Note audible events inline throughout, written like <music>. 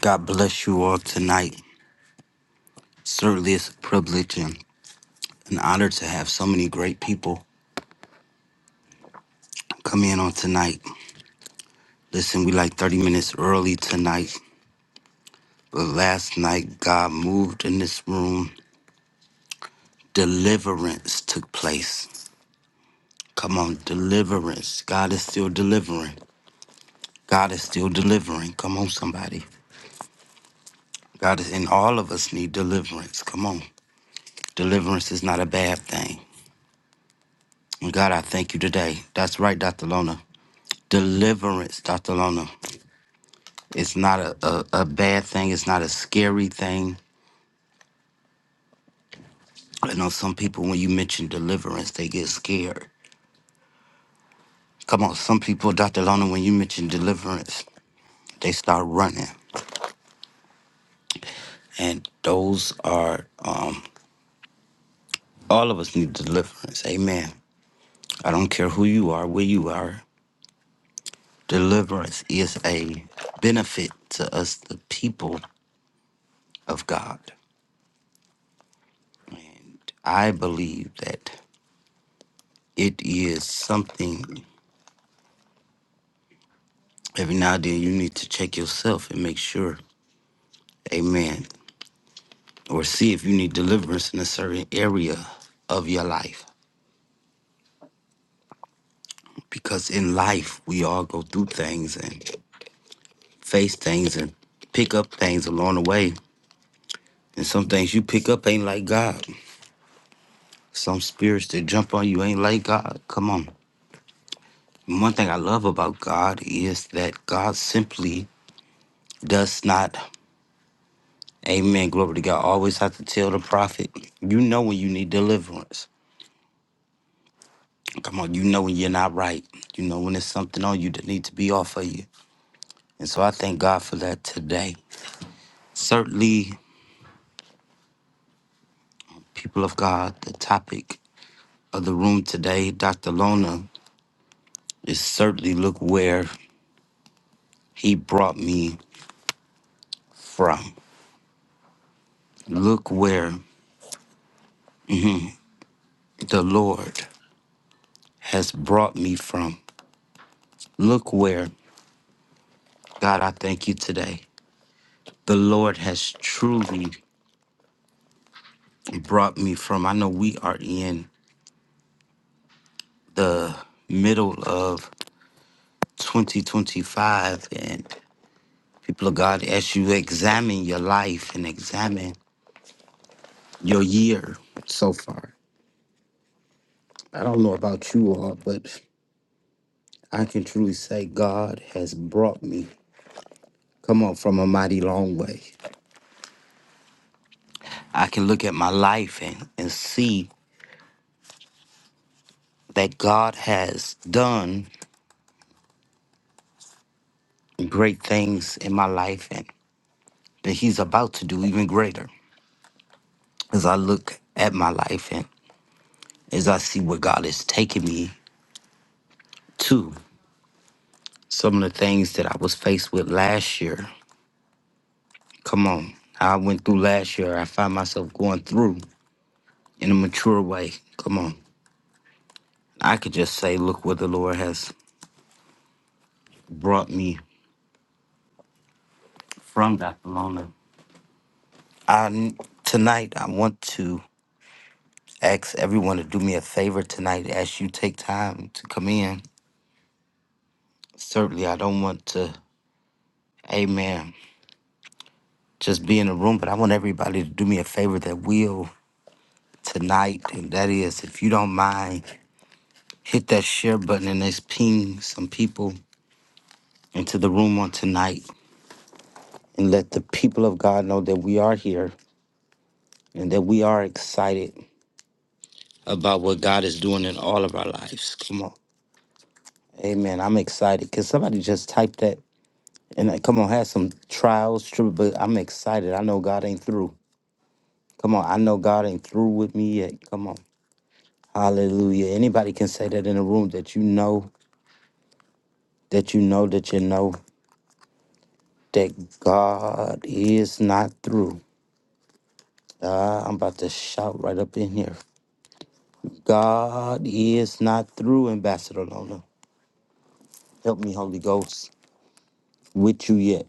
God bless you all tonight. Certainly, it's a privilege and an honor to have so many great people come in on tonight. Listen, we like 30 minutes early tonight, but last night, God moved in this room. Deliverance took place. Come on, deliverance. God is still delivering. God is still delivering. Come on, somebody. God is, and all of us need deliverance. Come on. Deliverance is not a bad thing. And God, I thank you today. That's right, Dr. Lona. Deliverance, Dr. Lona. It's not a, a, a bad thing. It's not a scary thing. I know some people, when you mention deliverance, they get scared. Come on, some people, Dr. Lona, when you mention deliverance, they start running. And those are, um, all of us need deliverance. Amen. I don't care who you are, where you are. Deliverance is a benefit to us, the people of God. And I believe that it is something every now and then you need to check yourself and make sure Amen. Or see if you need deliverance in a certain area of your life. Because in life, we all go through things and face things and pick up things along the way. And some things you pick up ain't like God. Some spirits that jump on you ain't like God. Come on. And one thing I love about God is that God simply does not, amen, glory to God, always have to tell the prophet, you know when you need deliverance. Come on, you know when you're not right. You know when there's something on you that needs to be off of you. And so I thank God for that today. Certainly, people of God, the topic of the room today, Dr. Lona, is certainly look where he brought me from. Look where the Lord has brought me from. Look where, God, I thank you today. The Lord has truly brought me from. I know we are in the middle of 2025 and People of God, as you examine your life and examine your year so far, I don't know about you all, but I can truly say God has brought me, come on, from a mighty long way. I can look at my life and, and see that God has done great things in my life and that He's about to do even greater as I look at my life and as I see where God is taking me to. Some of the things that I was faced with last year Come on. I went through last year. I find myself going through in a mature way. Come on. I could just say, look where the Lord has brought me from, Dr. Lona. I, tonight, I want to ask everyone to do me a favor tonight as you take time to come in. Certainly, I don't want to, amen, just be in the room, but I want everybody to do me a favor that will tonight. And that is, if you don't mind, hit that share button and let's ping some people into the room on tonight. and let the people of God know that we are here and that we are excited about what God is doing in all of our lives. Come on. Amen. I'm excited. Can somebody just type that? And uh, come on, have some trials, true, but I'm excited. I know God ain't through. Come on, I know God ain't through with me yet. Come on. Hallelujah. Anybody can say that in a room that you know, that you know, that you know that God is not through. Uh, I'm about to shout right up in here. God is not through, Ambassador Lola. Help me, Holy Ghost, with you yet.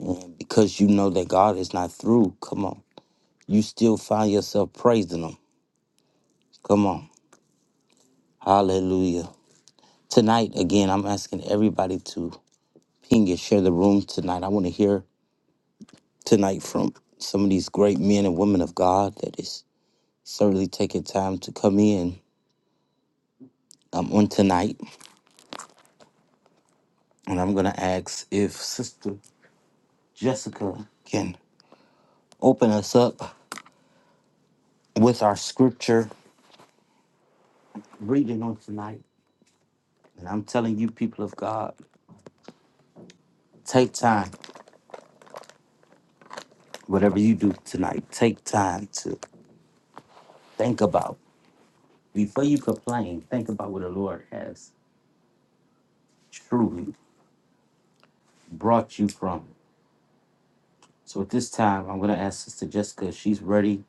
And because you know that God is not through, come on. You still find yourself praising Him. Come on. Hallelujah. Tonight, again, I'm asking everybody to ping and share the room tonight. I want to hear tonight from some of these great men and women of God that is certainly taking time to come in um, on tonight. And I'm going to ask if Sister Jessica can open us up. with our scripture reading on tonight. And I'm telling you, people of God, take time, whatever you do tonight, take time to think about. Before you complain, think about where the Lord has truly brought you from. So at this time, I'm going to ask Sister Jessica if she's ready.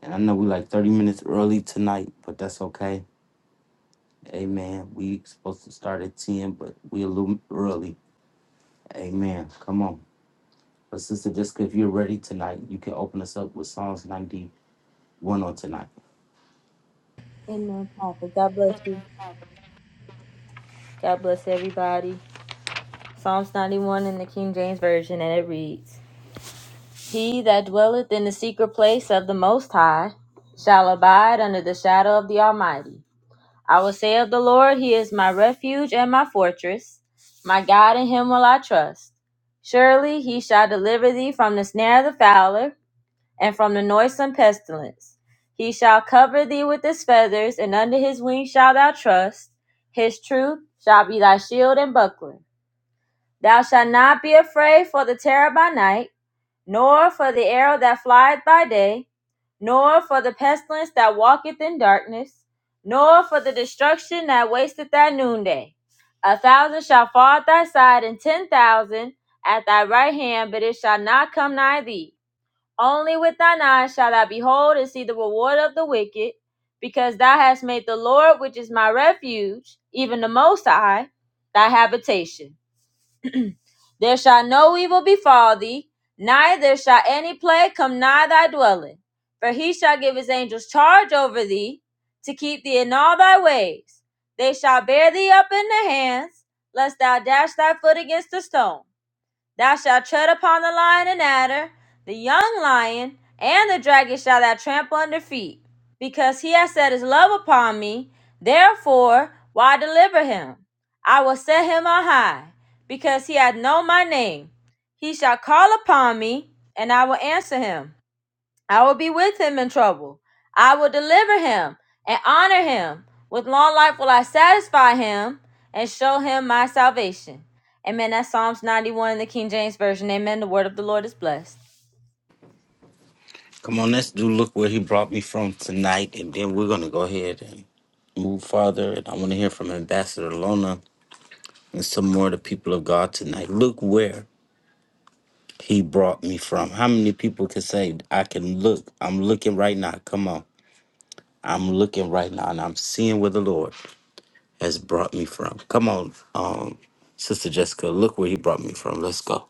And I know we're like 30 minutes early tonight, but that's okay. Amen. We supposed to start at 10, but we a little early. Amen. Come on. But Sister Jessica, if you're ready tonight, you can open us up with Psalms 90 going on tonight. Amen, Papa. God bless you. God bless everybody. Psalms 91 in the King James Version, and it reads He that dwelleth in the secret place of the Most High shall abide under the shadow of the Almighty. I will say of the Lord, He is my refuge and my fortress. My God, in Him will I trust. Surely He shall deliver thee from the snare of the fowler and from the noisome pestilence. He shall cover thee with his feathers, and under his wings shalt thou trust. His truth shall be thy shield and buckler. Thou shalt not be afraid for the terror by night, nor for the arrow that flieth by day, nor for the pestilence that walketh in darkness, nor for the destruction that wasteth at noonday. A thousand shall fall at thy side, and ten thousand at thy right hand, but it shall not come nigh thee. Only with thine eyes shalt thou behold and see the reward of the wicked, because thou hast made the Lord, which is my refuge, even the Most High, thy habitation. There shall no evil befall thee, neither shall any plague come nigh thy dwelling. For he shall give his angels charge over thee, to keep thee in all thy ways. They shall bear thee up in their hands, lest thou dash thy foot against a stone. Thou shalt tread upon the lion and adder, the young lion, and the dragon shall thou trample under feet. Because he has set his love upon me, therefore will I deliver him. I will set him on high, because he hath known my name. He shall call upon me, and I will answer him. I will be with him in trouble. I will deliver him and honor him. With long life will I satisfy him and show him my salvation. Amen. That's Psalms 91 in the King James Version. Amen. The word of the Lord is blessed. Come on, let's do look where he brought me from tonight, and then we're gonna go ahead and move farther. And I want to hear from Ambassador Lona and some more of the people of God tonight. Look where he brought me from. How many people can say, I can look? I'm looking right now. Come on. I'm looking right now and I'm seeing where the Lord has brought me from. Come on, um, Sister Jessica, look where he brought me from. Let's go.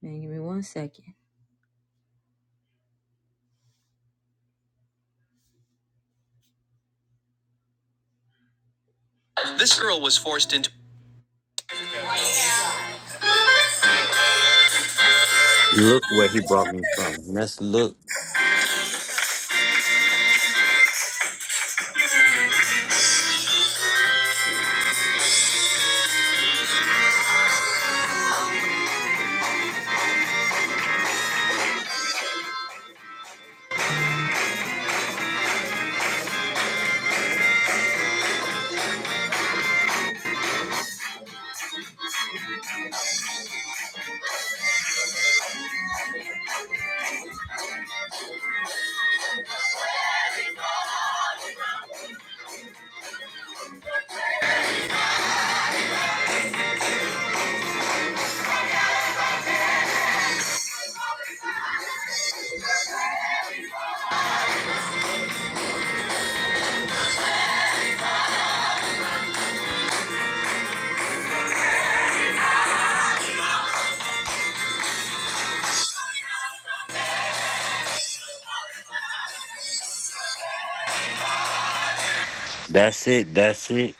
Man, give me one second. This girl was forced into. Look where he brought me from. Let's look. That's it. That's it.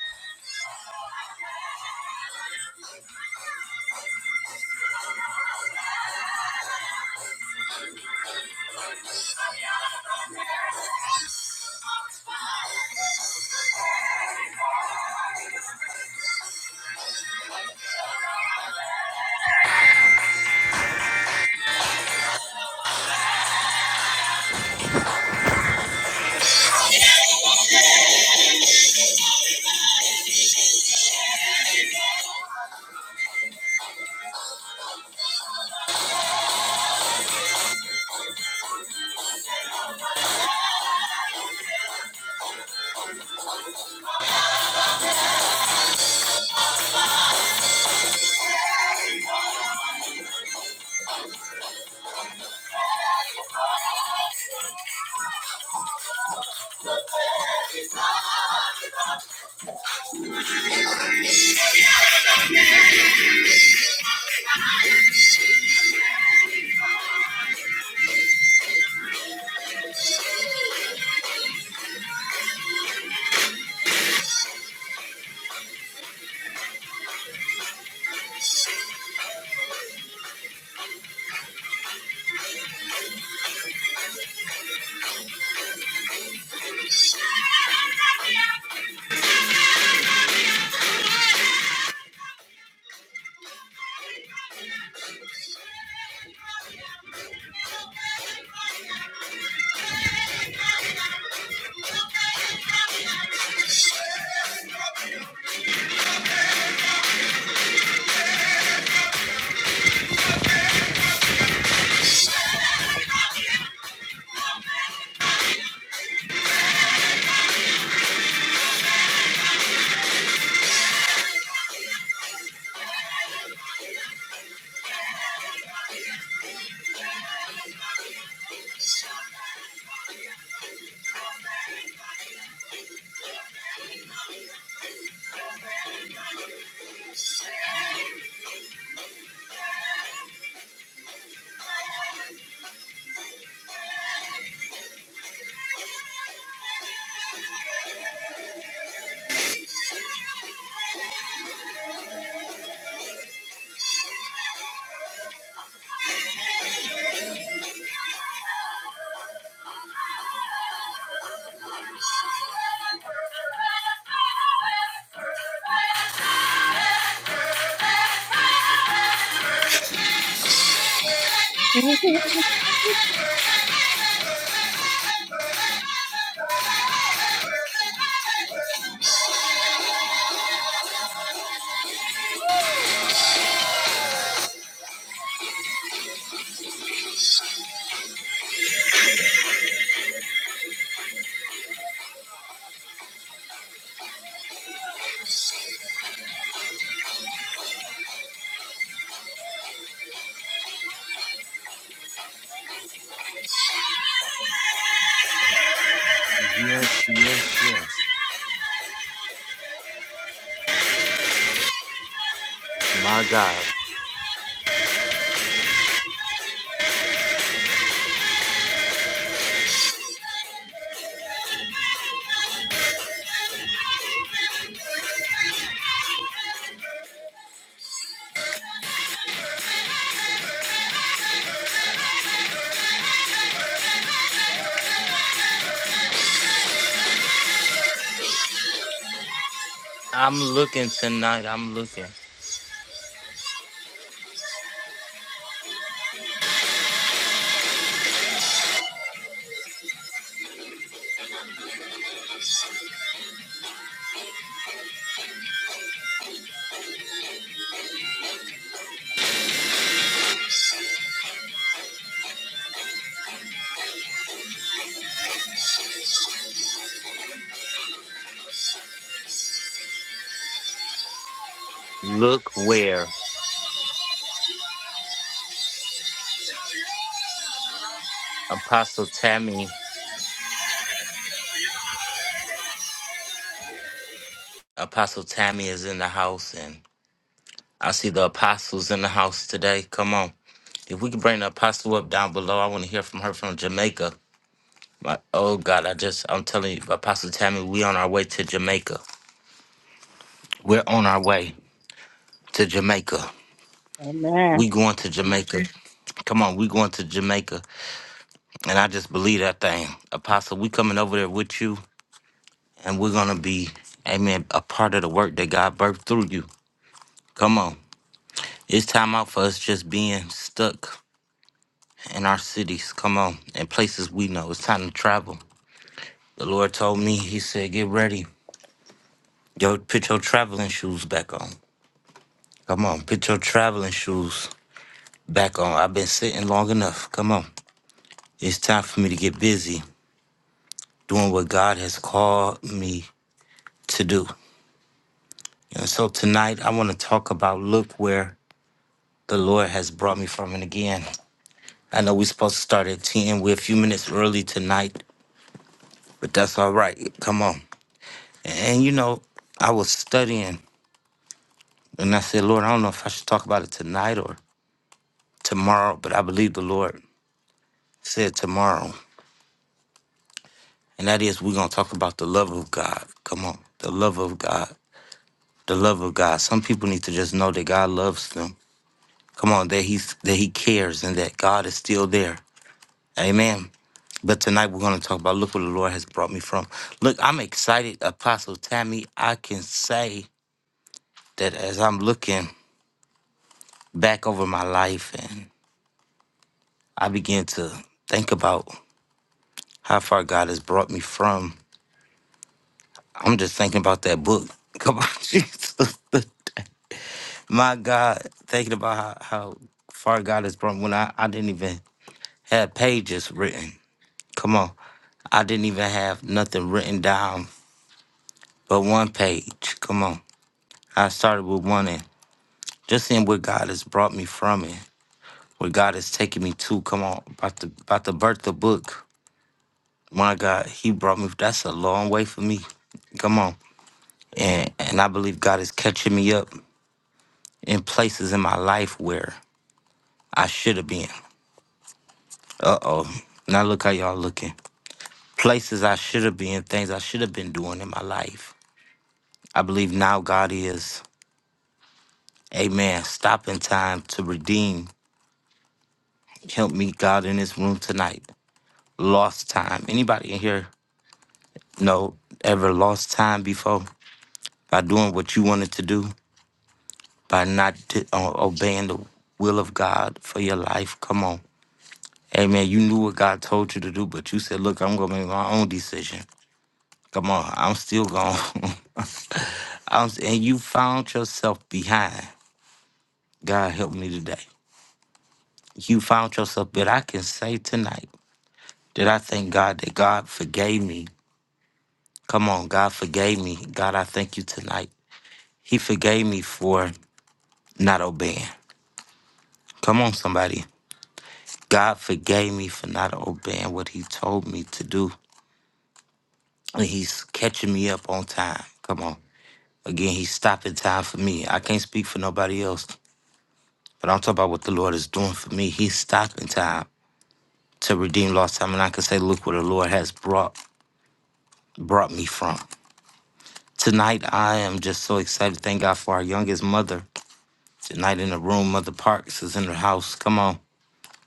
Thank Thank you. Thank you. Thank Hallelujah. Yes, yes, yes. My God. you. I'm looking tonight. I'm looking. Look where Apostle Tammy, Apostle Tammy is in the house, and I see the apostles in the house today. Come on. If we could bring the apostle up down below, I want to hear from her from Jamaica. My, oh God, I just, I'm telling you, Apostle Tammy, we on our way to Jamaica. We're on our way to Jamaica. Amen. We going to Jamaica. Come on, we going to Jamaica. And I just believe that thing. Apostle, we coming over there with you and we're gonna be, amen, a part of the work that God birthed through you. Come on. It's time out for us just being stuck in our cities. Come on. And places we know. It's time to travel. The Lord told me, He said, get ready. Yo, put your traveling shoes back on. Come on, put your traveling shoes back on. I've been sitting long enough. Come on. It's time for me to get busy doing what God has called me to do. And so tonight I want to talk about look where the Lord has brought me from and again. I know we're supposed to start at 10. We're a few minutes early tonight, but that's all right. Come on. And you know, I was studying and I said, Lord, I don't know if I should talk about it tonight or tomorrow, but I believe the Lord said tomorrow. And that is we're gonna talk about the love of God. Come on. The love of God. The love of God. Some people need to just know that God loves them. Come on, that he's that he cares and that God is still there Amen. But tonight we're going to talk about look where the Lord has brought me from. Look, I'm excited, Apostle Tammy. I can say that as I'm looking back over my life and I begin to think about how far God has brought me from, I'm just thinking about that book. Come on, <laughs> Jesus. my God, thinking about how, how far God has brought me when I, I didn't even have pages written. Come on. I didn't even have nothing written down but one page. Come on. I started with one and just seeing where God has brought me from it, where God has taken me to. Come on, about to about to birth the book. My God, He brought me. That's a long way for me. Come on, and and I believe God is catching me up in places in my life where I should have been. Uh oh, now look how y'all looking. Places I should have been, things I should have been doing in my life. I believe now God is, Amen. Stopping time to redeem. Help me, God, in this room tonight. lost time. Anybody in here know ever lost time before by doing what you wanted to do, by not t- uh, obeying the will of God for your life? Come on. Amen. You knew what God told you to do, but you said, "Look, I'm gonna make my own decision." Come on, I'm still gone, <laughs> I'm, s- and you found yourself behind. God help me today. You found yourself, but I can say tonight that I thank God that God forgave me. Come on, God forgave me. God, I thank you tonight He forgave me for not obeying. Come on, somebody. God forgave me for not obeying what He told me to do. And He's catching me up on time. Come on. Again, He's stopping time for me. I can't speak for nobody else, but I'm talking about what the Lord is doing for me. He's stopping time to redeem lost time. And I can say, look where the Lord has brought brought me from. Tonight, I am just so excited. Thank God for our youngest mother. Tonight in the room, Mother Parks is in her house. Come on.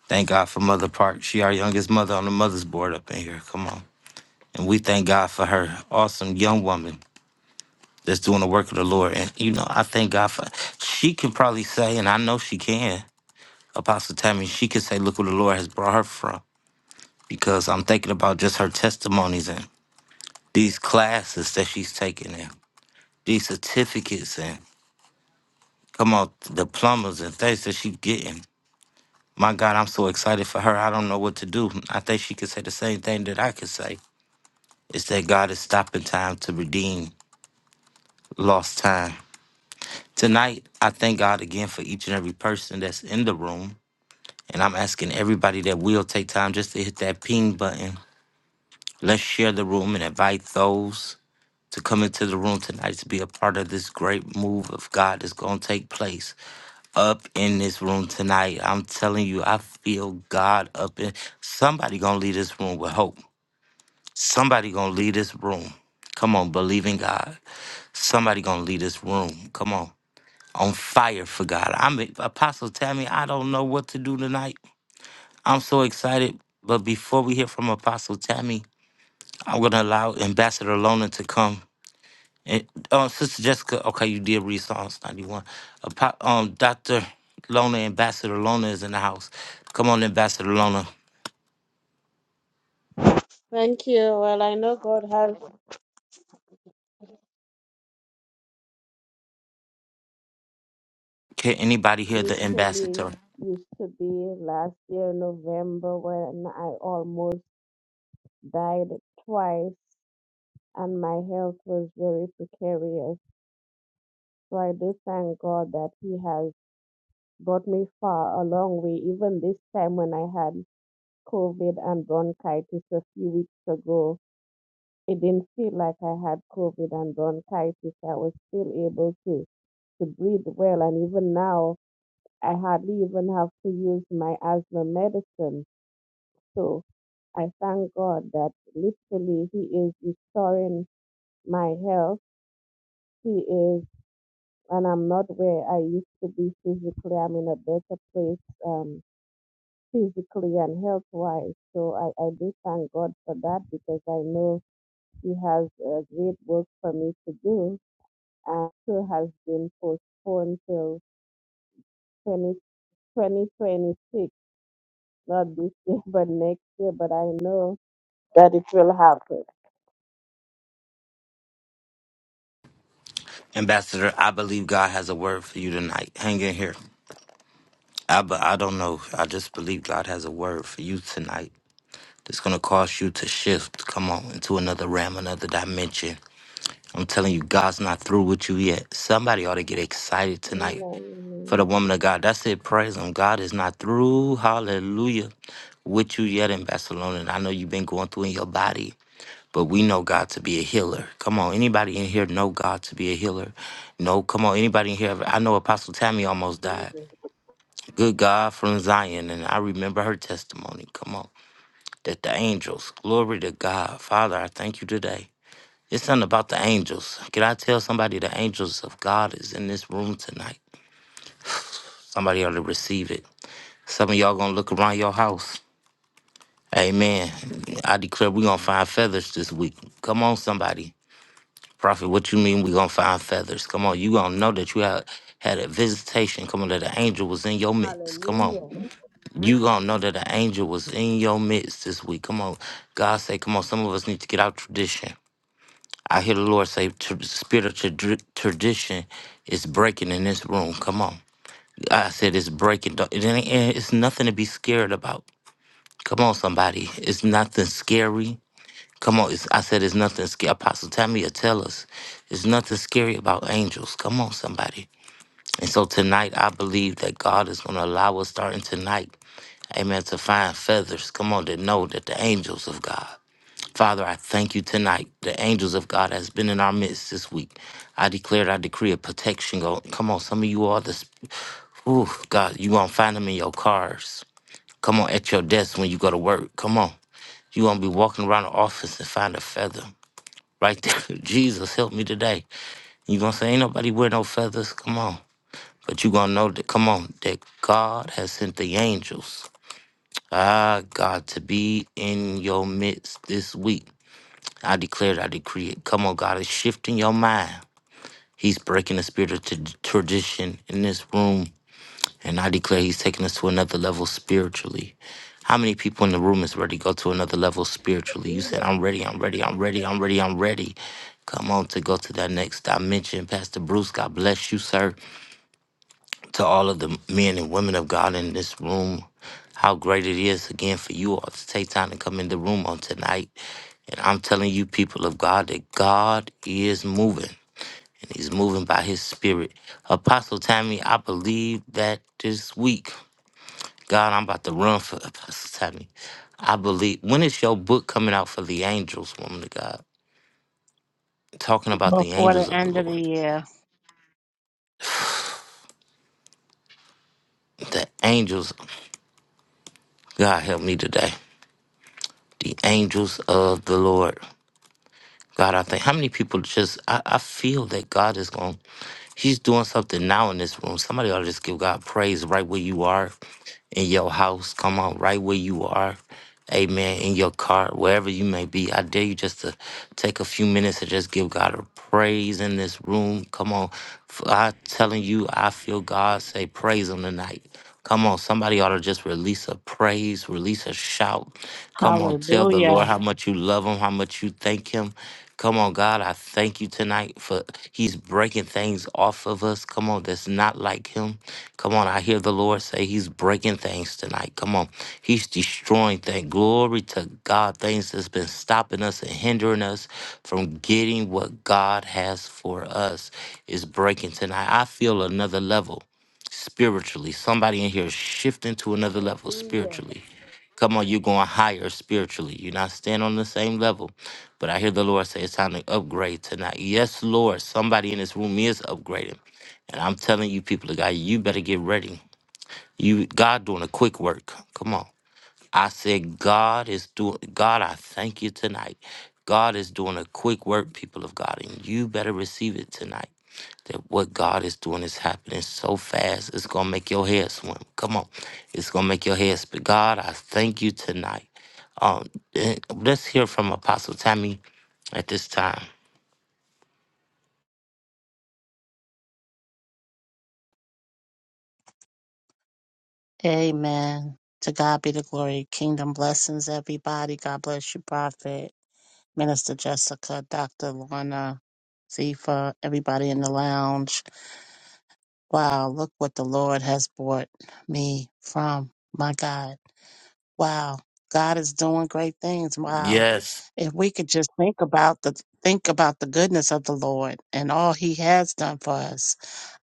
Thank God for Mother Park. She our youngest mother on the mother's board up in here. Come on. And we thank God for her awesome young woman that's doing the work of the Lord. And you know, I thank God for she can probably say, and I know she can, Apostle Tammy, she can say, look where the Lord has brought her from. Because I'm thinking about just her testimonies and these classes that she's taking and these certificates and come on, diplomas and things that she's getting. My God, I'm so excited for her. I don't know what to do. I think she could say the same thing that I could say is that God is stopping time to redeem lost time. Tonight, I thank God again for each and every person that's in the room. And I'm asking everybody that will take time just to hit that ping button. Let's share the room and invite those to come into the room tonight to be a part of this great move of God that's going to take place up in this room tonight. I'm telling you, I feel God up in somebody going to leave this room with hope. Somebody gonna leave this room. Come on, believe in God. Somebody gonna leave this room. Come on, on fire for God. I'm Apostle Tammy. I don't know what to do tonight. I'm so excited. But before we hear from Apostle Tammy, I'm gonna allow Ambassador Lona to come. And uh, Sister Jessica, okay, you did read Psalms 91. Apo- um, Doctor Lona, Ambassador Lona is in the house. Come on, Ambassador Lona. Thank you. Well, I know God has Can anybody hear the literally ambassador? used to be last year, November, when I almost died twice and my health was very precarious. So I do thank God that He has brought me far a long way, even this time when I had COVID and bronchitis a few weeks ago. It didn't feel like I had COVID and bronchitis. I was still able to to breathe well. And even now, I hardly even have to use my asthma medicine. So I thank God that literally He is restoring my health. He is, and I'm not where I used to be physically. I'm in a better place um, physically and health wise. So I, I do thank God for that because I know He has a great work for me to do and still has been postponed till 20, 2026, not this year, <laughs> but next year. But I know that it will happen. Ambassador, I believe God has a word for you tonight. Hang in here. I, but I don't know. I just believe God has a word for you tonight. It's going to cause you to shift, come on, into another realm, another dimension. I'm telling you, God's not through with you yet. Somebody ought to get excited tonight Amen. for Amen. the woman of God. That's it. Praise Him. God is not through. Hallelujah. With you yet in Barcelona. And I know you've been going through in your body, but we know God to be a healer. Come on. Anybody in here know God to be a healer? No. Come on. Anybody in here? I know Apostle Tammy almost died. Good God from Zion. And I remember her testimony. Come on. That the angels, glory to God. Father, I thank you today. It's something about the angels. Can I tell somebody the angels of God is in this room tonight? Somebody ought to receive it. Some of y'all gonna look around your house. Amen. I declare we gonna find feathers this week. Come on, somebody. Prophet, what you mean we gonna find feathers? Come on, you gonna know that you had had a visitation. Come on, that an angel was in your midst. Come on. Hallelujah. You gonna know that an angel was in your midst this week. Come on. God say, come on, some of us need to get out tradition. I hear the Lord say, "Tr- the spirit of trad- tradition is breaking in this room. Come on. I said it's breaking. Don't- It ain't, it's nothing to be scared about. Come on, somebody. It's nothing scary. Come on. It's, I said it's nothing scary. Apostle Tamia, tell us. It's nothing scary about angels. Come on, somebody. And so tonight, I believe that God is going to allow us starting tonight, amen, to find feathers. Come on, to know that the angels of God. Father, I thank you tonight. The angels of God has been in our midst this week. I declared, I decree a protection. Go, come on, some of you all, this, ooh, God, you gonna find them in your cars. Come on, at your desk when you go to work. Come on. You're gonna be walking around the office and find a feather right there. <laughs> Jesus, help me today. You're gonna say, Ain't nobody wear no feathers. Come on. But you're gonna know that, come on, that God has sent the angels, ah, God, to be in your midst this week. I declare it, I decree it. Come on, God is shifting your mind. He's breaking the spirit of t- tradition in this room And I declare he's taking us to another level spiritually. How many people in the room is ready to go to another level spiritually? You said, I'm ready, I'm ready, I'm ready, I'm ready, I'm ready. Come on to go to that next dimension. Pastor Bruce, God bless you, sir. To all of the men and women of God in this room, how great it is again for you all to take time to come in the room on tonight. And I'm telling you, people of God, that God is moving and he's moving by his spirit. Apostle Tammy, I believe that this week. God, I'm about to run for <laughs> Apostle Tammy. I believe. When is your book coming out for the angels, woman of God? Talking about the Before the angels of the end of the Lord. year. The angels. God help me today. The angels of the Lord. God, I think. How many people just, I, I feel that God is going to He's doing something now in this room. Somebody ought to just give God praise right where you are in your house. Come on, right where you are. Amen. In your car, wherever you may be. I dare you just to take a few minutes and just give God a praise in this room. Come on. F- I telling you, I feel God say praise him tonight. Come on, somebody ought to just release a praise, release a shout. Come on, tell the Lord Hallelujah. how much you love him, how much you thank him. Come on, God, I thank you tonight for He's breaking things off of us. Come on, that's not like Him. Come on, I hear the Lord say He's breaking things tonight. Come on, He's destroying things. Glory to God, things that's been stopping us and hindering us from getting what God has for us is breaking tonight. I feel another level spiritually. Somebody in here is shifting to another level spiritually. Come on, you're going higher spiritually. You're not staying on the same level. But I hear the Lord say it's time to upgrade tonight. Yes, Lord, somebody in this room is upgrading. And I'm telling you, people of God, you better get ready. You God doing a quick work. Come on. I said, God is doing, God, I thank you tonight. God is doing a quick work, people of God, and you better receive it tonight. That what God is doing is happening so fast, it's going to make your head swim. Come on. It's going to make your head spin. God, I thank you tonight. Um, eh, let's hear from Apostle Tammy at this time. Amen. To God be the glory. Kingdom blessings, everybody. God bless you, Prophet, Minister Jessica, Dr. Lorna, Zifa, everybody in the lounge. Wow, look what the Lord has brought me from. My God. Wow. God is doing great things. Wow. Yes. If we could just think about the think about the goodness of the Lord and all he has done for us.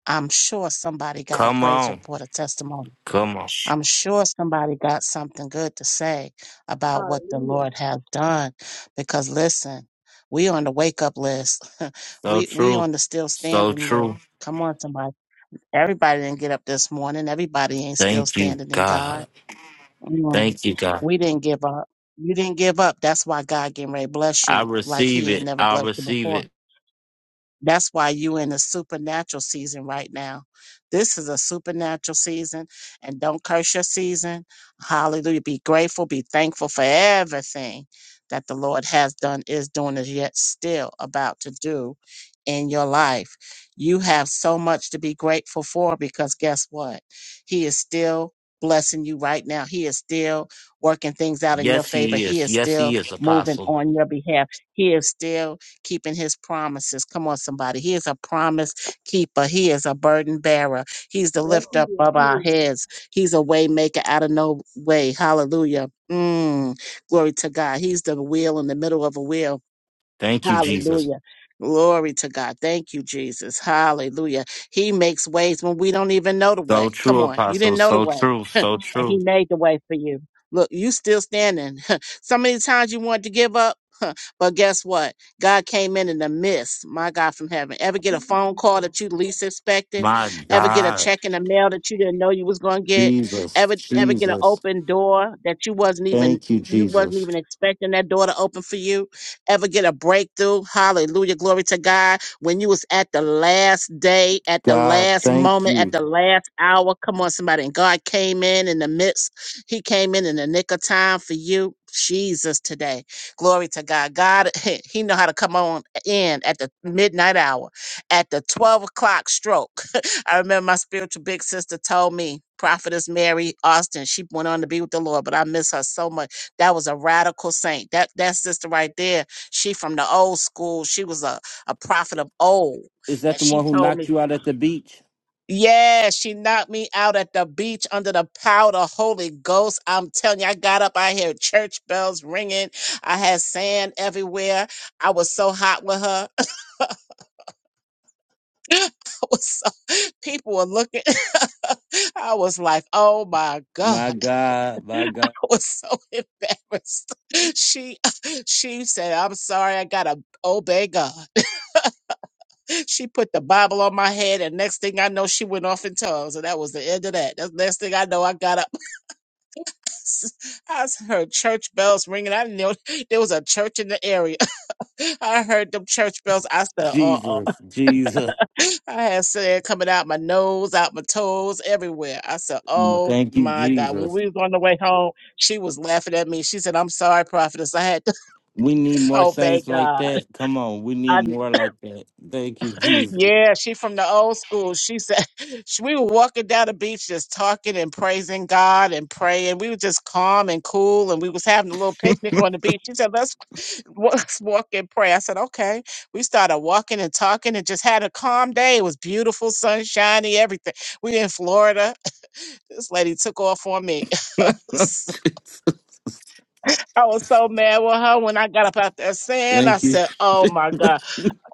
I'm sure somebody got a Come praise on. report, a testimony. Come on. I'm sure somebody got something good to say about what the Hallelujah. Lord has done. Because listen, we on the wake up list. <laughs> So we we true. on the still So standing list. true. Come on, somebody. Everybody didn't get up this morning. Everybody ain't still Thank you, standing in God. God. Mm. Thank you, God. We didn't give up. You didn't give up. That's why God getting ready to bless I you like receive He ain't it. never I blessed you receive before. it. That's why you in a supernatural season right now. This is a supernatural season, and don't curse your season. Hallelujah. Be grateful, be thankful for everything that the Lord has done, is doing, is yet still about to do in your life. You have so much to be grateful for because guess what? He is still blessing you right now. He is still working things out in your Yes, favor. he He is. is Yes, he still is, moving Apostle. on your behalf. He is still keeping his promises. Come on, somebody. He is a promise keeper. He is a burden bearer. He's the Yes, lift he up is. of our heads. He's a way maker out of no way. Hallelujah. Mm, glory to God. He's the wheel in the middle of a wheel. Thank you, Jesus. Hallelujah. Glory to God. Thank you, Jesus. Hallelujah. He makes ways when we don't even know the So way. Come true, on. You Apostle. didn't know the So way true. So and true. he made the way for you. Look, you still standing. <laughs> so many times you wanted to give up, <laughs> but guess what? God came in in the midst, my God from heaven. Ever get a phone call that you least expected? My Ever get a God. check in the mail that you didn't know you was gonna get? Jesus. Ever ever get an Jesus. open door that you wasn't even Thank you, you wasn't Jesus. even expecting that door to open for you? Ever get a breakthrough? Hallelujah, glory to God when you was at the last day, at the God, last thank moment, at you. the last hour. Come on, somebody. And God came in in the midst. He came in in the nick of time for you. Jesus today. Glory to God. God, <laughs> he know how to come on in at the midnight hour, at the 12 o'clock stroke. <laughs> I remember my spiritual big sister told me, Prophetess Mary Austin, she went on to be with the Lord, but I miss her so much. That was a radical saint. That that sister right there, she from the old school. She was a a prophet of old. Is that And the one she who told knocked me, you out at the beach? yeah, she knocked me out at the beach under the power of the Holy Ghost. I'm telling you, I got up, I heard church bells ringing. I had sand everywhere. I was so hot with her. <laughs> I was so, people were looking. <laughs> I was like, oh my God. My <laughs> God. My God. I was so <laughs> embarrassed. <laughs> She <laughs> she said, I'm sorry, I gotta obey God. she put the Bible on my head, and next thing I know, she went off in tongues, and that was the end of that. That's next thing I know, I got up. <laughs> I heard church bells ringing. I knew <laughs> there was a church in the area. <laughs> I heard them church bells. I said, "Uh uh Jesus. Jesus. <laughs> I had sand coming out my nose, out my toes, everywhere. I said, "Oh Thank you, my God!" When Jesus. we was on the way home, she was laughing at me. She said, "I'm sorry, prophetess. I had to We need <laughs> more obey saints like God." that. Come on. We need more like that. Thank you, Jesus. Yeah, she from the old school. She said <laughs> she- we were walking down the beach just talking and praising God and praying. We were just calm and cool and we was having a little picnic on the beach. She said, "Let's <laughs> let's walk and pray." I said, "Okay." We started walking and talking and just had a calm day. It was beautiful, sunshiny, everything. We in Florida. <laughs> This lady took off on me. <laughs> I was <laughs> I was so mad with her when I got up out there saying, I Thank you. said, "Oh <laughs> my God,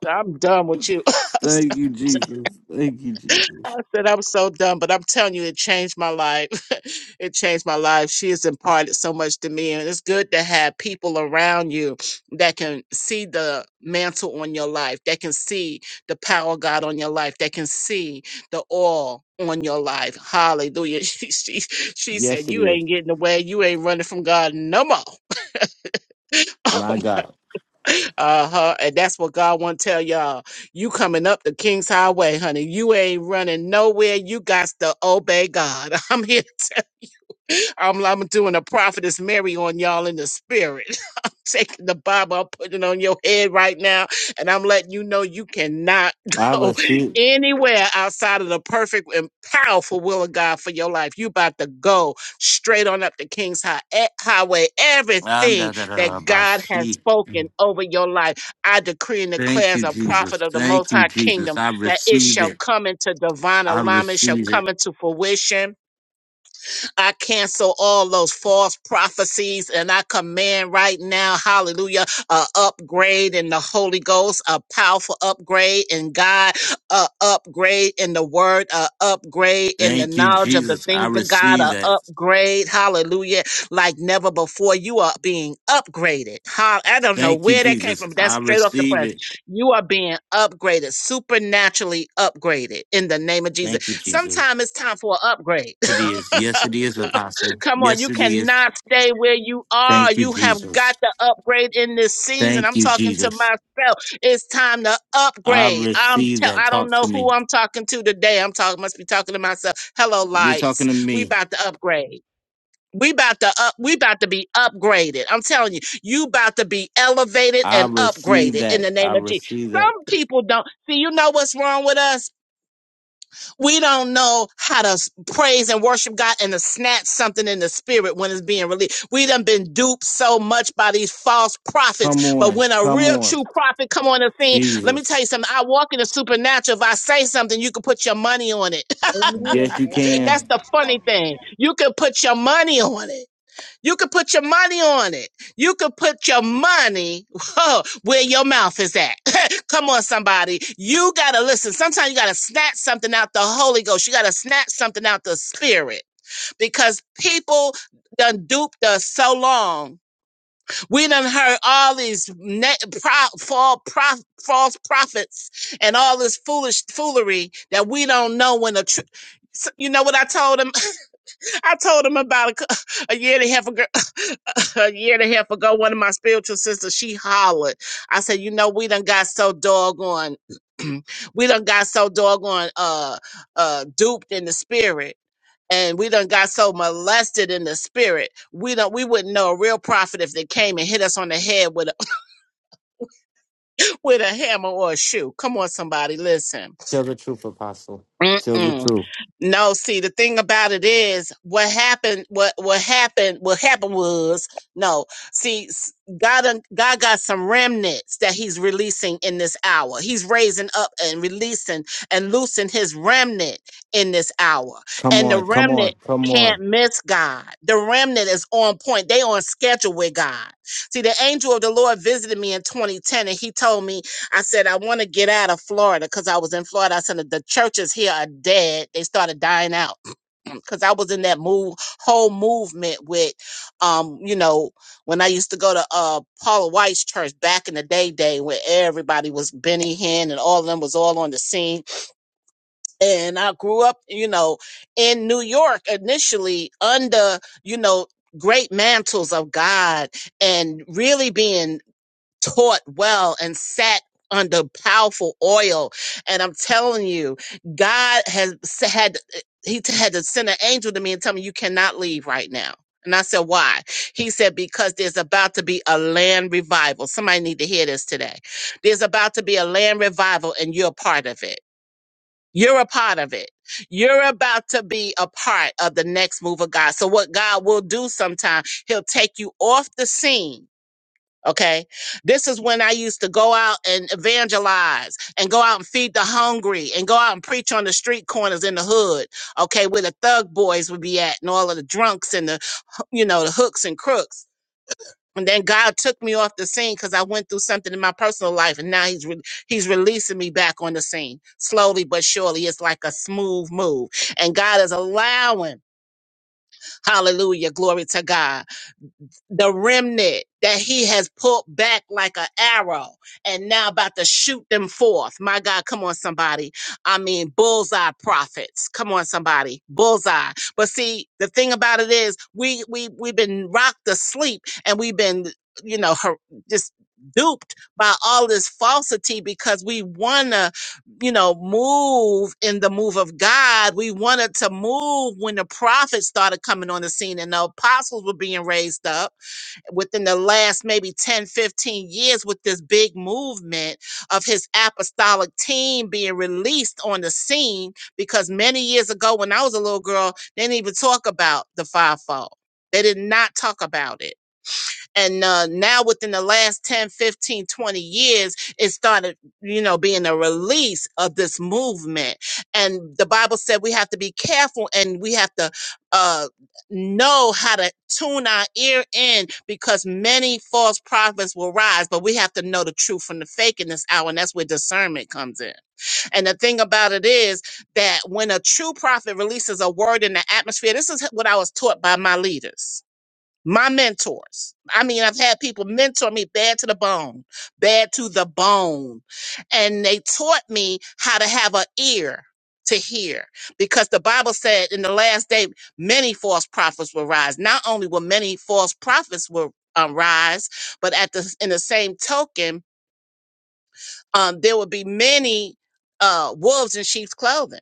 I'm done with you." <laughs> Thank you, Jesus. Thank you, Jesus. I said I'm so dumb, but I'm telling you, it changed my life. <laughs> it changed my life. She has imparted so much to me, and it's good to have people around you that can see the mantle on your life, that can see the power of God on your life, that can see the oil on your life. Hallelujah. <laughs> She, she, she said, Yes, it "You is. ain't getting away. You ain't running from God no more." <laughs> My God. Uh-huh. And that's what God want to tell y'all. You coming up the King's Highway, honey. You ain't running nowhere. You got to obey God. <laughs> I'm here. I'm, I'm doing a prophetess Mary on y'all in the spirit. <laughs> I'm taking the Bible, I'm putting it on your head right now, and I'm letting you know you cannot <laughs> I go receive. anywhere outside of the perfect and powerful will of God for your life. You about to go straight on up the King's high, eh, Highway. Everything that God has Andadadabasi. spoken over your life, I decree and Thank declare as you, a prophet Jesus. of the Most Thank you, High Jesus. Kingdom I that it receive shall it. come into divine I alignment, shall receive it. come into fruition I cancel all those false prophecies and I command right now, hallelujah, a upgrade in the Holy Ghost, a powerful upgrade in God, a upgrade in the word, a upgrade in the Thank you, knowledge of the Jesus. I things of God, receive a that. upgrade, hallelujah, like never before. You are being upgraded. Hall- I don't know Thank you, where that came Jesus. from, but that's I straight off the receive press. it. You are being upgraded, supernaturally upgraded in the name of Thank you, Jesus. Jesus. Sometimes it's time for an upgrade. <laughs> It is. Yes, it is, Apostle. Come on, Yes, you it is. cannot stay where you are. Thank you, You have got Jesus. to upgrade in this season. Thank I'm you, talking to Jesus. myself. It's time to I upgrade. I'm receive tell that. I don't Talk know to who me. I'm talking to today. I'm talking must be talking to myself. Hello You're talking to lights. We me. about to upgrade. We about to up we about to be upgraded. I'm telling you, you about to be elevated I and receive upgraded in that. the I name of Jesus. receive that. Some people don't see you know what's wrong with us? we don't know how to s- praise and worship God and to snatch something in the spirit when it's being released. We done been duped so much by these false Come prophets, but on. when a Come real on. true prophet come on the scene, let me Jesus. tell you something. I walk in the supernatural. If I say something, you can put your money on it. <laughs> Yes, you can. That's the funny thing. You can put your money on it. You could put your money on it. You could put your money <laughs> whoa, where your mouth is at. <laughs> Come on, somebody. You got to listen. Sometimes you got to snatch something out the Holy Ghost. You got to snatch something out the Spirit because people done duped us so long. We done heard all these ne- pro- fall, prof- false prophets and all this foolish foolery that we don't know when the truth. You know what I told him? I told him about a, cou- a year and a half ago. <coughs> <laughs> a year and a half ago, one of my spiritual sisters, she hollered. I said, you know, we done got so doggone, <clears throat> we done got so doggone uh uh duped in the spirit. And we done got so molested in the spirit. We don't we wouldn't know a real prophet if they came and hit us on the head with a <coughs> <laughs> with a hammer or a shoe. Come on, somebody, listen. Tell the truth, Apostle. Tell the Mm-mm. truth. No, see, the thing about it is what happened, what, what happened, what happened was, no, see, s- God, un- God got some remnants that he's releasing in this hour. He's raising up and releasing and loosing his remnant in this hour. Come And the on. Come on. remnant Come on. can't miss God. The remnant is on point. They on schedule with God. See, the angel of the Lord visited me in 2010 and he told me I said, I want to get out of Florida because I was in Florida. I said, the churches here are dead. They started dying out <clears throat> because I was in that move, whole movement with, um, you know, when I used to go to uh, Paula White's church back in the day, day where everybody was Benny Hinn and all of them was all on the scene. And I grew up, you know, in New York initially under, you know, great mantles of God and really being taught well and sat under powerful oil. And I'm telling you, God has had he had to send an angel to me and tell me you cannot leave right now. And I said, why? He said, because there's about to be a land revival. Somebody need to hear this today. There's about to be a land revival and you're a part of it. You're a part of it. You're about to be a part of the next move of God. So what God will do sometime, he'll take you off the scene Okay. This is when I used to go out and evangelize and go out and feed the hungry and go out and preach on the street corners in the hood. Okay. Where the thug boys would be at and all of the drunks and the, you know, the hooks and crooks. And then God took me off the scene because I went through something in my personal life, and now He's re- He's releasing me back on the scene slowly but surely. It's like a smooth move, and God is allowing, Hallelujah, glory to God the remnant that he has pulled back like an arrow and now about to shoot them forth. My God, come on, somebody. I mean, bullseye prophets. Come on, somebody. Bullseye. But see, the thing about it is we we we've been rocked asleep and we've been, you know, her, just duped by all this falsity because we wanna, you know, move in the move of God. We wanted to move when the prophets started coming on the scene and the apostles were being raised up within the last maybe 10, 15 years with this big movement of his apostolic team being released on the scene. Because many years ago, when I was a little girl, they didn't even talk about the fivefold, they did not talk about it and uh, now within the last 10, 15, 20 years it started you know being a release of this movement and the bible said we have to be careful and we have to uh, know how to tune our ear in because many false prophets will rise but we have to know the truth from the fake in this hour and that's where discernment comes in and the thing about it is that when a true prophet releases a word in the atmosphere this is what i was taught by my leaders my mentors. I mean, I've had people mentor me bad to the bone, bad to the bone. And they taught me how to have an ear to hear because the Bible said in the last day, many false prophets will rise. Not only will many false prophets will um, rise, but at the, in the same token, um, there will be many, uh, wolves in sheep's clothing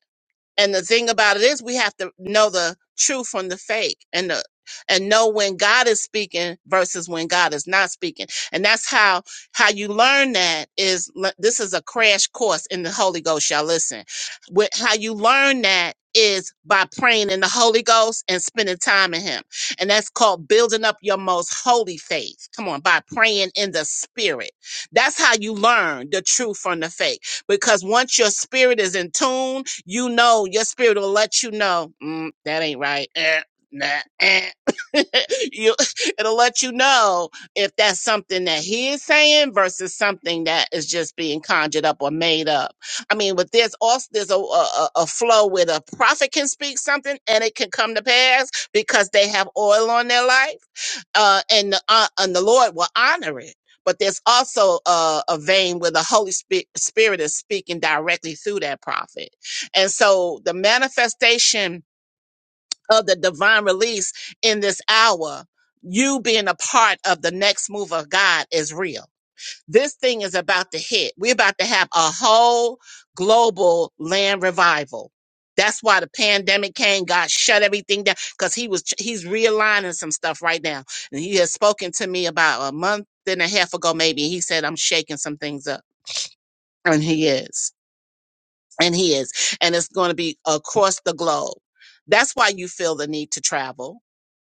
and the thing about it is we have to know the truth from the fake and the and know when God is speaking versus when God is not speaking. And that's how how you learn that is le- this is a crash course in the Holy Ghost y'all listen. With how you learn that is by praying in the Holy Ghost and spending time in him. And that's called building up your most holy faith. Come on, by praying in the spirit. That's how you learn the truth from the fake because once your spirit is in tune you know, your spirit will let you know mm, that ain't right. Eh, nah, eh. <laughs> you, it'll let you know if that's something that he is saying versus something that is just being conjured up or made up. I mean, but there's also there's a, a a a flow where the prophet can speak something and it can come to pass because they have oil on their life uh, and the uh, and the Lord will honor it. But there's also a, a vein where the Holy Spi- Spirit is speaking directly through that prophet, and so the manifestation of the divine release in this hour, you being a part of the next move of God, is real this thing is about to hit. We're about to have a whole global land revival. That's why the pandemic came, God shut everything down because he was he's realigning some stuff right now. And he has spoken to me about a month and a half ago, maybe. He said I'm shaking some things up. And he is. And he is. And it's going to be across the globe. That's why you feel the need to travel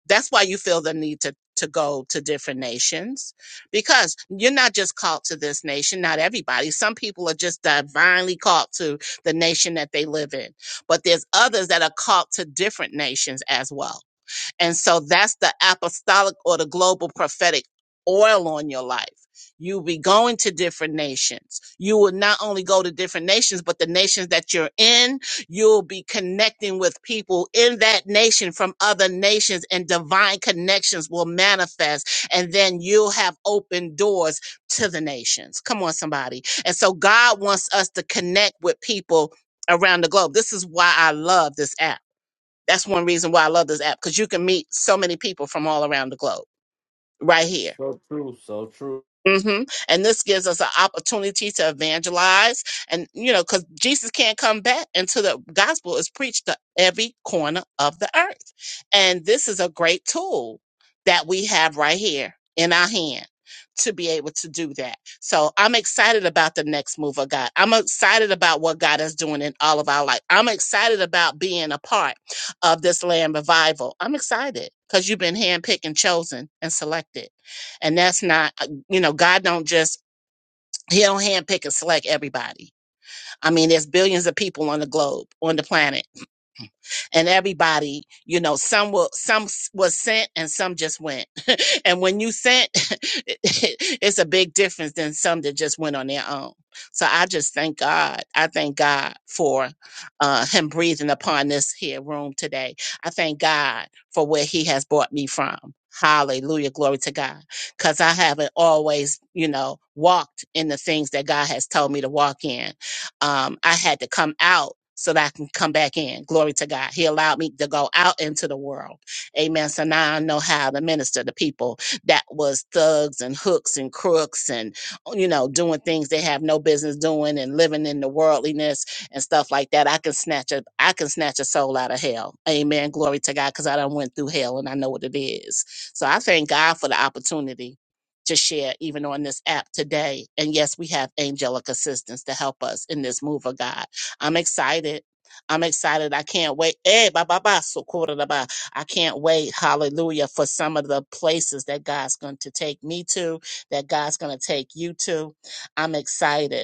that's why you feel the need to to go to different nations because you're not just called to this nation not everybody some people are just divinely called to the nation that they live in but there's others that are called to different nations as well and so that's the apostolic or the global prophetic oil on your life. You will be going to different nations. You will not only go to different nations, but the nations that you're in, you'll be connecting with people in that nation from other nations, and divine connections will manifest. And then you'll have open doors to the nations. Come on, somebody. And so God wants us to connect with people around the globe. This is why I love this app that's one reason why I love this app because you can meet so many people from all around the globe right here So true. So true. hmm And this gives us an opportunity to evangelize. And, you know, because Jesus can't come back until the gospel is preached to every corner of the earth. And this is a great tool that we have right here in our hand to be able to do that. So I'm excited about the next move of God. I'm excited about what God is doing in all of our life. I'm excited about being a part of this land revival. I'm excited because you've been handpicked and chosen and selected and that's not you know god don't just he don't handpick and select everybody i mean there's billions of people on the globe on the planet and everybody you know some will some s- was sent and some just went <laughs> and when you sent <laughs> it's a big difference than some that just went on their own so i just thank god i thank god for uh him breathing upon this here room today i thank god for where he has brought me from hallelujah glory to god because i haven't always you know walked in the things that god has told me to walk in um, I had to come out so that I can come back in. Glory to God. He allowed me to go out into the world. Amen. So now I know how to minister to people that was thugs and hooks and crooks and, you know, doing things they have no business doing and living in the worldliness and stuff like that. I can snatch a, I can snatch a soul out of hell. Amen. Glory to God. Cause I done went through hell and I know what it is. So I thank God for the opportunity to share even on this app today. And yes, we have angelic assistance to help us in this move of God. I'm excited. I'm excited. I can't wait. Eh, ba, ba, ba, so, quarter to ba. I can't wait. Hallelujah. For some of the places that God's going to take me to, that God's going to take you to. I'm excited.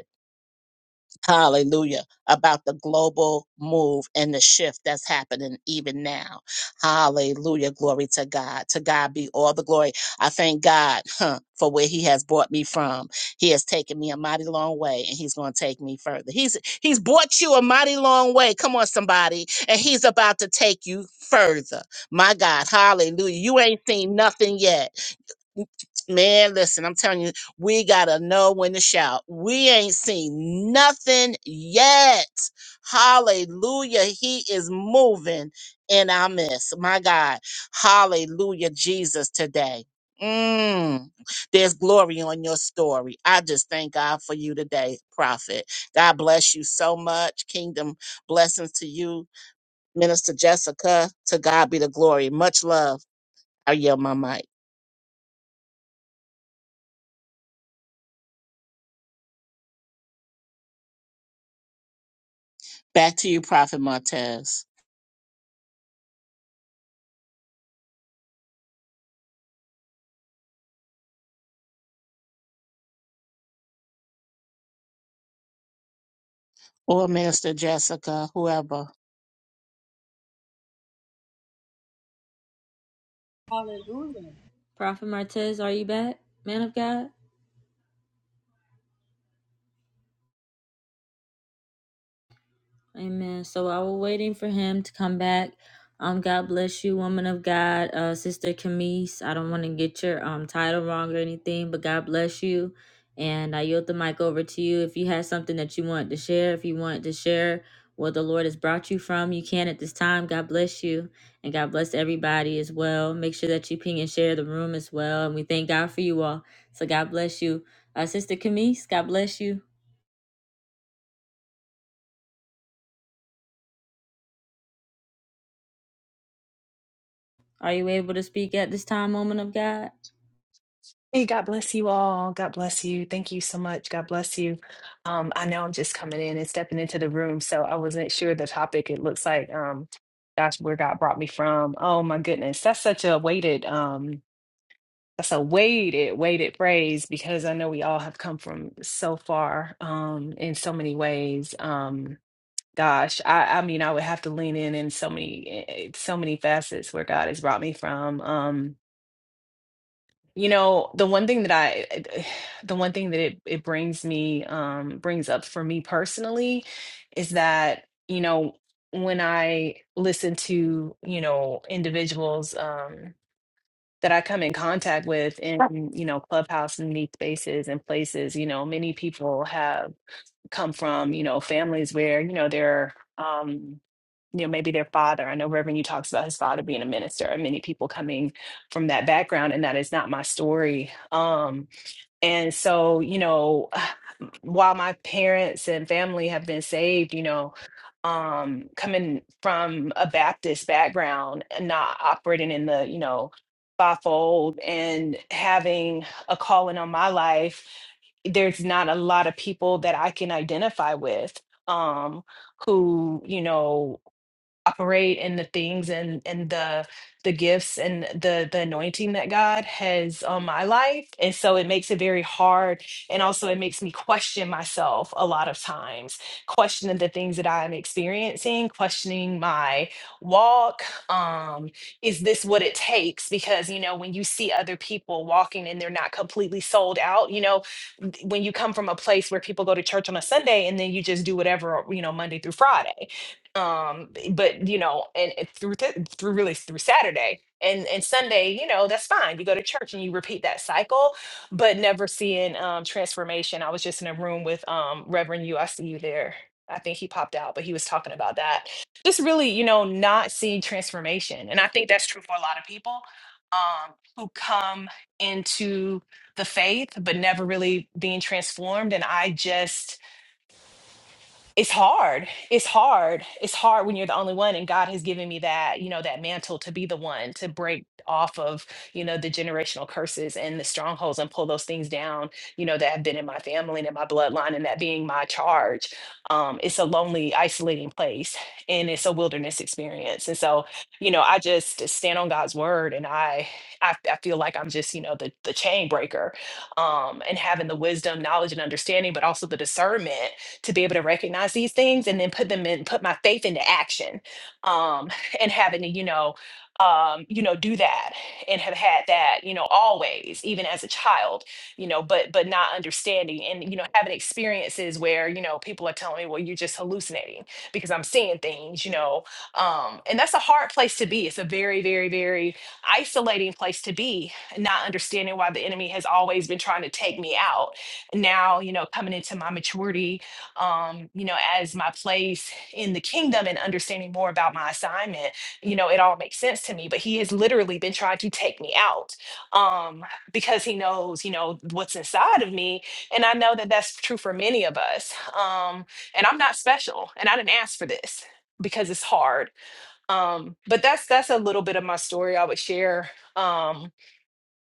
Hallelujah. About the global move and the shift that's happening even now. Hallelujah. Glory to God. To God be all the glory. I thank God huh, for where he has brought me from. He has taken me a mighty long way and he's going to take me further. He's, he's brought you a mighty long way. Come on, somebody. And he's about to take you further. My God. Hallelujah. You ain't seen nothing yet. Man, listen, I'm telling you, we gotta know when to shout. We ain't seen nothing yet. Hallelujah. He is moving in our midst. My God. Hallelujah, Jesus, today. Mm. There's glory on your story. I just thank God for you today, prophet. God bless you so much. Kingdom blessings to you, Minister Jessica. To God be the glory. Much love. I yield my mic. Back to you, Prophet Martez, or Minister Jessica, whoever. Prophet Martez, are you back? Man of God? Amen. So while we're waiting for him to come back, um, God bless you, woman of God, uh, Sister Camise. I don't want to get your um title wrong or anything, but God bless you. And I yield the mic over to you. If you had something that you want to share, if you want to share what the Lord has brought you from, you can at this time. God bless you. And God bless everybody as well. Make sure that you ping and share the room as well. And we thank God for you all. So God bless you. Uh, Sister Camise, God bless you. Are you able to speak at this time, woman of God? Hey, God bless you all. God bless you. Thank you so much. God bless you. Um, I know I'm just coming in and stepping into the room, so I wasn't sure the topic. It looks like, um, gosh, where God brought me from. Oh my goodness, that's such a weighted, um, that's a weighted, weighted phrase because I know we all have come from so far, um, in so many ways. Um, gosh, I, I mean, I would have to lean in in so many, eh, eh, so many facets where God has brought me from. Um, you know, the one thing that I, <sighs> the one thing that it, it brings me, um, brings up for me personally is that, you know, when I listen to, you know, individuals, um, that I come in contact with in, you know, clubhouse and these spaces and places, you know, many people have come from, you know, families where, you know, they're, um, you know maybe their father i know reverend you talks about his father being a minister and many people coming from that background and that is not my story um and so you know <sighs> while my parents and family have been saved you know um coming from a baptist background and not operating in the you know fivefold and having a calling on my life there's not a lot of people that i can identify with um who you know operate in the things and and the the gifts and the the anointing that God has on my life. And so it makes it very hard and also it makes me question myself a lot of times, questioning the things that I'm experiencing, questioning my walk. Um, is this what it takes? Because you know, when you see other people walking and they're not completely sold out, you know, th- when you come from a place where people go to church on a Sunday and then you just do whatever, you know, Monday through Friday um but you know and it- through th- through really through saturday and and sunday you know that's fine you go to church and you repeat that cycle but never seeing um transformation i was just in a room with um reverend you i see you there i think he popped out but he was talking about that just really you know not seeing transformation and i think that's true for a lot of people um who come into the faith but never really being transformed and i just it's hard it's hard it's hard when you're the only one and god has given me that you know that mantle to be the one to break off of you know the generational curses and the strongholds and pull those things down you know that have been in my family and in my bloodline and that being my charge um it's a lonely isolating place and it's a wilderness experience and so you know i just stand on god's word and i i, I feel like i'm just you know the the chain breaker um and having the wisdom knowledge and understanding but also the discernment to be able to recognize these things and then put them in, put my faith into action. Um, and having to, you know, um, you know, do that and have had that, you know, always, even as a child, you know, but but not understanding and you know, having experiences where, you know, people are telling me, well, you're just hallucinating because I'm seeing things, you know. Um, and that's a hard place to be. It's a very, very, very isolating place to be, not understanding why the enemy has always been trying to take me out. Now, you know, coming into my maturity um, you know, as my place in the kingdom and understanding more about my assignment, you know, it all makes sense to me. But he has literally been trying to take me out um, because he knows, you know, what's inside of me. And I know that that's true for many of us. Um, and I'm not special and I didn't ask for this because it's hard. Um, but that's that's a little bit of my story I would share. Um,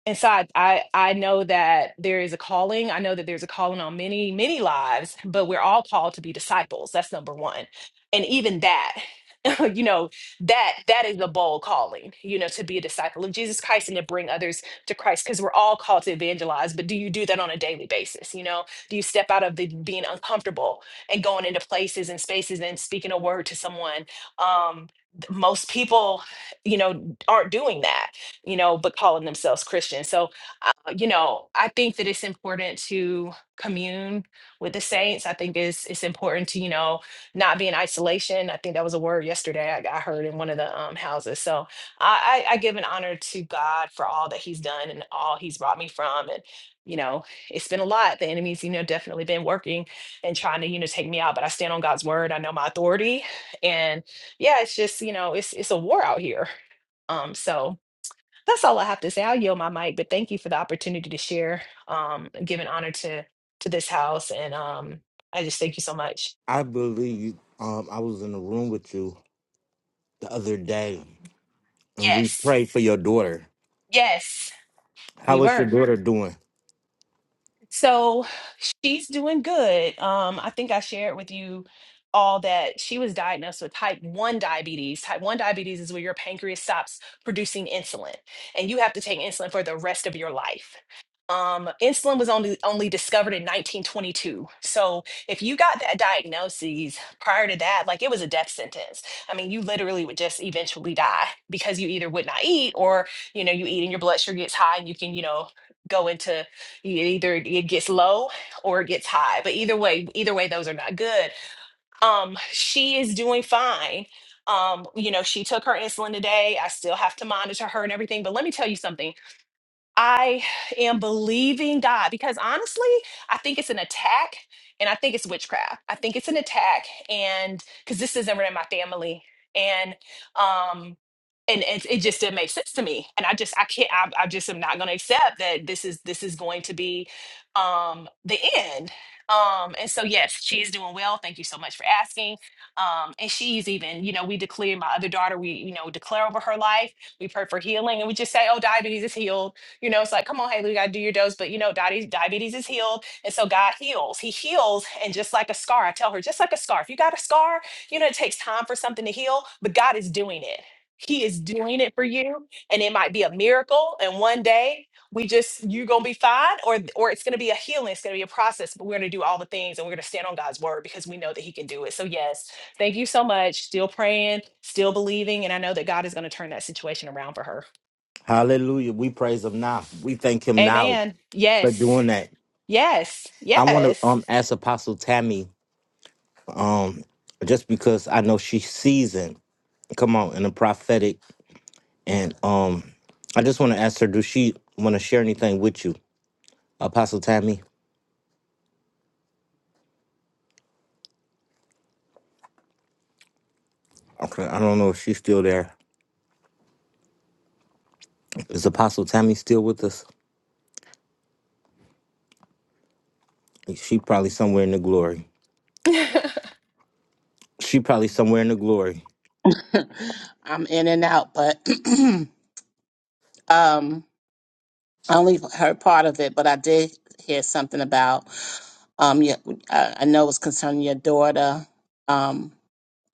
and so I, I I know that there is a calling. I know that there's a calling on many, many lives, but we're all called to be disciples. That's number one. And even that, <laughs> you know, that that is a bold calling, you know, to be a disciple of Jesus Christ and to bring others to Christ because we're all called to evangelize. But do you do that on a daily basis? You know, do you step out of the being uncomfortable and going into places and spaces and speaking a word to someone? Um, th- most people, you know, aren't doing that you know, but calling themselves Christian. So, uh, you know, I think that it's important to commune with the saints. I think it's it's important to you know not be in isolation. I think that was a word yesterday I, I heard in one of the um, houses. So I, I, I give an honor to God for all that He's done and all He's brought me from, and you know, it's been a lot. The enemy's you know definitely been working and trying to you know take me out, but I stand on God's word. I know my authority, and yeah, it's just you know it's it's a war out here. Um, so that's all I have to say. I'll yield my mic, but thank you for the opportunity to share, um, give an honor to to this house, and um, I just thank you so much. I believe um, I was in a room with you the other day and we Yes, prayed for your daughter. yes, we How is your were. daughter doing? So she's doing good. Um, I think I shared with you all that she was diagnosed with type 1 diabetes. Type 1 diabetes is where your pancreas stops producing insulin, and you have to take insulin for the rest of your life. Um, insulin was only only discovered in 1922. So if you got that diagnosis prior to that, like it was a death sentence. I mean, you literally would just eventually die because you either would not eat or, you know, you eat and your blood sugar gets high and you can, you know, go into it either it gets low or it gets high, but either way, either way, those are not good. Um, she is doing fine. Um, you know, she took her insulin today. I still have to monitor her and everything. But let me tell you something. I am believing God because honestly, I think it's an attack and I think it's witchcraft. I think it's an attack and because this isn't in my family and um and it, it just didn't make sense to me and I just I can't I, I just am not going to accept that this is this is going to be um the end. Um and so yes, she's doing well. Thank you so much for asking. Um and she's even, you know, we declare my other daughter, we you know, declare over her life we pray for healing and we just say, oh, diabetes is healed you know, it's like, come on, Haley, you gotta do your dose. But you know, diabetes, diabetes is healed. And so God heals. He heals. And just like a scar, I tell her, just like a scar. If you got a scar, you know, it takes time for something to heal, but God is doing it. He is doing it for you. And it might be a miracle. And one day we just, you're gonna be fine, or or it's gonna be a healing, it's gonna be a process, but we're gonna do all the things and we're gonna stand on God's word because we know that He can do it. So yes, thank you so much. Still praying, still believing, and I know that God is gonna turn that situation around for her. Hallelujah. We praise him now. We thank him now Amen. for Yes. doing that. Yes. I want to Yes. um ask Apostle Tammy um just because I know she's seasoned. come out in the prophetic. And um, I just want to ask her, does she want to share anything with you, Apostle Tammy? Okay, I don't know if she's still there. Is Apostle Tammy still with us? She probably somewhere in the glory. <laughs> She probably somewhere in the glory. <laughs> I'm in and out, but <clears throat> um, I only heard part of it, but I did hear something about. Um, your, I I know it was concerning your daughter. Um,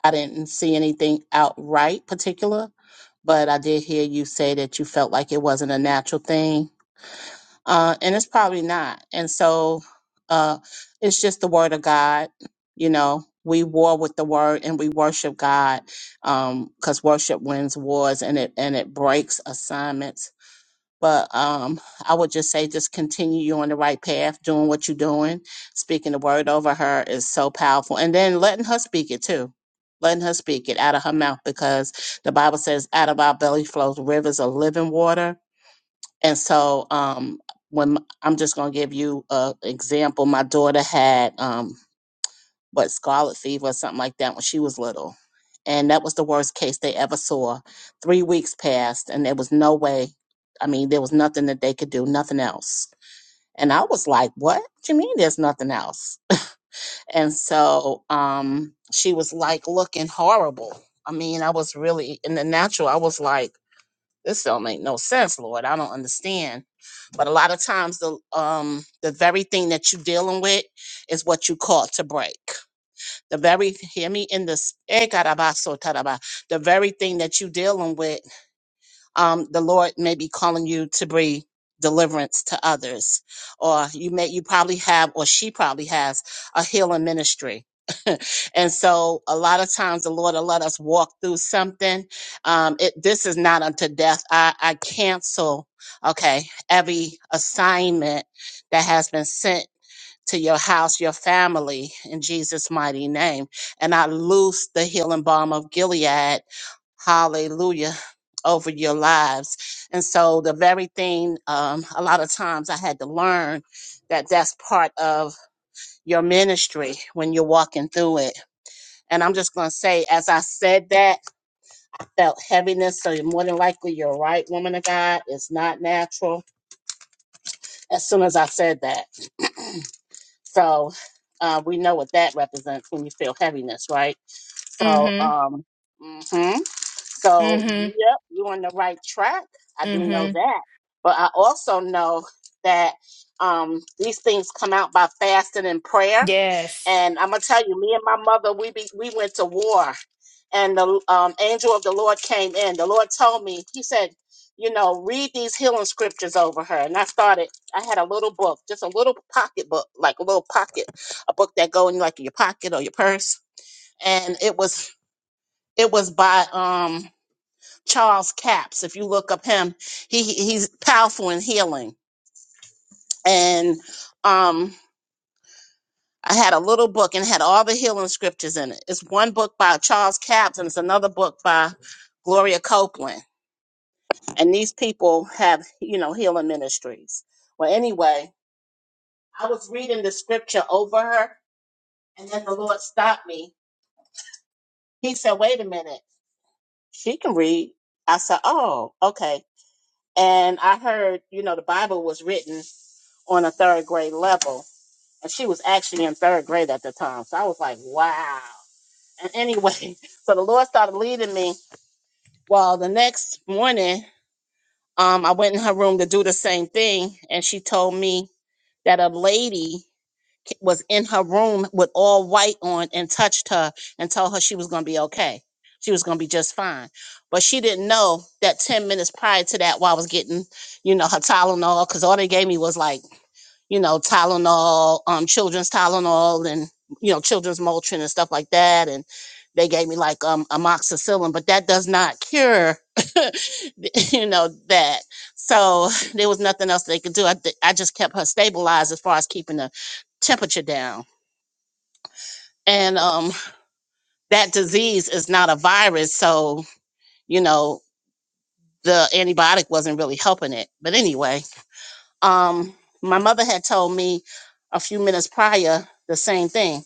I didn't see anything outright particular, but I did hear you say that you felt like it wasn't a natural thing. uh, and it's probably not. And so uh, it's just the word of God. You know, we war with the word and we worship God because worship wins wars and it and it breaks assignments. But um, I would just say, just continue you on the right path, doing what you're doing. Speaking the word over her is so powerful, and then letting her speak it too. Letting her speak it out of her mouth because the Bible says, out of our belly flows rivers of living water and so, um, when m- I'm just going to give you an example, my daughter had um, what scarlet fever or something like that when she was little, and that was the worst case they ever saw. Three weeks passed, and there was no way. I mean, there was nothing that they could do, nothing else. And I was like, "What do you mean? There's nothing else?" <laughs> And so, um, she was like looking horrible. I mean, I was really in the natural. I was like. This don't make no sense, Lord. I don't understand. But a lot of times the um the very thing that you're dealing with is what you caught to break. The very hear me in this eh, caraba, so taraba. the very thing that you're dealing with um, the Lord may be calling you to bring deliverance to others, or you may you probably have, or she probably has a healing ministry. <laughs> and so a lot of times the Lord will let us walk through something. Um, it, this is not unto death. I, I cancel, okay, every assignment that has been sent to your house, your family, in Jesus' mighty name. And I loose the healing balm of Gilead, hallelujah, over your lives. And so, the very thing, um, a lot of times I had to learn that that's part of your ministry when you're walking through it. And I'm just going to say, as I said that, felt heaviness. So, you're more than likely, you're right, woman of God. It's not natural. As soon as I said that. So uh, we know what that represents when you feel heaviness, right? So, Mm-hmm. um, mhm. So, Mm-hmm. yep, you're on the right track. I do know Mm-hmm. that. But I also know that um, these things come out by fasting and prayer. Yes. And I'm gonna tell you, me and my mother, we be, we went to war, and the um, angel of the Lord came in. The Lord told me, He said, you know, read these healing scriptures over her. And I started. I had a little book, just a little pocket book, like a little pocket, a book that go in like your pocket or your purse. And it was it was by um Charles Capps. If you look up him, he he- he's powerful in healing. And um, I had a little book and it had all the healing scriptures in it. It's one book by Charles Capps and it's another book by Gloria Copeland. And these people have you know healing ministries. Well, anyway, I was reading the scripture over her, and then the Lord stopped me. He said, "Wait a minute, she can read." I said, "Oh, okay." And I heard, you know, the Bible was written on a third grade level. And she was actually in third grade at the time. So I was like, wow. And <laughs> anyway, so the Lord started leading me. Well, the next morning, um, I went in her room to do the same thing. And she told me that a lady was in her room with all white on and touched her and told her she was going to be okay. She was going to be just fine. But she didn't know that 10 minutes prior to that, while I was getting, you know, her Tylenol, because all they gave me was like you know, Tylenol, um, children's Tylenol and, you know, children's Motrin and stuff like that. And they gave me like um, amoxicillin, but that does not cure, <laughs> you know, that. So <laughs> there was nothing else they could do. I, th- I just kept her stabilized as far as keeping the temperature down. And um, that disease is not a virus. So, you know, the antibiotic wasn't really helping it. But anyway, um, my mother had told me a few minutes prior the same thing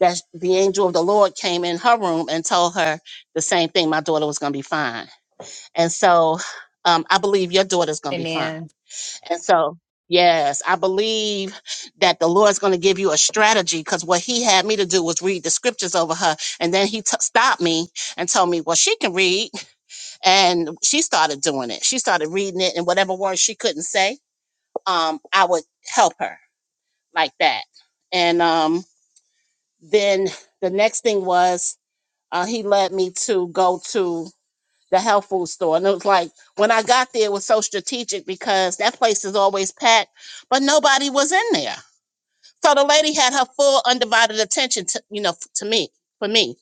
that the angel of the Lord came in her room and told her the same thing. My daughter was going to be fine. And so um, I believe your daughter's going to be fine. Amen. And so, yes, I believe that the Lord's going to give you a strategy because what he had me to do was read the scriptures over her. And then he t- stopped me and told me, well, she can read. And she started doing it. She started reading it and whatever words she couldn't say, um, I would help her like that. And um, then the next thing was uh, he led me to go to the health food store. And it was like when I got there, it was so strategic because that place is always packed, but nobody was in there. So the lady had her full undivided attention to you know f- to me for me.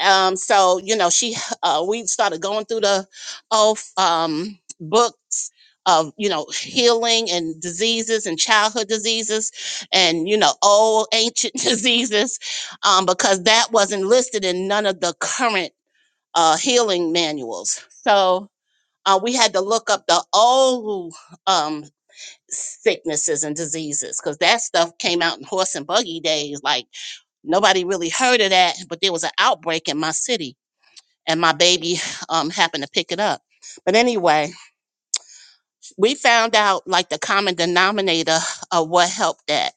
Um, so you know she uh, we started going through the oh um, books of you know healing and diseases and childhood diseases and you know old ancient <laughs> diseases um, because that wasn't listed in none of the current uh, healing manuals. So uh, we had to look up the old um, sicknesses and diseases because that stuff came out in horse and buggy days. Like nobody really heard of that, but there was an outbreak in my city, and my baby um, happened to pick it up. But anyway, we found out like the common denominator of what helped that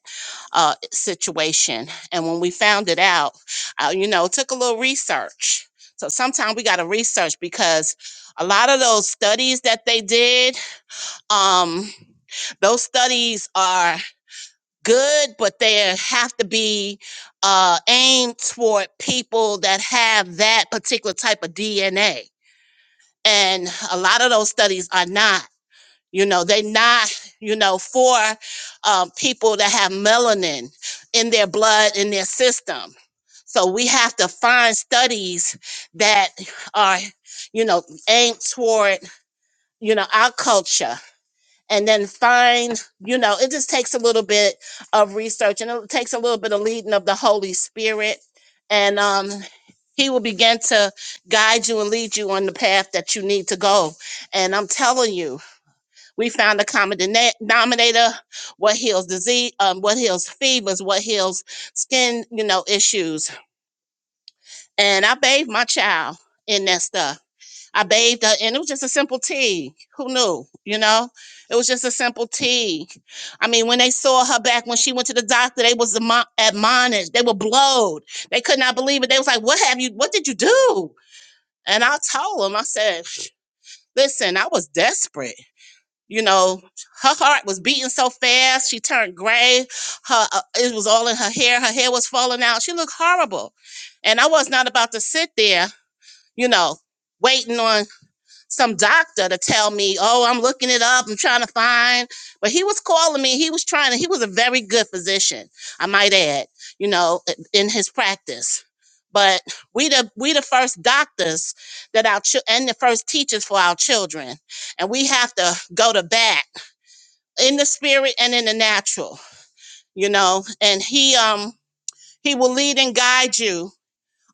uh, situation. And when we found it out, uh, you know, it took a little research. So sometimes we got to research because a lot of those studies that they did, um, those studies are good, but they have to be uh, aimed toward people that have that particular type of DNA. And a lot of those studies are not. You know, they not, you know, for um, people that have melanin in their blood, in their system. So we have to find studies that are, you know, aimed toward, you know, our culture and then find, you know, it just takes a little bit of research and it takes a little bit of leading of the Holy Spirit. And um, he will begin to guide you and lead you on the path that you need to go. And I'm telling you, we found a common dena- denominator. What heals disease? Um, what heals fevers? What heals skin? You know, issues. And I bathed my child in that stuff. I bathed her, and it was just a simple tea. Who knew? You know, it was just a simple tea. I mean, when they saw her back when she went to the doctor, they was admo- admonished. They were blowed. They could not believe it. They was like, "What have you? What did you do?" And I told them, I said, "Listen, I was desperate." you know her heart was beating so fast she turned gray her uh, it was all in her hair her hair was falling out she looked horrible and i was not about to sit there you know waiting on some doctor to tell me oh i'm looking it up i'm trying to find but he was calling me he was trying to he was a very good physician i might add you know i- in his practice but we the we the first doctors that our chil- and the first teachers for our children and we have to go to bat in the spirit and in the natural, you know, and he um he will lead and guide you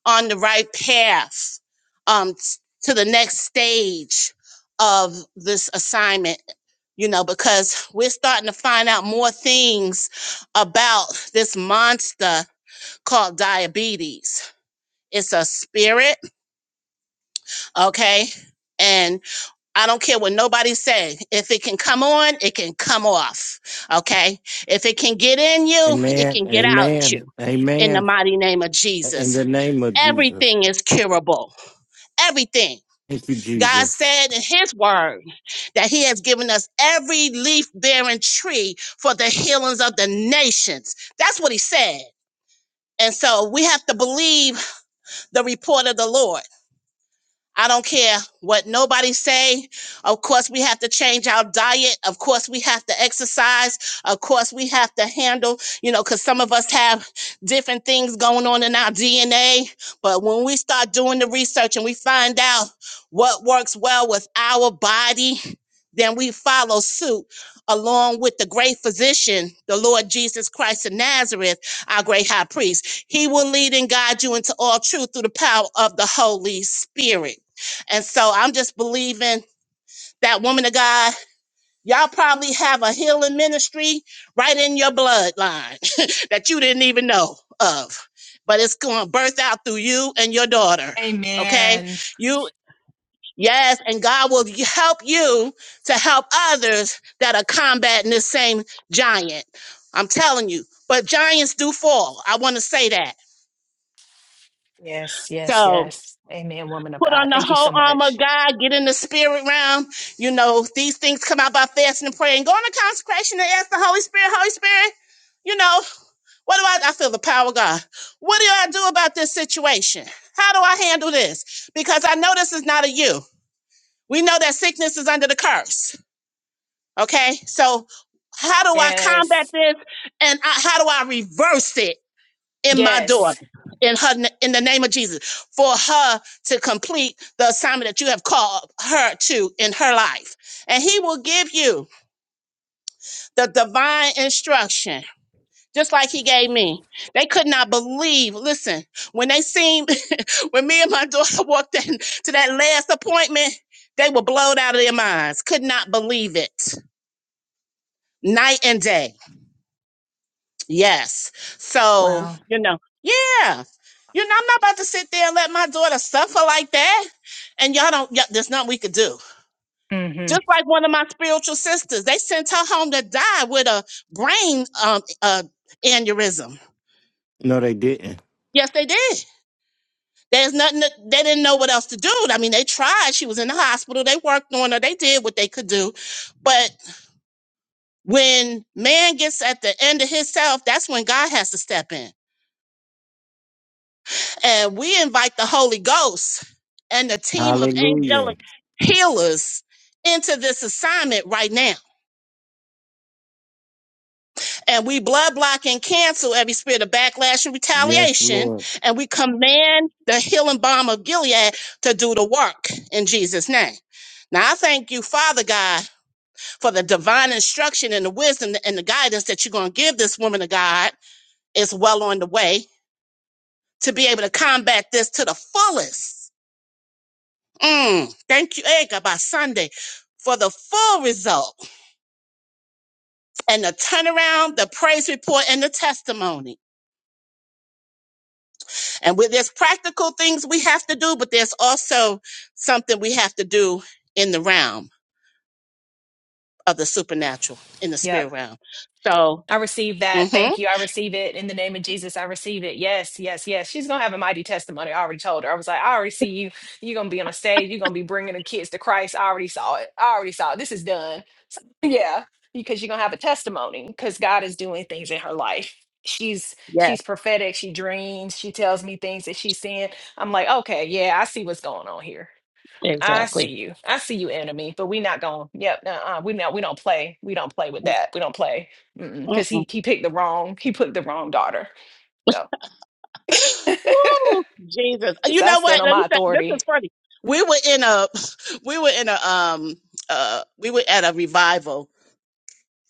on the right path um s- to the next stage of this assignment, you know, because we're starting to find out more things about this monster called diabetes. It's a spirit, okay? and. I don't care what nobody say. If it can come on, it can come off. Okay. If it can get in you, it Amen. can get out Amen. you. In the Amen. mighty name of In the Jesus. name of Jesus. Everything is curable. Everything. Thank you, God Jesus. said in his word that he has given us every leaf bearing tree for the healings of the nations. That's what he said. And so we have to believe the report of the Lord. I don't care what nobody say. Of course, we have to change our diet. Of course, we have to exercise. Of course, we have to handle, you know, because some of us have different things going on in our DNA. But when we start doing the research and we find out what works well with our body, then we follow suit along with the great physician, the Lord Jesus Christ of Nazareth, our great high priest. He will lead and guide you into all truth through the power of the Holy Spirit. And so I'm just believing that woman of God, y'all probably have a healing ministry right in your bloodline <laughs> that you didn't even know of. But it's going to birth out through you and your daughter. Okay? Amen. You, yes, and God will y- help you to help others that are combating this same giant. I'm telling you. But giants do fall. I want to say that. Yes, yes, So. yes. Amen, woman of Put on God. the Thank you so whole armor of much. God, get in the spirit realm. You know, these things come out by fasting and praying. Go on to consecration and ask the Holy Spirit, Holy Spirit, you know, what do I, I feel the power of God. What do I do about this situation? How do I handle this? Because I know this is not a you. We know that sickness is under the curse. Okay. So how do I combat Yes. this? And I, how do I reverse it? in my daughter Yes. in her in the name of Jesus for her to complete the assignment that you have called her to in her life and he will give you the divine instruction just like he gave me they could not believe listen when they seen <laughs> when me and my daughter <laughs> walked in to that last appointment they were blown out of their minds could not believe it night and day Yes. So, Wow. you know, yeah. You know, I'm not about to sit there and let my daughter suffer like that. And y'all don't, you there's nothing we could do. Mm-hmm. Just like one of my spiritual sisters, they sent her home to die with a brain um, uh, aneurysm. No, they didn't. Yes, they did. There's nothing, that, they didn't know what else to do. I mean, they tried. She was in the hospital. They worked on her. They did what they could do. But when man gets at the end of himself, that's when God has to step in. And we invite the Holy Ghost and the team of Hallelujah. angelic healers into this assignment right now. And we blood block and cancel every spirit of backlash and Yes, retaliation. Lord. And we command the healing balm of Gilead to do the work in Jesus' name. Now, I thank you, Father God, for the divine instruction and the wisdom and the guidance that you're going to give this woman of God. It's well on the way to be able to combat this to the fullest Mm, thank you, Edgar, by Sunday for the full result and the turnaround, the praise report, and the testimony. And with there's practical things we have to do, but there's also something we have to do in the realm of the supernatural, in the Yep. spirit realm. So, I receive that. mm-hmm. Thank you. I receive it in the name of Jesus. I receive it. Yes, yes, yes. She's gonna have a mighty testimony. I already told her. I was like, I already see you. You're gonna be on a stage. You're gonna be bringing the kids to Christ. I already saw it. I already saw it. This is done. So, <laughs> yeah, because you're gonna have a testimony because God is doing things in her life. She's Yes, she's prophetic. She dreams. She tells me things that she's seeing. I'm like, okay, yeah, I see what's going on here. I see exactly. you. I see you, enemy. But we not going. Yep. Uh. We not. We don't play. We don't play with that. We don't play. Mm-mm. Because he he picked the wrong. He put the wrong daughter. So. <laughs> Woo, Jesus. Uh, Because You I know stand what? on Let my me say, this authority. is funny. We were in a, <laughs> we were in a, um, uh, we were at a revival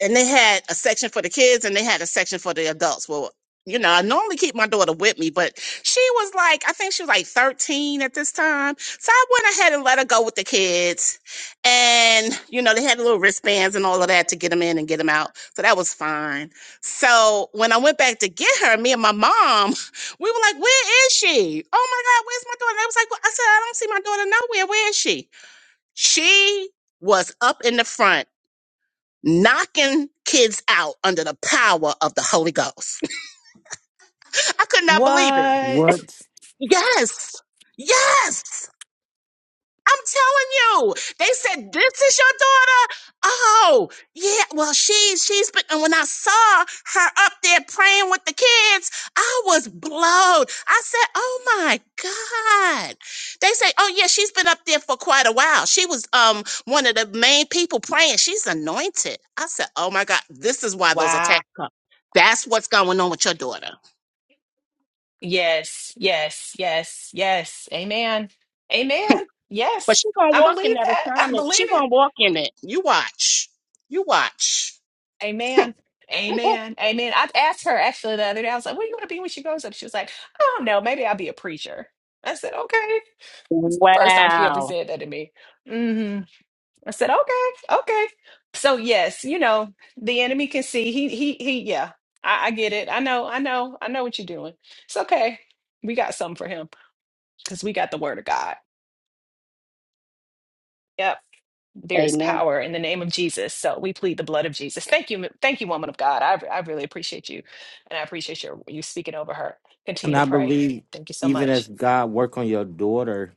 and they had a section for the kids and they had a section for the adults. Well, you know, I normally keep my daughter with me, but she was like, I think she was like 13 at this time. So I went ahead and let her go with the kids. And, you know, they had little wristbands and all of that to get them in and get them out. So that was fine. So when I went back to get her, me and my mom, <laughs> we were like, where is she? Oh my God, where's my daughter? They was like, well, I said, I don't see my daughter nowhere. Where is she? She was up in the front knocking kids out under the power of the Holy Ghost. <laughs> I could not believe it. What? What? Yes. Yes. I'm telling you, they said this is your daughter. Oh, yeah. Well, she she's been. And when I saw her up there praying with the kids, I was blown. I said, "Oh my god!" They say, "Oh yeah, she's been up there for quite a while. She was um one of the main people praying. She's anointed." I said, "Oh my god, this is why those Wow. attacks come. That's what's going on with your daughter. Yes. Yes. Yes. Yes. Amen. Amen. But Yes. she's gonna I walk in believe that that. <laughs> I assignment. believe She's it. gonna walk in it. You watch. You watch." Amen. Amen. Amen. I asked her actually the other day. I was like, "What do you want to be when she grows up?" She was like, "I don't know. Maybe I'll be a preacher." I said, "Okay." First time she ever Wow. said that to me. hmm I said, okay, okay. So yes, you know, the enemy can see. He he he yeah. I, I get it. I know, I know, I know what you're doing. It's okay. We got something for him because we got the word of God. Yep. There is Amen. power in the name of Jesus. So we plead the blood of Jesus. Thank you. m- Thank you, woman of God. I, I really appreciate you. And I appreciate your you speaking over her. And Continue to I pray. believe Thank you so even as much. God work on your daughter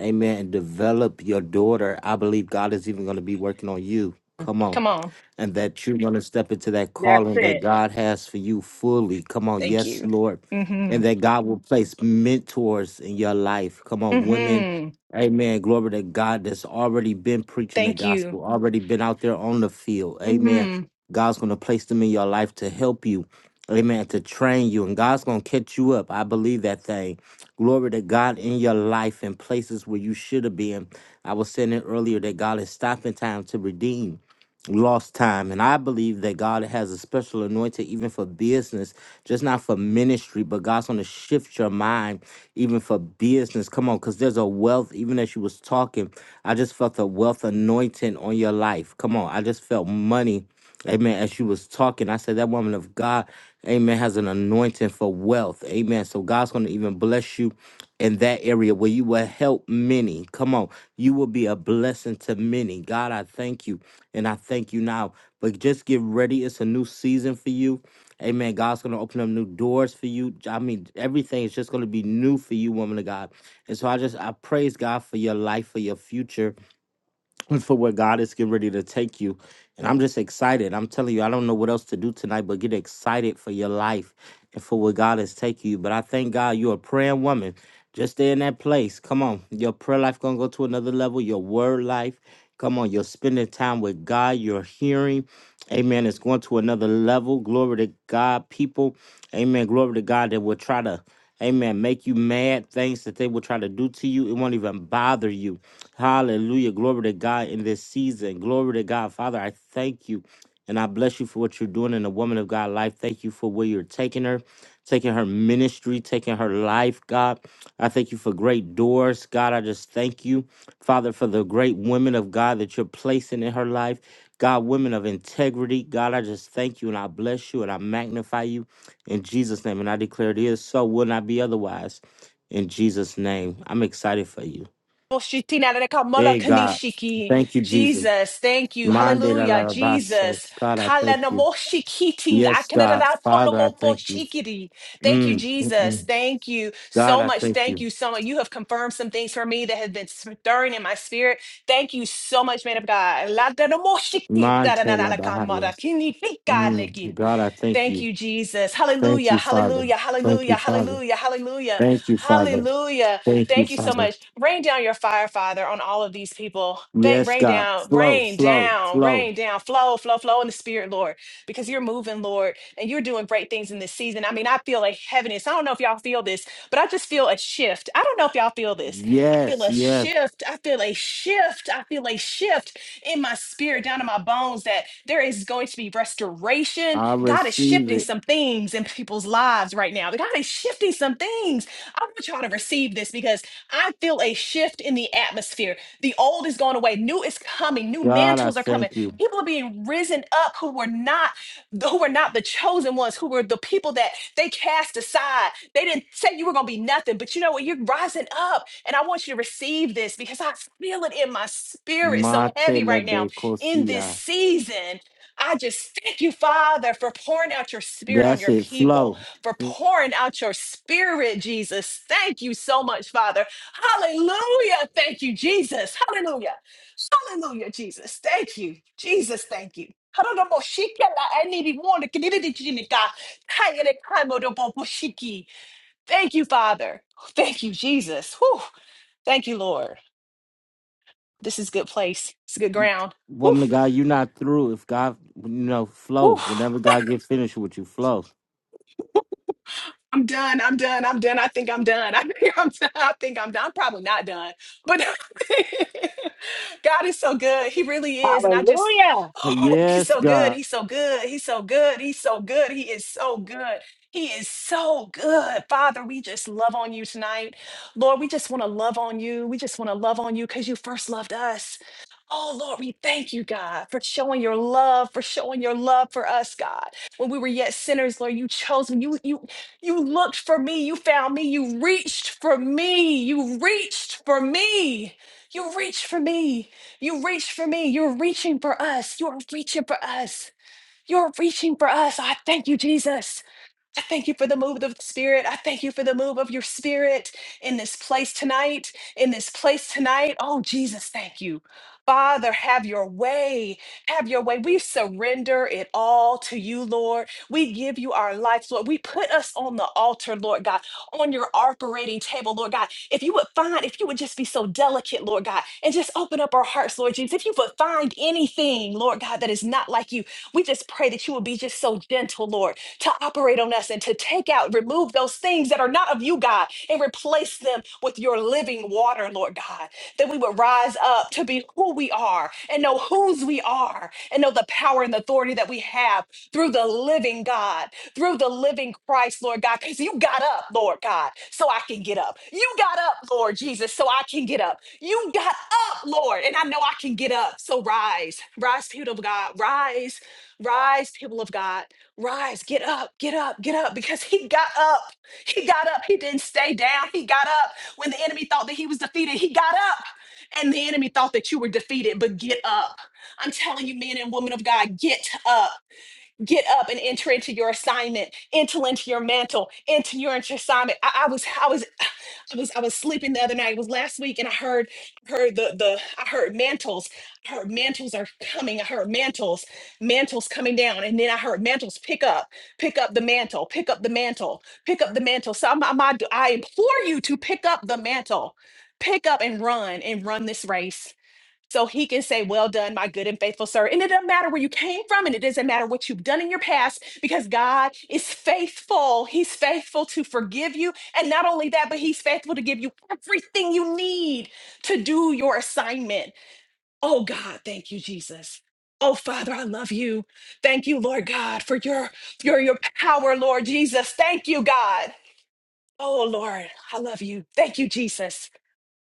Amen. And develop your daughter. I believe God is even going to be working on you. Come on Come on. and that you're going to step into that That's calling that it. God has for you fully. Come on, Thank yes, you. Lord. And Mm-hmm. that God will place mentors in your life. Come on, women. Mm-hmm. Amen. Glory to God that's already been preaching the Thank you. gospel, already been out there on the field. Amen. Mm-hmm. God's going to place them in your life to help you. Amen. To train you. And God's going to catch you up. I believe that thing. Glory to God in your life and places where you should have been. I was saying it earlier that God is stopping time to redeem lost time. And I believe that God has a special anointing even for business, just not for ministry, but God's gonna shift your mind even for business. Come on, because there's a wealth, even as you was talking, I just felt a wealth anointing on your life. Come on, I just felt money. Amen. As she was talking, I said that woman of God, amen, has an anointing for wealth. Amen. So God's gonna even bless you in that area where you will help many. Come on. You will be a blessing to many. God, I thank you. And I thank you now. But just get ready. It's a new season for you. Amen. God's going to open up new doors for you. I mean, everything is just going to be new for you, woman of God. And so I just, I praise God for your life, for your future. <clears throat> and for where God is getting ready to take you. And I'm just excited. I'm telling you, I don't know what else to do tonight, but get excited for your life and for where God is taking you. But I thank God you're a praying woman. Just stay in that place. Come on. Your prayer life gonna go to another level. Your word life. Come on, you're spending time with God. You're hearing. Amen. It's going to another level. Glory to God, people. Amen. Glory to God that will try to, amen, make you mad. Things that they will try to do to you. It won't even bother you. Hallelujah. Glory to God in this season. Glory to God. Father, I thank you and I bless you for what you're doing in the woman of God life. Thank you for where you're taking her, taking her ministry, taking her life, God. I thank you for great doors, God. I just thank you, Father, for the great women of God that you're placing in her life. God, women of integrity, God, I just thank you and I bless you and I magnify you in Jesus' name. And I declare it is so, will not be otherwise. In Jesus' name, I'm excited for you. Hey, God. Thank you, Jesus. Jesus, thank you. Mande la la Hallelujah, la basso. Jesus. God, I thank you. Kalanamoshikiting, Yes, God. Father, I thank you. akanadadapolomoposhikiri. Thank you, Mm, mm, Jesus. mm. Thank you God, so I much. thank Thank you. you so much. You have confirmed some things for me that have been stirring in my spirit. Thank you so much, man of God. Ladanamoshiki, Mante la bahaya. dadanalalakamaraki, nifikalekin. Mm, God, I thank Thank you. you, Jesus. Thank Hallelujah. you, Father. Hallelujah. Thank you, Hallelujah. Father. Hallelujah. Hallelujah. Thank you, Father. Hallelujah. Thank you, Thank you so Father. much. Rain down your fire, Father, on all of these people. Thank, Yes, rain God. down, Flow, rain flow, down, flow. rain down. Flow, flow, flow in the spirit, Lord, because you're moving, Lord, and you're doing great things in this season. I mean, I feel like heaviness. I don't know if y'all feel this, but I just feel a shift. I don't know if y'all feel this. I feel Yes, a yes. shift. I feel a shift. I feel a shift in my spirit, down in my bones, that there is going to be restoration. I God is receive shifting it. some things in people's lives right now. God is shifting some things. I want y'all to receive this because I feel a shift in the atmosphere. The old is going away, new is coming, new God, I mantles are coming. thank you. People are being risen up who were not who were not the chosen ones, who were the people that they cast aside. They didn't say you were going to be nothing, but you know what? You're rising up. And I want you to receive this because I feel it in my spirit so Mate heavy le right now in this becosia. season. I just thank you, Father, for pouring out your spirit on That's your it. people, Flow. for pouring out your spirit, Jesus. Thank you so much, Father. Hallelujah. Thank you, Jesus. Hallelujah. Hallelujah, Jesus. Thank you. Jesus, thank you. Thank you, Father. Thank you, Jesus. Whew. Thank you, Lord. This is good place. It's good You- ground. Whew, Woman of God, you're not through. If God, you know, flow. whew. Whenever God gets finished with you, flow. I'm done. I'm done. I'm done. I think I'm done. <laughs> I think I'm done. I think I'm done. I'm probably not done, but <laughs> God is so good. He really is. And I just, Hallelujah. oh, he's Yes, so good. God. He's so good. He's so good. He's so good. He is so good. He is so good. Father, we just love on you tonight. Lord, we just want to love on you. We just want to love on you because you first loved us. Oh, Lord, we thank you, God, for showing your love, for showing your love for us, God when we were yet sinners, Lord, you chose me. You, you you looked for me. You found me. You reached for me. You reached for me. You reached for me. You reached for me. You're reaching for us. You're reaching for us. You're reaching for us. I thank you, Jesus. I thank you for the move of the Spirit. I thank you for the move of your Spirit in this place tonight, in this place tonight. Oh, Jesus, thank you. Father, have your way. Have your way. We surrender it all to you, Lord. We give you our lives, Lord. We put us on the altar, Lord God, on your operating table, Lord God. If you would find, if you would just be so delicate, Lord God, and just open up our hearts, Lord Jesus, if you would find anything, Lord God, that is not like you, we just pray that you will be just so gentle, Lord to operate on us and to take out, remove those things that are not of you, God, and replace them with your living water, Lord God. That we would rise up to be who we are and know whose we are and know the power and the authority that we have through the living God, through the living Christ, Lord God, because you got up, Lord God, so I can get up. You got up, Lord Jesus, so I can get up. You got up, Lord, and I know I can get up. So rise, rise, people of God, rise, rise, people of God rise, get up, get up, get up, because he got up. He got up. He didn't stay down. He got up. When the enemy thought that he was defeated, he got up. And the enemy thought that you were defeated, but get up. I'm telling you, men and women of God, get up get up and enter into your assignment, enter into your mantle, enter your into your assignment. I, I was I was <sighs> I was I was sleeping the other night. It was last week, and I heard heard the the I heard mantles. I heard mantles are coming. I heard mantles, mantles coming down, and then I heard mantles pick up, pick up the mantle, pick up the mantle, pick up the mantle. So I'm, I'm, I implore you to pick up the mantle, pick up and run and run this race so he can say, Well done, my good and faithful servant. And it doesn't matter where you came from, and it doesn't matter what you've done in your past, because God is faithful. He's faithful to forgive you. And not only that, but He's faithful to give you everything you need to do your assignment. Oh, God, thank you, Jesus. Oh, Father, I love you. Thank you, Lord God, for your, your, your power, Lord Jesus. Thank you, God. Oh, Lord, I love you. Thank you, Jesus.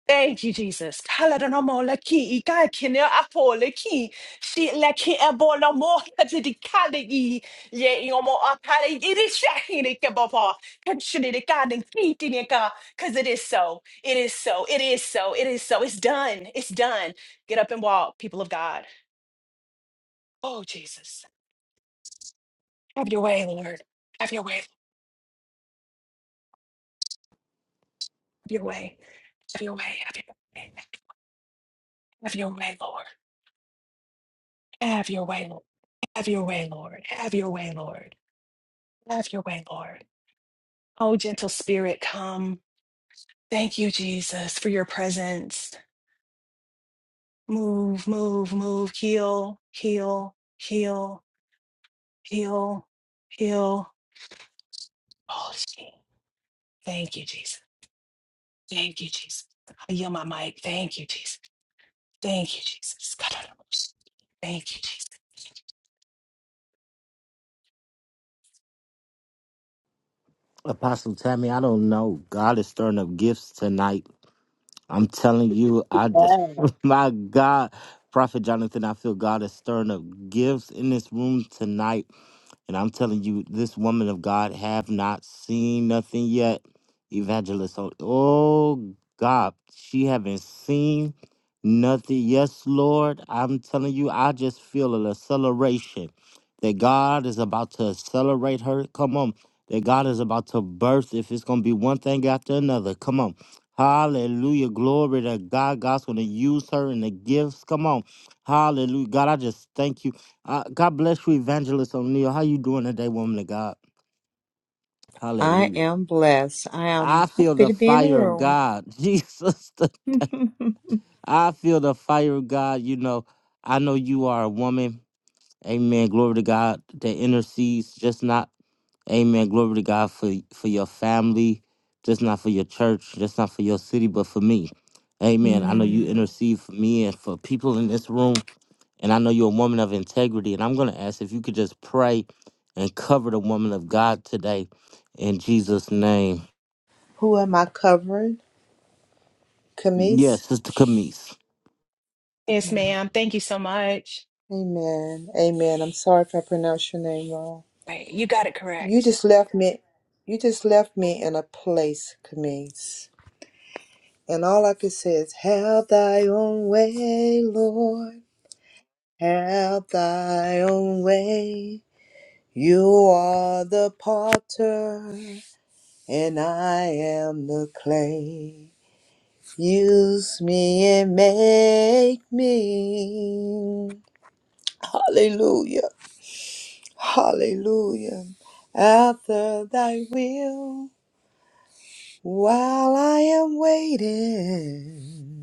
Thank you, Jesus. Kalanomo laki ikai kinea apo laki si laki ebola mo kadidi kali i ye iomo apale iri shahi ni kebaba kanshini ni kani kiti ni ka because it is so it is so it is so it is so it's done it's done get up and walk people of God oh Jesus have your way Lord have your way have your way have your way have your way have your way Lord have your way Lord have your way Lord have your way Lord Have your way, Lord. Oh, gentle spirit, come. Thank you, Jesus, for your presence. Move, move, move. Heal, heal, heal, heal, heal. Oh, gee. thank you, Jesus. Thank you, Jesus. I yield my mic. Thank you, Jesus. Thank you, Jesus. Thank you, Jesus. Apostle Tammy, I don't know. God is stirring up gifts tonight. I'm telling you, I just, <laughs> my God. Prophet Jonathan, I feel God is stirring up gifts in this room tonight. And I'm telling you, this woman of God have not seen nothing yet. Evangelist, oh oh God, she haven't seen nothing. Yes, Lord, I'm telling you, I just feel an acceleration that God is about to accelerate her. Come on, that God is about to birth. If it's gonna be one thing after another, come on. Hallelujah. Glory to God. God's going to use her in the gifts. Come on. Hallelujah. God, I just thank you. Uh, God bless you, Evangelist O'Neill. How you doing today, woman of God? I Hallelujah. am blessed. I am I feel happy the to be in the fire of room. God. <laughs> Jesus, the- <laughs> I feel the fire of God. You know, I know you are a woman. Amen. Glory to God that intercedes, just not, amen. Glory to God for, for your family, just not for your church, just not for your city, but for me. Amen. I know you Hmm. intercede for me and for people in this room. And I know you're a woman of integrity. And I'm going to ask if you could just pray and cover the woman of God today in Jesus' name. Who am I covering? Camise? Yes, Sister Camise, Yes, ma'am. Thank you so much. Amen. Amen. I'm sorry if I pronounced your name wrong. Right. You got it You correct. just left me you just left me in a place, Camise. And all I can say is have thy own way, Lord. Have thy own way. You are the potter and I am the clay. Use me and make me. Hallelujah. Hallelujah. After thy will, while I am waiting,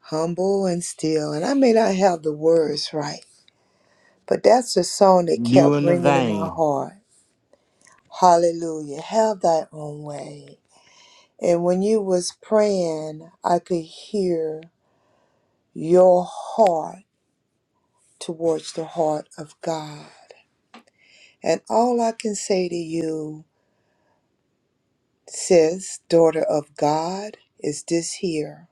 humble and still. And I may not have the words right, but that's the song that you kept in the ringing in my vein. heart. Hallelujah. Have thy own way. And when you was praying, I could hear your heart towards the heart of God. And all I can say to you, sis, daughter of God, is this here.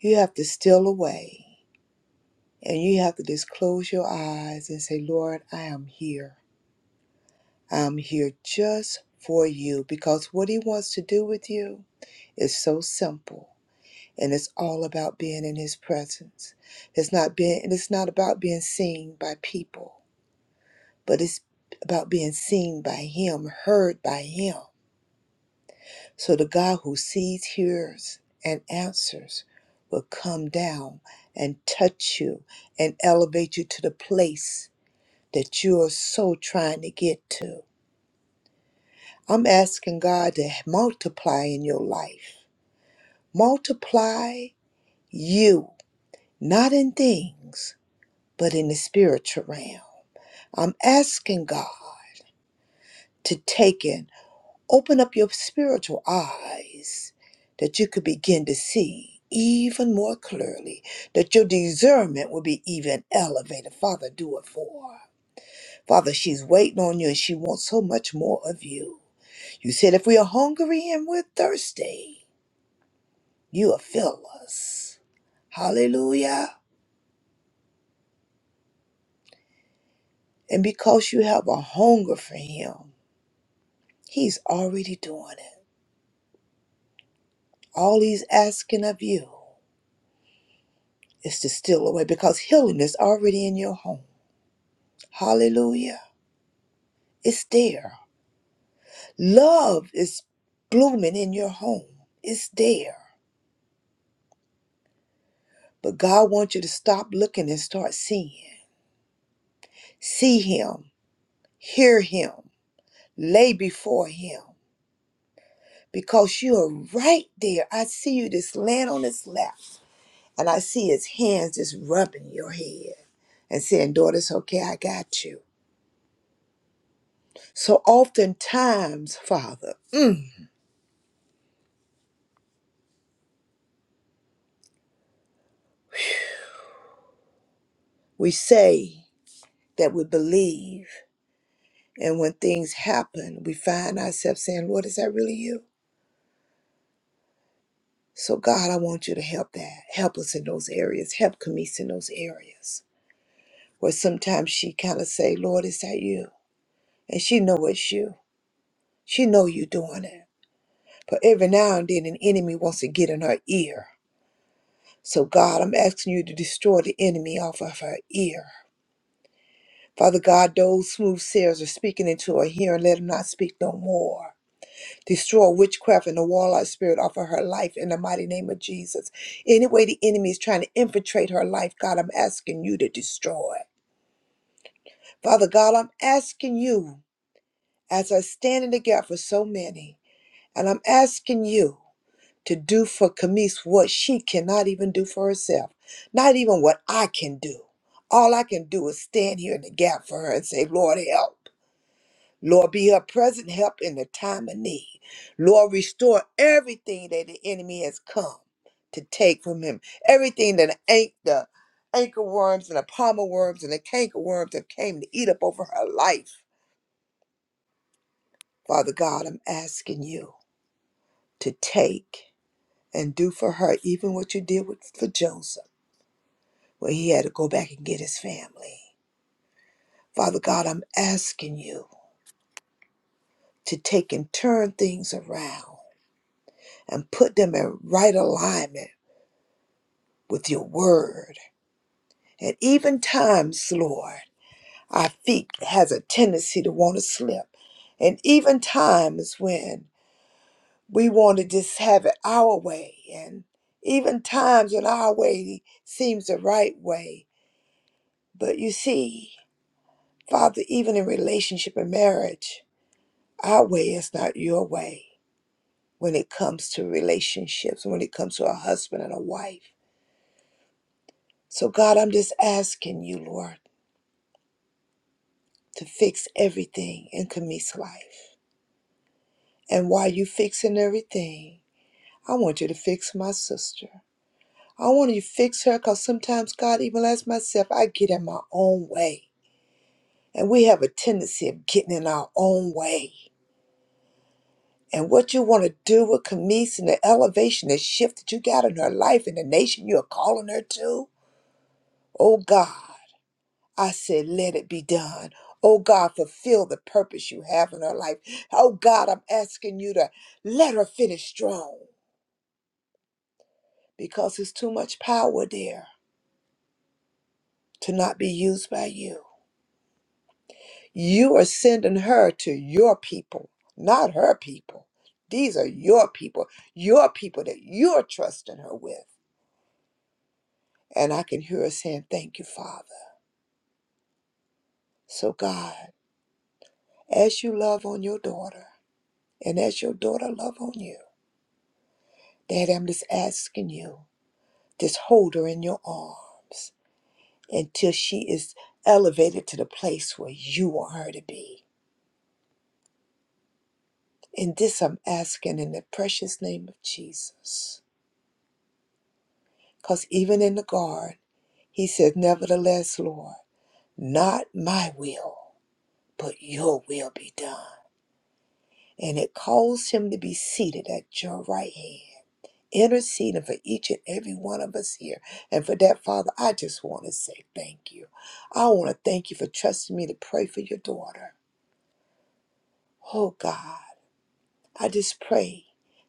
You have to steal away and you have to just close your eyes and say, Lord, I am here. I'm here just for you because what He wants to do with you is so simple. And it's all about being in his presence. It's not being it's not about being seen by people. but it's about being seen by Him, heard by Him. So the God who sees, hears, and answers will come down and touch you and elevate you to the place that you are so trying to get to. I'm asking God to multiply in your life. Multiply you, not in things, but in the spiritual realm. I'm asking God to take in. Open up your spiritual eyes that you could begin to see even more clearly, that your discernment will be even elevated. Father, do it for her. Father, she's waiting on you and she wants so much more of you. You said if we are hungry and we're thirsty, you will fill us. Hallelujah. And because you have a hunger for him, he's already doing it. All he's asking of you. is to steal away because healing is already in your home. Hallelujah. It's there. Love is blooming in your home. It's there. But God wants you to stop looking and start seeing. See Him, hear Him, lay before Him because you are right there. I see you just laying on His lap and I see His hands just rubbing your head and saying, Daughter, it's okay, I got you. So oftentimes, Father, mm, we say, that we believe. And when things happen, we find ourselves saying, Lord, is that really you? So, God, I want you to help that. Help us in those areas. Help Camise in those areas where sometimes she kind of say, Lord, is that you? And she know it's you. She know you doing it. But every now and then an enemy wants to get in her ear. So, God, I'm asking you to destroy the enemy off of her ear. Father God, those smooth sayers are speaking into her hearing. Let them not speak no more. Destroy witchcraft and the warlock spirit off of her life in the mighty name of Jesus. Any way the enemy is trying to infiltrate her life, God, I'm asking you to destroy. Father God, I'm asking you, as I stand in the gap for so many, and I'm asking you to do for Camise what she cannot even do for herself, not even what I can do. All I can do is stand here in the gap for her and say, Lord, help. Lord, be her present help in the time of need. Lord, restore everything that the enemy has come to take from him. Everything that ain't the anchor worms and the palmer worms and the canker worms have came to eat up over her life. Father God, I'm asking you to take and do for her even what you did with, for Joseph, where he had to go back and get his family. Father God, I'm asking you to take and turn things around and put them in right alignment with your word. At even times, Lord, our feet has a tendency to want to slip. And even times when we want to just have it our way. And even times when our way seems the right way. But you see, Father, even in relationship and marriage, our way is not your way when it comes to relationships, when it comes to a husband and a wife. So, God, I'm just asking you, Lord. to fix everything in Kami's life. And while you fixing everything, I want you to fix my sister. I want you to fix her because sometimes, God, even as myself, I get in my own way. And we have a tendency of getting in our own way. And what you want to do with Camise and the elevation, the shift that you got in her life and the nation you are calling her to, oh God. I said, let it be done. Oh God, fulfill the purpose you have in her life. Oh God, I'm asking you to let her finish strong because there's too much power there to not be used by you. You are sending her to your people, not her people. These are your people, your people that you're trusting her with. And I can hear her saying, Thank you, Father. So, God, as you love on your daughter and as your daughter love on you, Dad, I'm just asking you, just hold her in your arms until she is elevated to the place where you want her to be. And this I'm asking in the precious name of Jesus. Because even in the garden, he said, Nevertheless, Lord, not my will, but your will be done. And it caused him to be seated at your right hand. interceding for each and every one of us here. And for that, Father, I just want to say thank you. I want to thank you for trusting me to pray for your daughter. Oh God, I just pray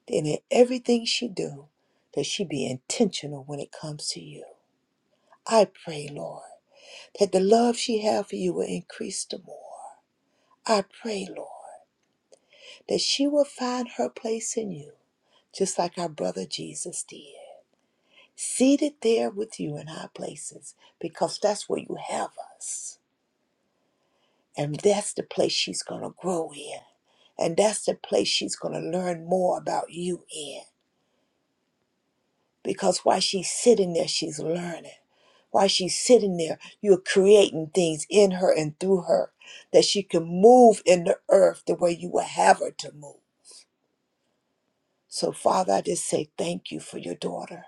that in everything she do, that she be intentional when it comes to you. I pray, Lord, that the love she have for you will increase the more. I pray, Lord, that she will find her place in you, just like our brother Jesus did. seated there with you in high places because that's where you have us. And that's the place she's going to grow in. And that's the place she's going to learn more about you in. Because while she's sitting there, she's learning. While she's sitting there, you're creating things in her and through her that she can move in the earth the way you would have her to move. So, Father, I just say thank you for your daughter.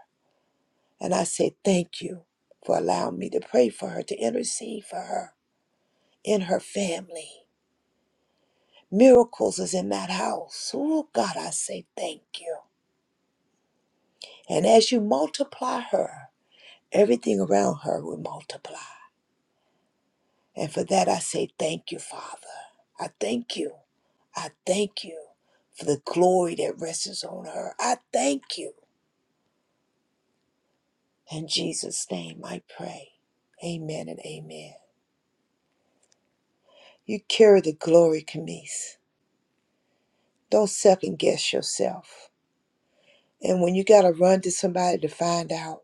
And I say thank you for allowing me to pray for her, to intercede for her in her family. Miracles is in that house. Oh, God, I say thank you. And as you multiply her, everything around her will multiply. And for that, I say thank you, Father. I thank you. I thank you for the glory that rests on her. I thank you. In Jesus' name, I pray. Amen and amen. You carry the glory, Camise. Don't second guess yourself. And when you got to run to somebody to find out,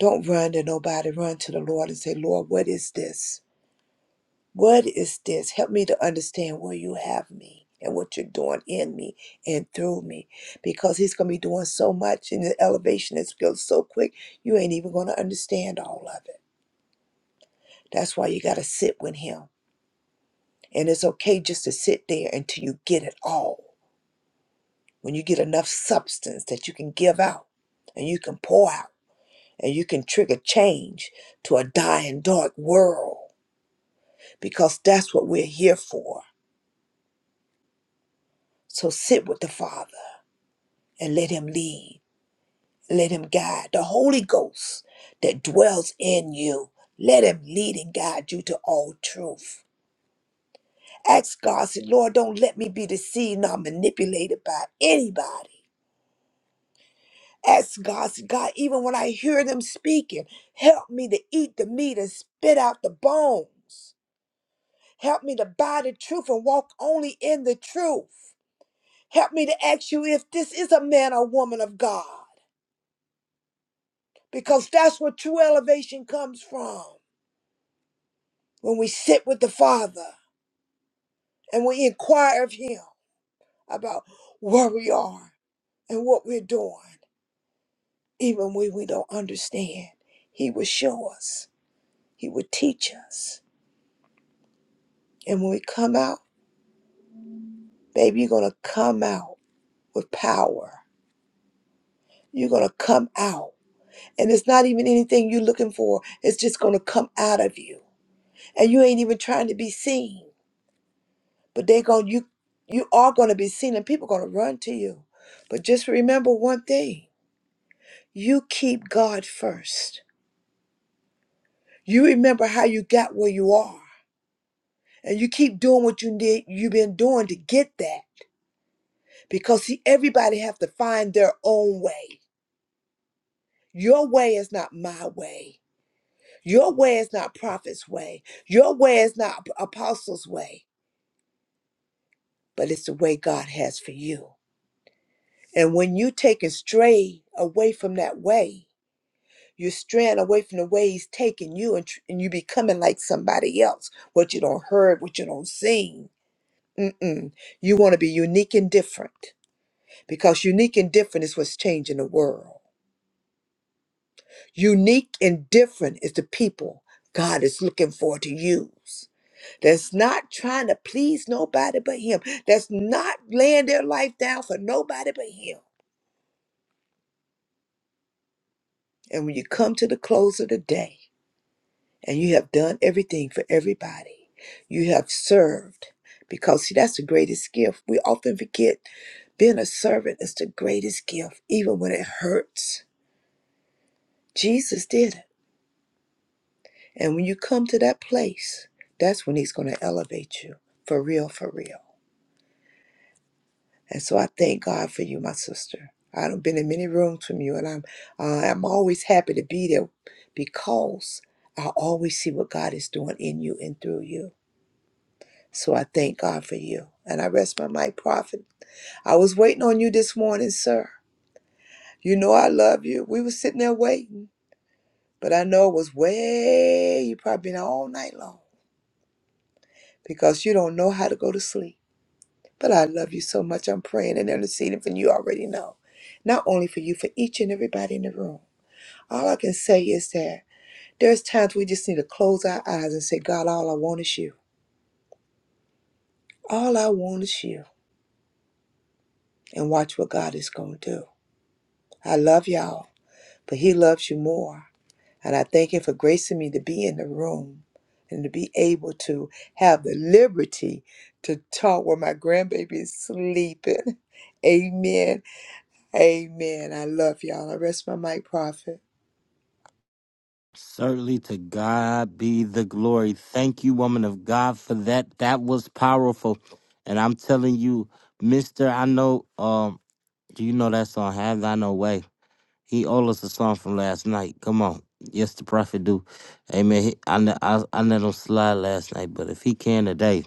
Don't run to nobody. Run to the Lord and say, Lord, what is this? What is this? Help me to understand where you have me and what you're doing in me and through me. Because He's going to be doing so much and the elevation is goes so quick, you ain't even going to understand all of it. That's why you got to sit with Him. And it's okay just to sit there until you get it all. When you get enough substance that you can give out and you can pour out and you can trigger change to a dying, dark world because that's what we're here for. So sit with the Father and let Him lead, let Him guide. The Holy Ghost that dwells in you, let Him lead and guide you to all truth. Ask God, say, Lord, don't let me be deceived nor manipulated by anybody. Ask God, say, God, even when I hear them speaking, help me to eat the meat and spit out the bones. Help me to buy the truth and walk only in the truth. Help me to ask you if this is a man or woman of God, because that's where true elevation comes from. When we sit with the Father and we inquire of Him about where we are and what we're doing, even when we don't understand, He will show us, He will teach us. And when we come out, baby, you're going to come out with power. You're going to come out. And it's not even anything you're looking for, it's just going to come out of you. And you ain't even trying to be seen but they're going you you are going to be seen and people going to run to you but just remember one thing you keep god first you remember how you got where you are and you keep doing what you need you've been doing to get that because see everybody have to find their own way your way is not my way your way is not prophet's way your way is not apostles way but it's the way god has for you and when you take it stray away from that way You're straying away from the ways taking you and, tr- and you becoming like somebody else. What you don't heard, what you don't seen. Mm-mm. You want to be unique and different because unique and different is what's changing the world. Unique and different is the people God is looking for to use. That's not trying to please nobody but Him. That's not laying their life down for nobody but Him. And when you come to the close of the day, and you have done everything for everybody. You have served because, see, that's the greatest gift. We often forget being a servant is the greatest gift, even when it hurts. Jesus did it. And when you come to that place, that's when He's going to elevate you for real, for real. And so I thank God for you, my sister. I've been in many rooms from you, and I'm uh, I'm always happy to be there because I always see what God is doing in you and through you. So I thank God for you. And I rest my might, prophet. I was waiting on you this morning, sir. You know I love you. We were sitting there waiting, but I know it was way, you probably been out all night long because you don't know how to go to sleep. But I love you so much. I'm praying and interceding for you already know. Not only for you, for each and everybody in the room. All I can say is that there's times we just need to close our eyes and say, God, all I want is you. All I want is you. And watch what God is going to do. I love y'all. but He loves you more. And I thank Him for gracing me to be in the room and to be able to have the liberty to talk while my grandbaby is sleeping. <laughs> Amen. Amen. I love y'all. I rest my mic, prophet. Certainly to God be the glory. Thank you, woman of God, for that. That was powerful. And I'm telling you, Mister, I know um, do you know that song, Have Thine No Way. He owed us a song from last night. Come on. Yes, the prophet do. Amen. He, I, let- I, I let him slide last night, but if he can today,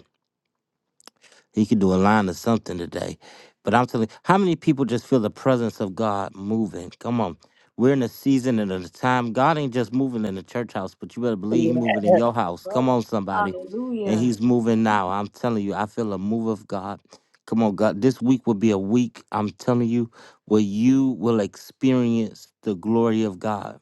you could do a line or something today. But I'm telling you, how many people just feel the presence of God moving? Come on. We're in a season and in a time. God ain't just moving in the church house, but you better believe He moving in your house. Come on, somebody. And Hallelujah. He's moving now. I'm telling you, I feel a move of God. Come on, God. This week will be a week, I'm telling you, where you will experience the glory of God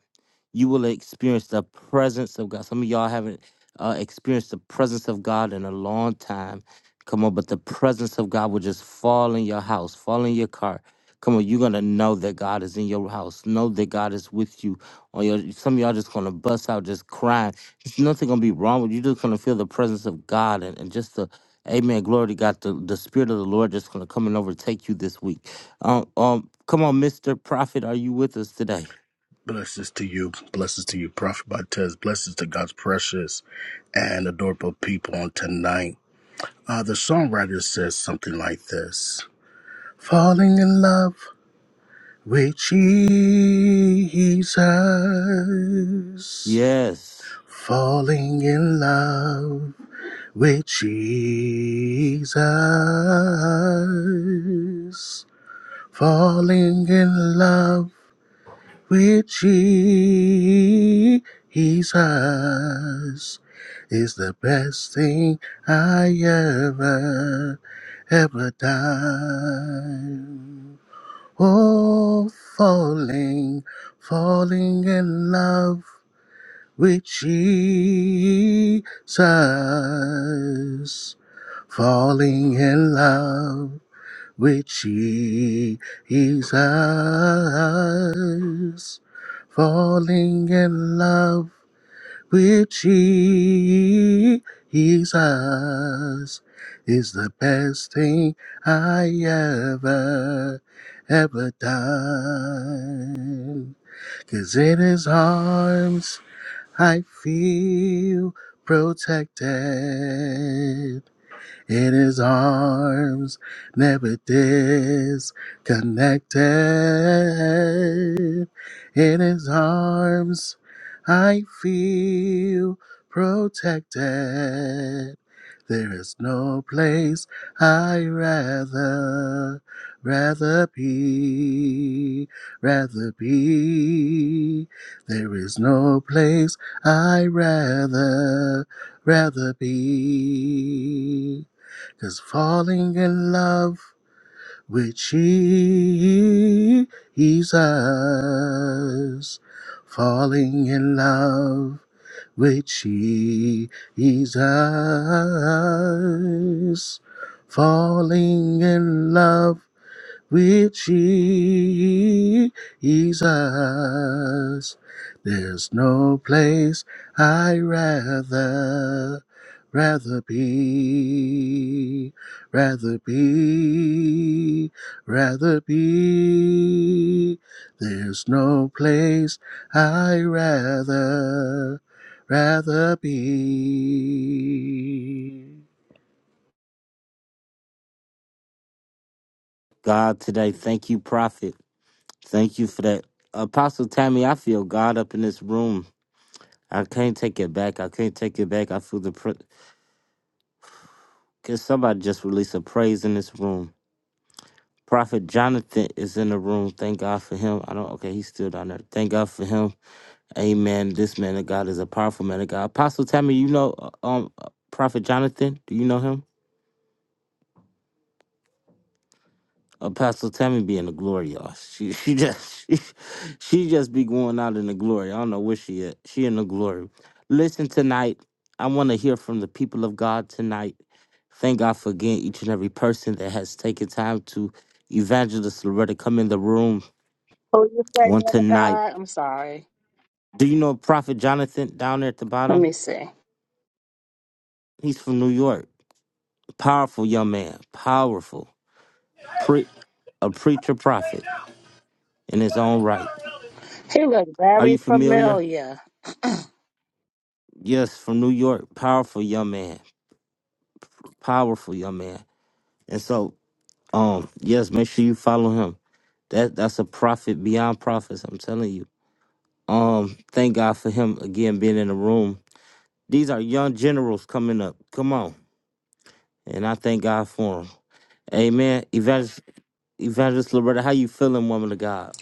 you will experience the presence of God. Some of y'all haven't uh, experienced the presence of God in a long time. Come on, but the presence of God will just fall in your house, fall in your car. Come on, you're gonna know that God is in your house. Know that God is with you. Or your, some of y'all just gonna bust out just crying. There's nothing gonna be wrong with you. You're just gonna feel the presence of God and, and just the Amen. Glory to God. The, the Spirit of the Lord just gonna come and overtake you this week. Um, um, come on, Mr. Prophet, are you with us today? Blessings to you, blessings to you, Prophet Bates, blessings to God's precious and adorable people on tonight. Uh, the songwriter says something like this Falling in love with Jesus, Yes. falling in love with Jesus, falling in love with Jesus is the best thing I ever, ever done. Oh, falling, falling in love with Jesus, falling in love with Jesus, falling in love with Jesus is the best thing I ever, ever done. 'Cause in his arms I feel protected in his arms, never disconnected. In his arms, I feel protected. There is no place I rather, rather be, rather be. There is no place I rather, rather be. Cause falling in love with Jesus, falling in love with Jesus, falling in love with Jesus. There's no place I rather, rather be, rather be, rather be. There's no place I rather, rather be. God today. Thank you, Prophet. Thank you for that. Apostle Tammy, I feel God up in this room. I can't take it back. I can't take it back. I feel the. Pr- Can somebody just release a praise in this room? Prophet Jonathan is in the room. Thank God for him. I don't. Okay, he's still down there. Thank God for him. Amen. This man of God is a powerful man of God. Apostle Tammy, you know uh, um uh, Prophet Jonathan? Do you know him? Apostle Tammy be in the glory, y'all. She she just <laughs> she, she just be going out in the glory. I don't know where she at. She in the glory. Listen tonight. I want to hear from the people of God tonight. Thank God for again each and every person that has taken time to evangelist Loretta come in the room Who you say, on man of tonight. God? I'm sorry. Do you know Prophet Jonathan down there at the Let bottom? me see. He's from New York. Powerful young man. Powerful. Pre- a preacher prophet in his own right. He looked Are you very familiar? familiar. Yes, from New York. Powerful young man. Powerful young man. And so, um, yes, make sure you follow him. That that's a prophet beyond prophets, I'm telling you. Um, thank God for him again being in the room. These are young generals coming up. Come on. And I thank God for them. Amen. Evangelist, Evangelist Loretta, how you feeling, woman of God?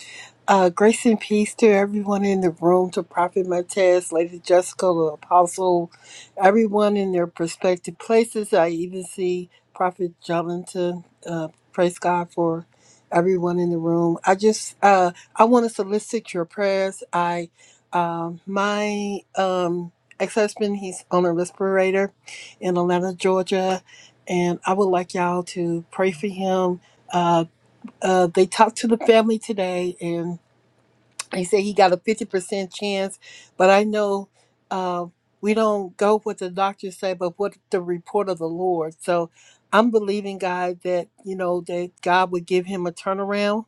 Uh, grace and peace to everyone in the room, to Prophet Martez, Lady Jessica, the Apostle, everyone in their prospective places. I even see Prophet Jonathan. Uh, praise God for everyone in the room. I just uh, I want to solicit your prayers. I um, my um, ex husband, he's on a respirator in Atlanta, Georgia, and I would like y'all to pray for him. Uh, uh, they talked to the family today and he said he got a 50% chance but i know uh, we don't go with the doctors say but what the report of the lord so i'm believing god that you know that god would give him a turnaround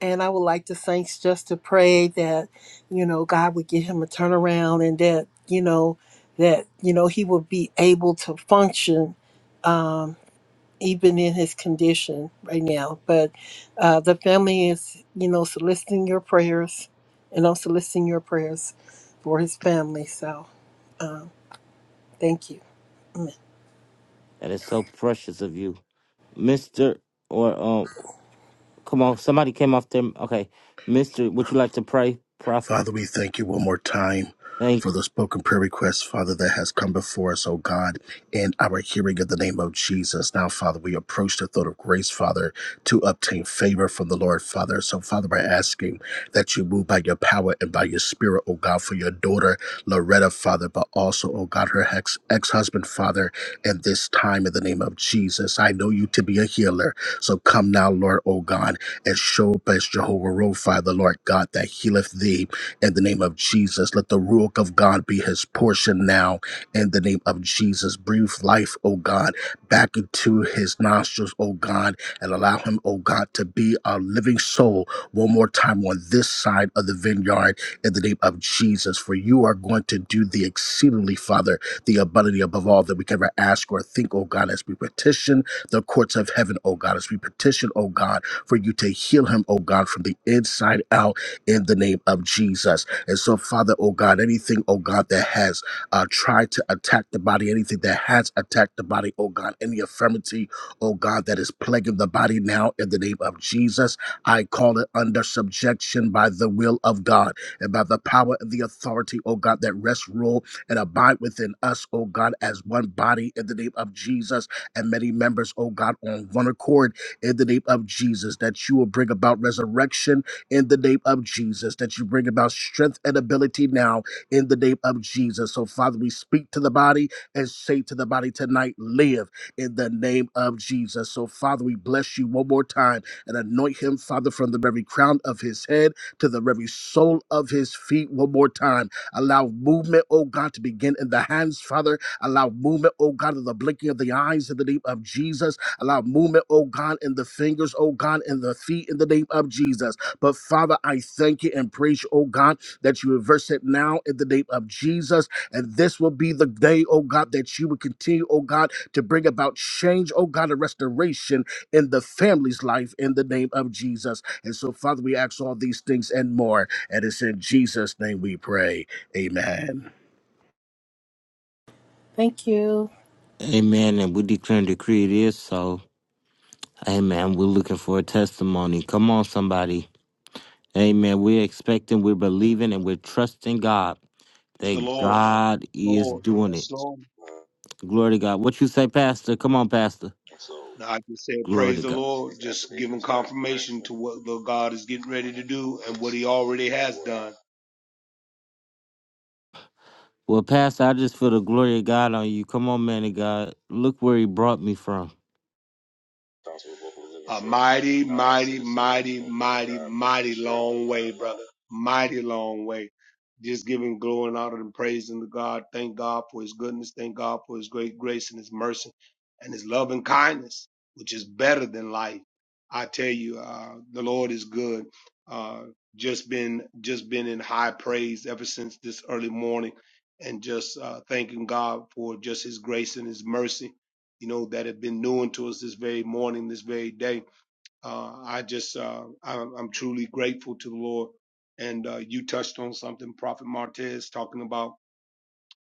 and i would like the saints just to pray that you know god would give him a turnaround and that you know that you know he would be able to function Um, even in his condition right now. But uh, the family is, you know, soliciting your prayers and I'm soliciting your prayers for his family. So um, thank you. Amen. That is so precious of you. Mr. or um come on, somebody came off there. Okay. Mr. Would you like to pray? Prophet. Father, we thank you one more time Thank for the spoken prayer request, Father, that has come before us, oh God, in our hearing of the name of Jesus. Now, Father, we approach the throne of grace, Father, to obtain favor from the Lord, Father. So, Father, we're asking that you move by your power and by your spirit, oh God, for your daughter, Loretta, Father, but also, oh God, her ex husband, Father, and this time in the name of Jesus. I know you to be a healer. So come now, Lord, oh God, and show up as Jehovah Rophi, the Lord God that healeth thee in the name of Jesus. Let the Ruach of God be his portion now in the name of Jesus. Breathe life, O God, back into his nostrils, O God, and allow him, O God, to be a living soul one more time on this side of the vineyard in the name of Jesus. For you are going to do the exceedingly, Father, the abundantly above all that we can ever ask or think, O God, as we petition the courts of heaven, O God, as we petition, O God, for you to heal him, O God, from the inside out in the name of Jesus. And so, Father, oh God, anything, oh God, that has uh, tried to attack the body, anything that has attacked the body, oh God, any infirmity, oh God, that is plaguing the body now in the name of Jesus, I call it under subjection by the will of God and by the power and the authority, oh God, that rests, rule, and abide within us, oh God, as one body in the name of Jesus and many members, oh God, on one accord in the name of Jesus, that you will bring about resurrection in the name of Jesus, that you bring about strength and ability now in the name of Jesus. So, Father, we speak to the body and say to the body tonight, live in the name of Jesus. So, Father, we bless you one more time and anoint him, Father, from the very crown of his head to the very sole of his feet one more time. Allow movement, oh God, to begin in the hands, Father. Allow movement, oh God, of the blinking of the eyes in the name of Jesus. Allow movement, oh God, in the fingers, oh God, in the feet in the name of Jesus. But Father, I thank you and praise you, oh God, that you reverse it now in the name of Jesus. And this will be the day, oh God, that you will continue, oh God, to bring about change, oh God, and restoration in the family's life in the name of Jesus. And so, Father, we ask all these things and more. And it's in Jesus' name we pray. Amen. Thank you. Amen. And we declare and decree it is so. Amen. We're looking for a testimony. Come on, somebody. Amen. We're expecting, we're believing, and we're trusting God Praise the that Lord. God is Lord. doing Yes, it. Lord. Glory to God. What you say, Pastor? Come on, Pastor. Now, I just said, Glory praise to the God. Lord. Just giving confirmation to what the God is getting ready to do and what he already has done. Well, Pastor, I just feel the glory of God on you. Come on, man of God. Look where he brought me from. A mighty, mighty, mighty, mighty, mighty long way, brother. Mighty long way. Just giving glory and honor and praise unto God. Thank God for his goodness. Thank God for his great grace and his mercy and his love and kindness, which is better than life. I tell you, uh, the Lord is good. Uh, just been, just been in high praise ever since this early morning and just, uh, thanking God for just his grace and his mercy, you know, that have been new unto us this very morning, this very day uh, I just, uh, I'm, I'm truly grateful to the Lord. And uh, you touched on something, Prophet Martez, talking about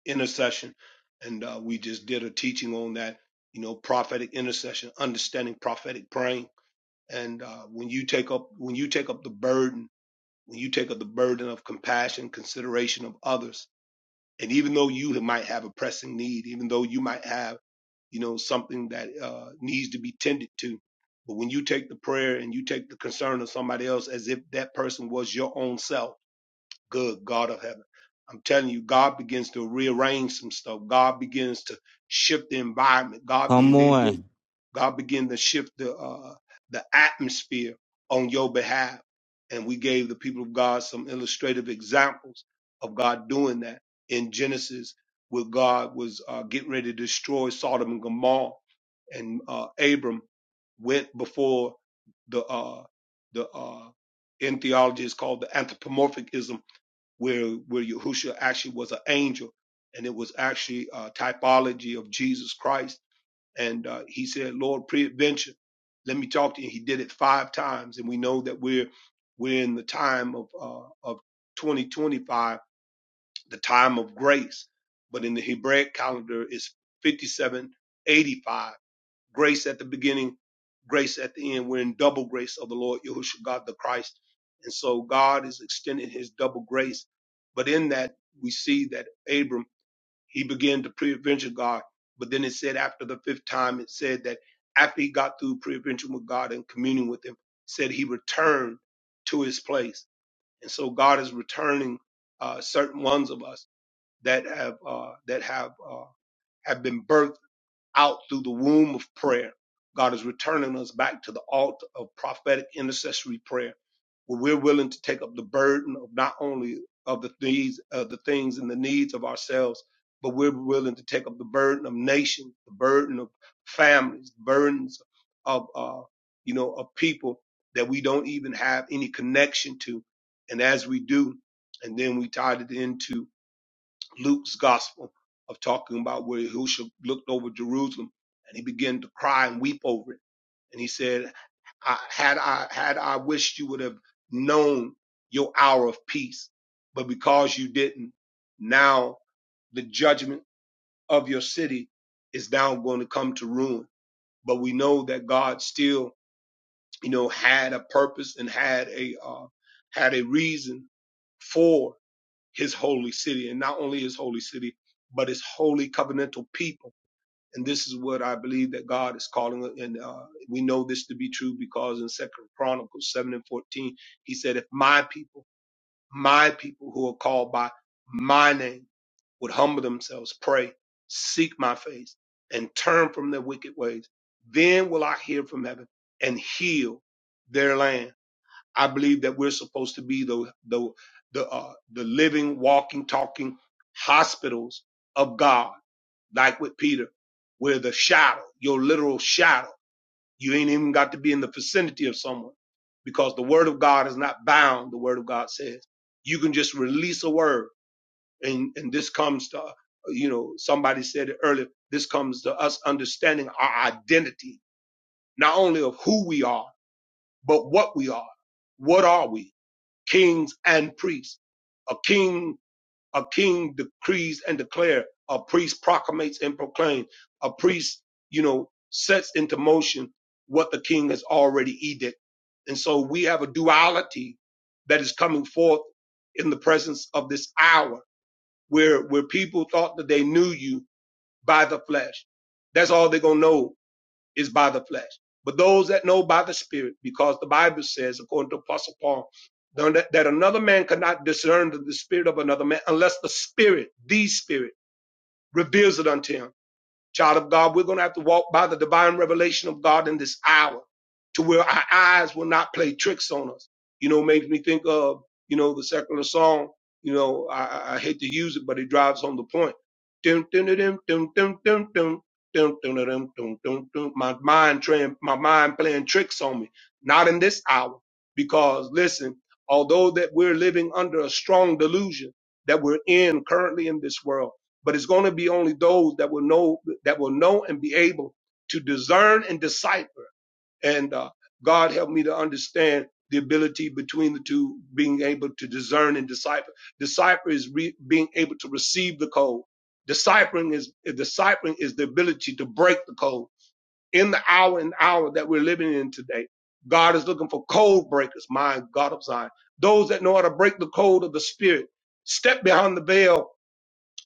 intercession. And uh, we just did a teaching on that, you know, prophetic intercession, understanding prophetic praying. And uh, when you take up, when you take up the burden, when you take up the burden of compassion, consideration of others, and even though you might have a pressing need, even though you might have, you know, something that uh, needs to be tended to, but when you take the prayer and you take the concern of somebody else as if that person was your own self, Good God of heaven. I'm telling you, God begins to rearrange some stuff. God begins to shift the environment. God Come begins on. God begin to shift the uh, the atmosphere on your behalf. And we gave the people of God some illustrative examples of God doing that in Genesis, where God was uh, getting ready to destroy Sodom and Gomorrah, and uh, Abram went before the uh, the uh, in theology is called the anthropomorphism where where Yahushua actually was an angel, and it was actually a typology of Jesus Christ. And uh, he said, "Lord, preadventure, let me talk to you." He did it five times, and we know that we're we're in the time of uh, of 2025, the time of grace. But in the Hebraic calendar, it's 5785, grace at the beginning, grace at the end. We're in double grace of the Lord Yahushua God the Christ. And so God is extending his double grace. But in that, we see that Abram, he began to pre-adventure God. But then it said after the fifth time, it said that after he got through pre-adventure with God and communing with him, said he returned to his place. And so God is returning uh, certain ones of us that have uh, that have uh, have been birthed out through the womb of prayer. God is returning us back to the altar of prophetic intercessory prayer, where we're willing to take up the burden of not only of the needs, of the things and the needs of ourselves, but we're willing to take up the burden of nations, the burden of families, burdens of uh, you know of people that we don't even have any connection to, and as we do, and then we tied it into Luke's gospel of talking about where Yahushua looked over Jerusalem and he began to cry and weep over it. And he said, I, had I, had I wished you would have known your hour of peace, but because you didn't, now the judgment of your city is now going to come to ruin. But we know that God still, you know, had a purpose and had a, uh, had a reason for his holy city and not only his holy city, but his holy covenantal people. And this is what I believe that God is calling. And uh, we know this to be true because in second Chronicles 7 and 14, he said, if my people, my people who are called by my name would humble themselves, pray, seek my face and turn from their wicked ways, then will I hear from heaven and heal their land I believe that we're supposed to be the the the uh, the living, walking, talking hospitals of God, like with Peter, where the shadow, your literal shadow, you ain't even got to be in the vicinity of someone, because the word of God is not bound. The word of God says you can just release a word, and and this comes to you know somebody said it earlier. This comes to us understanding our identity, not only of who we are, but what we are. What are we? kings and priests. A king, a king decrees and declare. A priest proclamates and proclaims. A priest, you know, sets into motion what the king has already edict. And so we have a duality that is coming forth in the presence of this hour where, where people thought that they knew you by the flesh. That's all they're going to know is by the flesh. But those that know by the Spirit, because the Bible says, according to Apostle Paul, that another man cannot discern the spirit of another man unless the Spirit, the Spirit, reveals it unto him child of God, we're going to have to walk by the divine revelation of God in this hour to where our eyes will not play tricks on us. You know, makes me think of, you know, the secular song, you know, I, I I hate to use it, but it drives home the point. Dun, dun, dun, dun, dun, dun, dun, dun. Dun, dun, dun, dun, dun, dun, dun. My mind trying, my mind playing tricks on me. Not in this hour, because listen, although that we're living under a strong delusion that we're in currently in this world but it's going to be only those that will know that will know and be able to discern and decipher and uh, god help me to understand the ability between the two being able to discern and decipher decipher is re- being able to receive the code deciphering is deciphering is the ability to break the code in the hour and hour that we're living in today god is looking for code breakers my god of zion those that know how to break the code of the spirit step behind the veil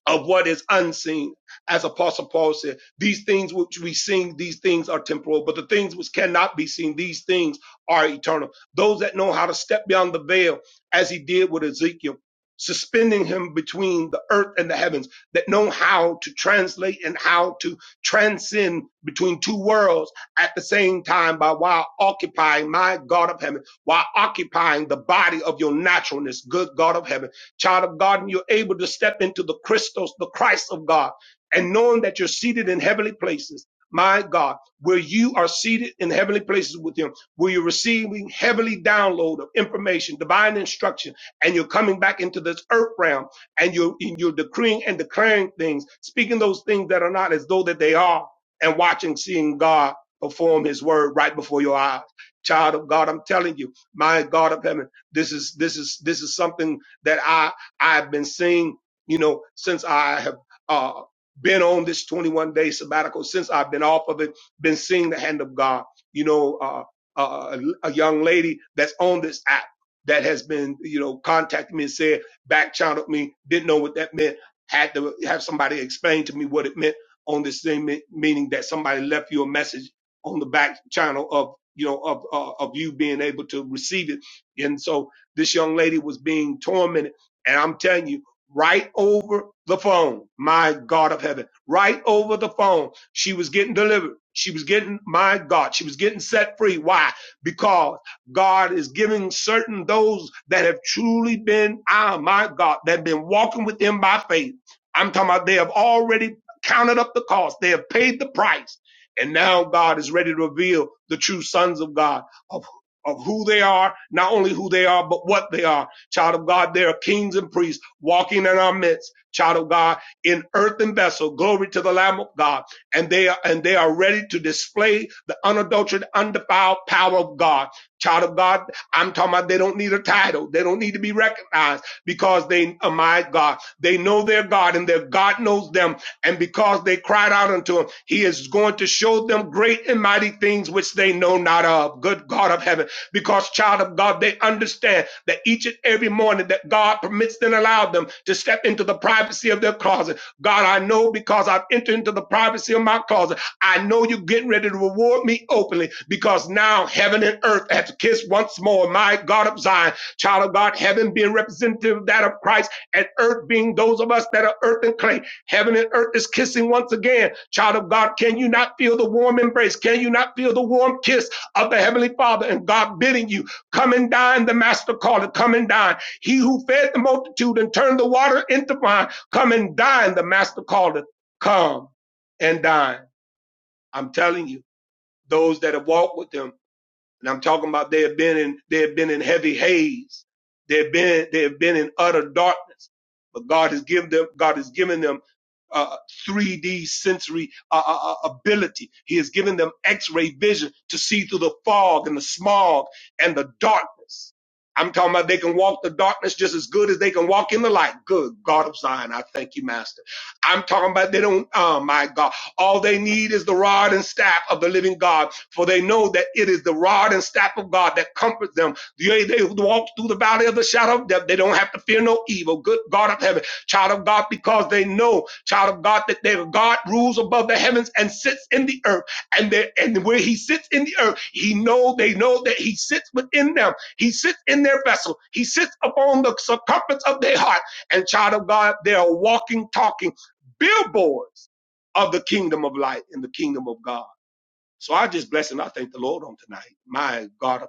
of what is unseen. As Apostle Paul said, these things which we sing, these things are temporal, but the things which cannot be seen, these things are eternal. Those that know how to step beyond the veil, as he did with Ezekiel, suspending him between the earth and the heavens, that know how to translate and how to transcend between two worlds at the same time by while occupying my God of heaven, while occupying the body of your naturalness, good God of heaven Child of God, and you're able to step into the Christos, the Christ of God, and knowing that you're seated in heavenly places. My God, where you are seated in heavenly places with Him, where you're receiving heavenly download of information, divine instruction, and you're coming back into this earth realm, and you're and you're decreeing and declaring things, speaking those things that are not as though that they are, and watching, seeing God perform His word right before your eyes. Child of God, I'm telling you, my God of heaven, this is this is this is something that I I've been seeing, you know, since I have uh, been on this 21 day sabbatical, since I've been off of it, been seeing the hand of God. You know, uh, uh, a a young lady that's on this app that has been, you know, contacting me and said back channeled me, didn't know what that meant, had to have somebody explain to me what it meant on this thing, me- meaning that somebody left you a message on the back channel of you know of uh, of you being able to receive it and so this young lady was being tormented. And I'm telling you, right over the phone, my God of heaven, right over the phone, she was getting delivered. She was getting, my God, she was getting set free. Why? Because God is giving certain those that have truly been, ah, my God, that have been walking with Him by faith. I'm talking about they have already counted up the cost. They have paid the price. And now God is ready to reveal the true sons of God of who they are, not only who they are, but what they are. Child of God, they are kings and priests walking in our midst. Child of God, in earthen vessel, glory to the Lamb of God, and they are and they are ready to display the unadulterated, undefiled power of God. Child of God, I'm talking about they don't need a title, they don't need to be recognized because they are my God. They know their God, and their God knows them. And because they cried out unto Him, He is going to show them great and mighty things which they know not of. Good God of heaven because, child of God, they understand that each and every morning that God permits and allow them to step into the privacy of their closet. God, I know because I've entered into the privacy of my closet. I know you're getting ready to reward me openly because now heaven and earth have to kiss once more. My God of Zion, child of God, heaven being representative of that of Christ and earth being those of us that are earth and clay. Heaven and earth is kissing once again. Child of God, can you not feel the warm embrace? Can you not feel the warm kiss? of the Heavenly Father and God bidding you, come and dine, the Master called it, come and dine. He who fed the multitude and turned the water into wine, come and dine, the Master called it, come and dine. I'm telling you, those that have walked with him and I'm talking about they have been in they have been in heavy haze. They have been they have been in utter darkness. But God has given them God has given them uh, 3D sensory uh, uh, uh, ability. He has given them X-ray vision to see through the fog and the smog and the darkness. I'm talking about they can walk the darkness just as good as they can walk in the light. Good God of Zion, I thank you, Master. I'm talking about they don't. Oh my God. All they need is the rod and staff of the living God, for they know that it is the rod and staff of God that comforts them. They, they walk through the valley of the shadow of death. They don't have to fear no evil. Good God of heaven, child of God, because they know, child of God, that their God rules above the heavens and sits in the earth. And there, and where He sits in the earth, He know they know that He sits within them. He sits in their vessel. He sits upon the circumference of their heart. And child of God, they are walking, talking billboards of the kingdom of light and the kingdom of God. So I just bless and I thank the Lord on tonight. My God,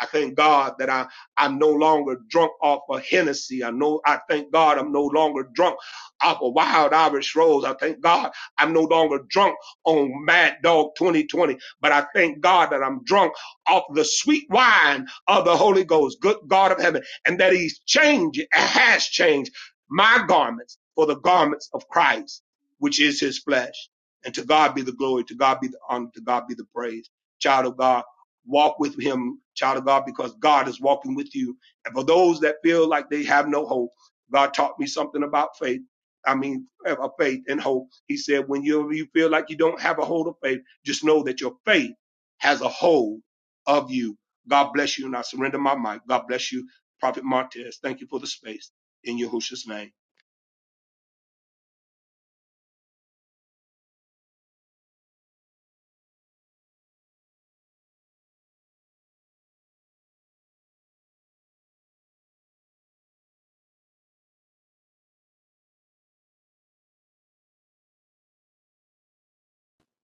I thank God that I, I'm no longer drunk off of Hennessy. I know, I thank God I'm no longer drunk off of Wild Irish Rose. I thank God I'm no longer drunk on Mad Dog 2020, but I thank God that I'm drunk off the sweet wine of the Holy Ghost, good God of heaven, and that he's changed, has changed my garments for the garments of Christ, which is his flesh. And to God be the glory, to God be the honor, to God be the praise. Child of God walk with him, child of God, because God is walking with you. And for those that feel like they have no hope, God taught me something about faith. I mean, uh, uh, faith and hope. He said, when you, you feel like you don't have a hold of faith, just know that your faith has a hold of you. God bless you. And I surrender my mic. God bless you, Prophet Martez. Thank you for the space in Yahushua's name.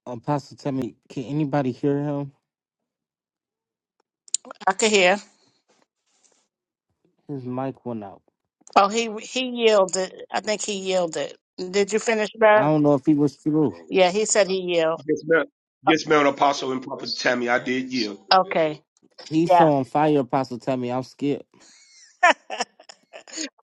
Apostle, tell me, can anybody hear him? I could hear. His mic went out. Oh, he he yielded. I think he yielded. Did you finish I that? don't know if he was through. Yeah, he said he yielded. Yes, ma'am. Yes, ma'am, Apostle and Prophet Tammy. I did yield. Okay. He's Yeah. so on fire, Apostle. Tell me, I'm scared. <laughs>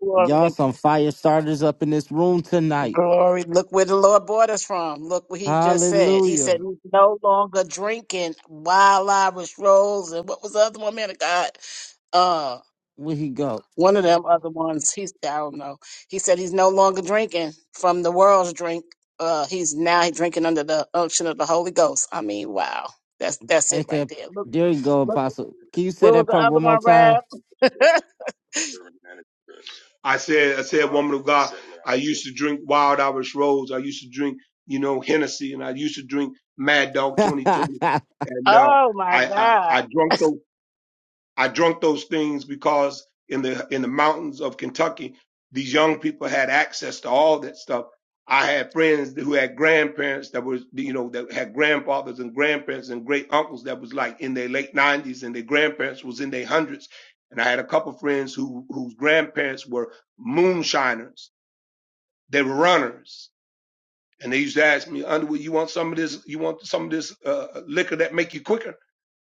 Glory Y'all to some God. fire starters up in this room tonight. Glory. Look where the Lord brought us from. Look what he just said. He Hallelujah. said he's no longer drinking wild Irish rolls and what was the other one, man of God? Uh, Where he go? One of them other ones, he's I don't know. He said he's no longer drinking from the world's drink. Uh, he's now drinking under the unction of the Holy Ghost. I mean, wow, that's that's it Ain't right that there. Look, there you go, look, Apostle. Can you say where was that the part other one more one, time? Rab? <laughs> I said, I said, woman of God, I used to drink Wild Irish Rose. I used to drink, you know, Hennessy, and I used to drink Mad Dog 2020. And uh, oh my I, I, I God. drunk those. I drunk those things because in the in the mountains of Kentucky, these young people had access to all that stuff. I had friends who had grandparents that were, you know that had grandfathers and grandparents and great uncles that was like in their late nineties and their grandparents was in their hundreds. And I had a couple friends who whose grandparents were moonshiners. They were runners, and they used to ask me, "Underwood, you want some of this? You want some of this uh, liquor that make you quicker?"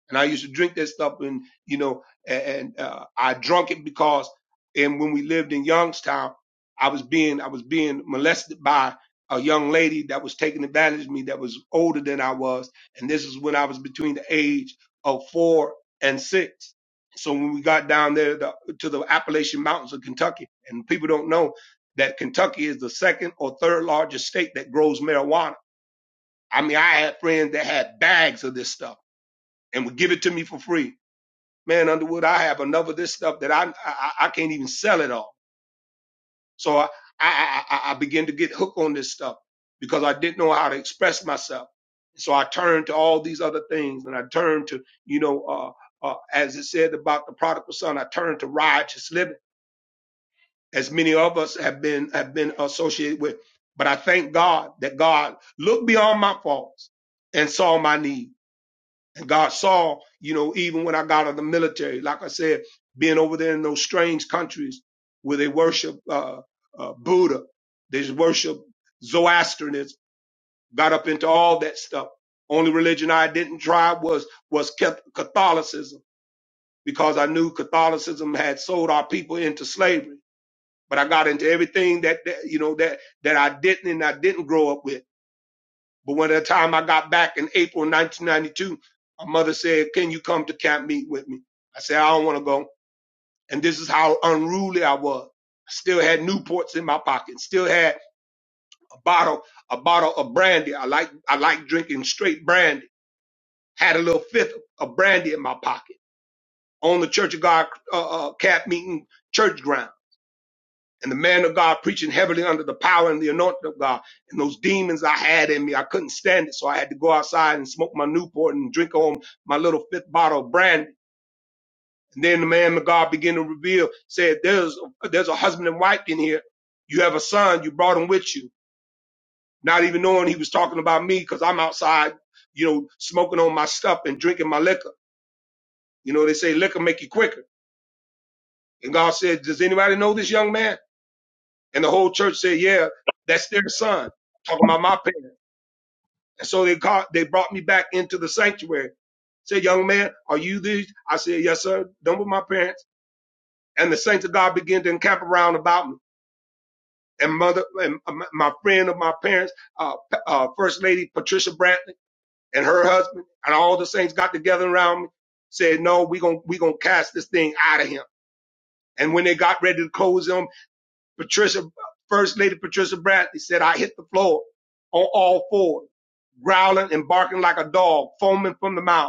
and I used to drink that stuff, and you know, and uh, I drunk it because, and when we lived in Youngstown, I was being I was being molested by a young lady that was taking advantage of me that was older than I was, and this is when I was between the age of four and six. So when we got down there the, to the Appalachian Mountains of Kentucky, and people don't know that Kentucky is the second or third largest state that grows marijuana. I mean, I had friends that had bags of this stuff and would give it to me for free man, Underwood, I have enough of this stuff that I I, I can't even sell it all. So I, I I I began to get hooked on this stuff because I didn't know how to express myself. So I turned to all these other things, and I turned to you know, uh, uh, as it said about the prodigal son, I turned to riotous living, as many of us have been have been associated with. But I thank God that God looked beyond my faults and saw my need and God saw, you know, even when I got out of the military, like I said, being over there in those strange countries where they worship uh, uh, Buddha, they just worship Zoroastrianism, got up into all that stuff. Only religion I didn't try was was Cath- Catholicism because I knew Catholicism had sold our people into slavery. But I got into everything that, that you know that that I didn't and I didn't grow up with. But when the time I got back in April 1992, my mother said, "Can you come to camp meet with me?" I said, "I don't want to go." And this is how unruly I was. I still had Newports in my pocket. Still had a bottle, a bottle of brandy. I like, I like drinking straight brandy. Had a little fifth of brandy in my pocket on the Church of God uh, uh, camp meeting church ground. and the man of God preaching heavily under the power and the anointing of God. And those demons I had in me, I couldn't stand it. So I had to go outside and smoke my Newport and drink on my little fifth bottle of brandy. And then the man of God began to reveal, said, there's, there's a husband and wife in here. You have a son. You brought him with you. Not even knowing he was talking about me because I'm outside, you know, smoking on my stuff and drinking my liquor. You know, they say liquor make you quicker. And God said, does anybody know this young man? And the whole church said, yeah, that's their son. Talking about my parents. And so they called, they brought me back into the sanctuary. Said, young man, are you these? I said, yes, sir. Done with my parents. And the saints of God began to encamp around about me. And mother, and my friend of my parents, uh, uh, First Lady Patricia Brantley and her husband and all the saints got together around me, said, no, we gonna, we gonna cast this thing out of him. And when they got ready to close him, Patricia, First Lady Patricia Brantley said, I hit the floor on all fours, growling and barking like a dog, foaming from the mouth.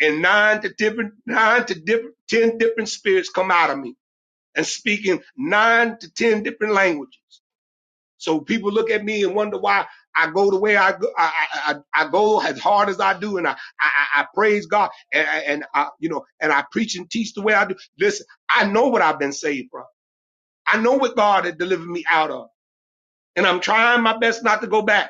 and nine to different nine to different ten different spirits come out of me and speaking nine to ten different languages. So people look at me and wonder why I go the way I go. I, I, I I go as hard as I do, and I I, I praise God and, and I you know and I preach and teach the way I do. Listen, I know what I've been saved from. I know what God had delivered me out of, and I'm trying my best not to go back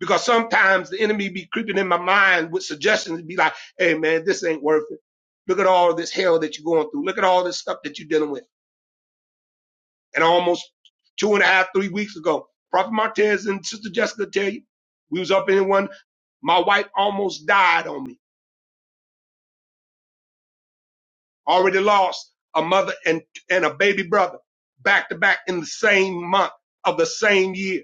because sometimes the enemy be creeping in my mind with suggestions and be like, hey man, this ain't worth it. Look at all this hell that you're going through. Look at all this stuff that you're dealing with. And almost two and a half, three weeks ago, Prophet Martez and Sister Jessica tell you, we was up in one, my wife almost died on me. Already lost a mother and, and a baby brother back to back in the same month of the same year.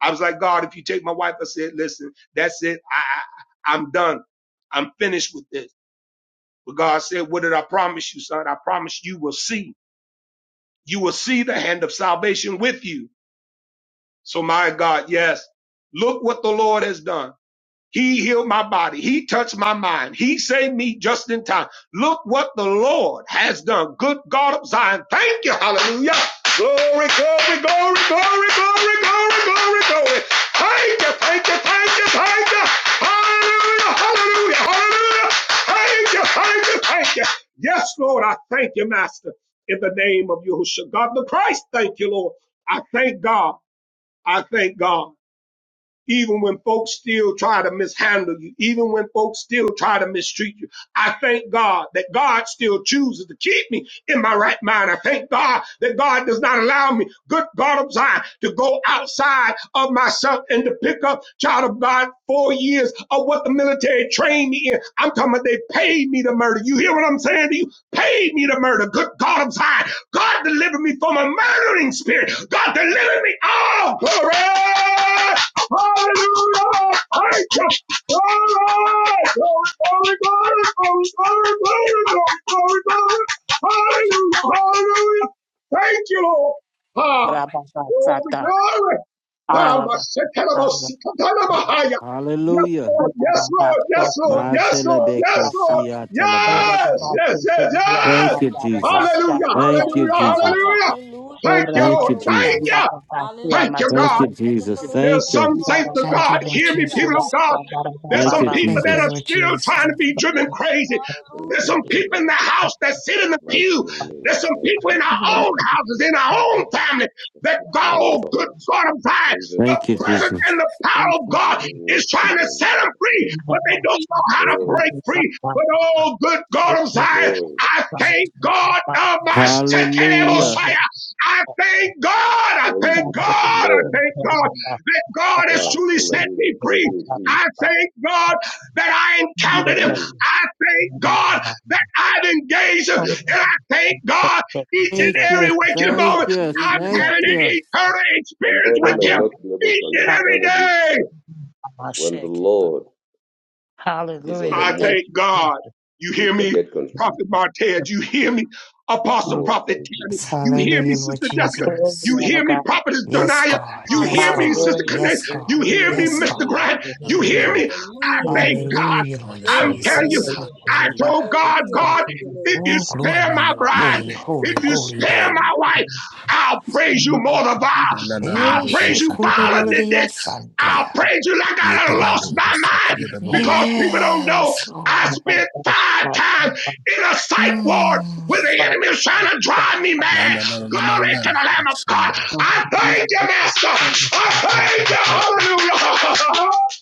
I was like, God, if you take my wife, I said, listen, that's it. I, I I'm done. I'm finished with this. But God said, What did I promise you, son? I promise you will see. You will see the hand of salvation with you. So, my God, yes, look what the Lord has done. He healed my body. He touched my mind. He saved me just in time. Look what the Lord has done. Good God of Zion. Thank you. Hallelujah. Glory, glory, glory, glory, glory, glory, glory, glory. Thank you, thank you, thank you, thank you. Hallelujah, hallelujah, hallelujah. Thank you, thank you, thank you. Yes, Lord, I thank you, Master, in the name of Yahushua. God the Christ, thank you, Lord. I thank God. I thank God even when folks still try to mishandle you, even when folks still try to mistreat you. I thank God that God still chooses to keep me in my right mind. I thank God that God does not allow me, good God of Zion, to go outside of myself and to pick up, child of God, four years of what the military trained me in. I'm talking about they paid me to murder. You hear what I'm saying to you? Paid me to murder. Good God of Zion. God delivered me from a murdering spirit. God delivered me. Oh, glory. Hallelujah! Thank you! Glory! Glory, glory, glory, glory, glory, glory, glory, glory. Hallelujah! Hallelujah! Thank you, Lord! Ah, glory, Rababasata, glory! Ah, arabasaya, Masekelabosikatana <laughs> Yes, Hallelujah. Lord, yes, Lord, yes, Lord, Ma yes, andarabasokoroba, Lord, yes, telebeko sata, Lord, siya yes, telebaso. yes, yes, yes. Thank you, Jesus. Hallelujah, Thank you, hallelujah, Jesus. hallelujah. Thank you, Thank Lord. you, Thank Jesus. you. orabasandarabasia, Thank you, Thank God. you, masaya. Jesus. There are Thank you. some saints of Thank you, God, Lord hear me, people of Jesus. God. There's Thank some you, people Thank that you, Jesus. are Lord still trying Jesus. to be driven crazy. Thank There's you, some Holy people in the Spirit. house that sit in the pew. Mighty name, There's some mighty people in and our Thank you, Lord. own mighty. houses, in our own family, that The God, power of oh the good Holy God Spirit. of Zion, Praise of the the Thank you, God. presence Jesus. and the power of God Hallelujah. is Oh, trying to set them hallelujah. free, but they don't know how to Glory, break free. But oh good God of Zion, glory. I thank God of my Shekinah Hallelujah. Yes. Messiah. I thank God, I Praise thank you for the God, I Lord. thank God that God has Wow. truly set Hallelujah. me Thank free. you, I Jesus. thank God that I encountered him. Oh, I thank God that I've engaged him. yes. And I thank God each and Thank you. every waking Thank moment you. I'm Thank having Mm. you. an eternal experience Somebody with may him not be able each to and every understand it, day. but when the Lord is on the I move, Thank thank you, God. Jesus. You hear people me, get confused. Prophet Martez? You hear me, Apostle Um, Oh, Prophet thank you. Tammy? You hear me, Hallelujah, Lord Sister Jessica? praise the Jesus. You man of hear me, God. Prophetess Yes, Donia? God. You Yes, hear me, God. Sister Hallelujah. Connect? Yes, Praise God. the You hear man me, of Yes, God. Mr. God. Grant? You hear Hallelujah. Hallelujah. me? I Praise the Lord. thank God. Hallelujah, Lord I'm Hallelujah. telling you, Jesus. Hallelujah. I Hallelujah. told God, God, if you Oh, glory spare be to my your bride, holy, if holy, you holy spare name. my wife, I'll praise you more than vile. Manana I'll Eh, mando o praise you shatabaha. violently. shekorolololia Ba, I'll sandia. ba, ba, praise you like I Yeta done ba, lost mando o my mind ba, sikia da ba. baho. because people don't know Yes, I Lord. Mm, ba, ba, ba, ba, ba, ba, ba, ba, ba, ba, ba, ba, spent ba, five times in a psych ward Mm. when the enemy is ba, trying to drive me ba, ba, mad. ba, Manana na Glory ba. to the Lamb of God. asaya. I Action, thank you, Master. I thank you. Hallelujah. I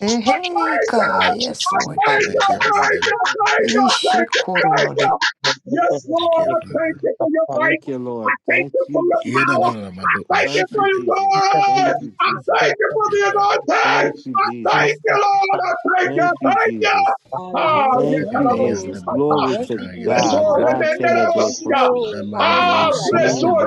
Eh, Hey, you. God. Yes, Lord I thank you. Thank you, Jesus. Father. Thank you. Thank you. Thank you. Thank Ishikorololi. you. Yes, Thank Lord. you, I thank Father. you for your faith. Thank you, I Lord. thank Thank you for you, your Yena power. Jesus. na na mando Thank you Thank you, for oshaya. your Jesus. Thank word. you, I Jesus. thank you for Thank you, the Father. anointing. Thank you, I thank Jesus. you, Lord. I thank you. Thank you, Thank you. Jesus. Ah, Thank Baby you, beyanda Jesus. yetarabosipata. Glory to bahoshataya na God. manda. My telebe Resorenenerebosia. kosua. Na mandi Ah, osiki Mm. yanda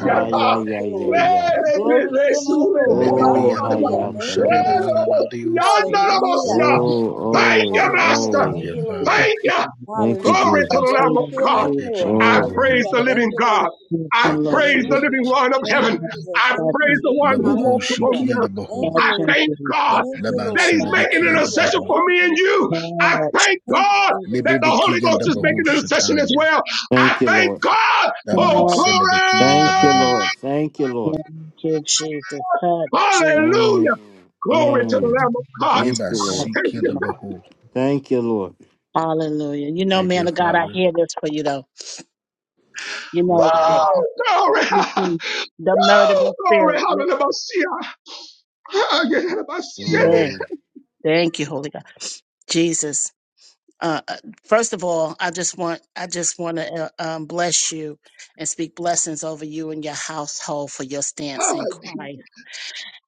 Ay, ay, ay, ay, ay. Rene, resure, Lebe Oh, beyanda kanabaya. hiya, bahoshana na telebe. na na mandi osia. Renerobosianderebosia. Oh, Thank oh, you, Master. Thank oh. you, Father. Thank you. Thank you, Glory to the Jesus. Lamb of God. Thank you, I Jesus. Oh, praise the living God. I Thank you, Lord praise the Jesus, Jesus. living one of heaven. I action, praise the one who Nabako walks upon the shiki yanda earth. baho. I action, thank Jesus. God Naman that he's Touch, making senebeki touch, touch, yanda intercession baho. for me and you. I thank God that Lebe the Holy beki Ghost yanda is making intercession as bahoshataya. well. I thank you, thank Lord. God. Naman Oh, senebeki yanda Thank you, baho. glory. Lord. Thank you, Lord. touch, Jesus, touch, Mm, Hallelujah. Glory to the mm. Lamb of God. Thank Yeba you, Lord. siki Jesus. yanda baho. Thank you, Lord. Hallelujah. You know, Thank man you, of God, I Father. hear this for you though. You Thank know, you, uh, Lord. Oh, glory. you see <laughs> the Oh, murdering glory. spirit. li- Hallelujah. Yeah. Mm. Thank you, Holy God, Jesus. Uh, uh, first of all, I just want I just want to uh, um, bless you and speak blessings over you and your household for your Uh, stance in Christ.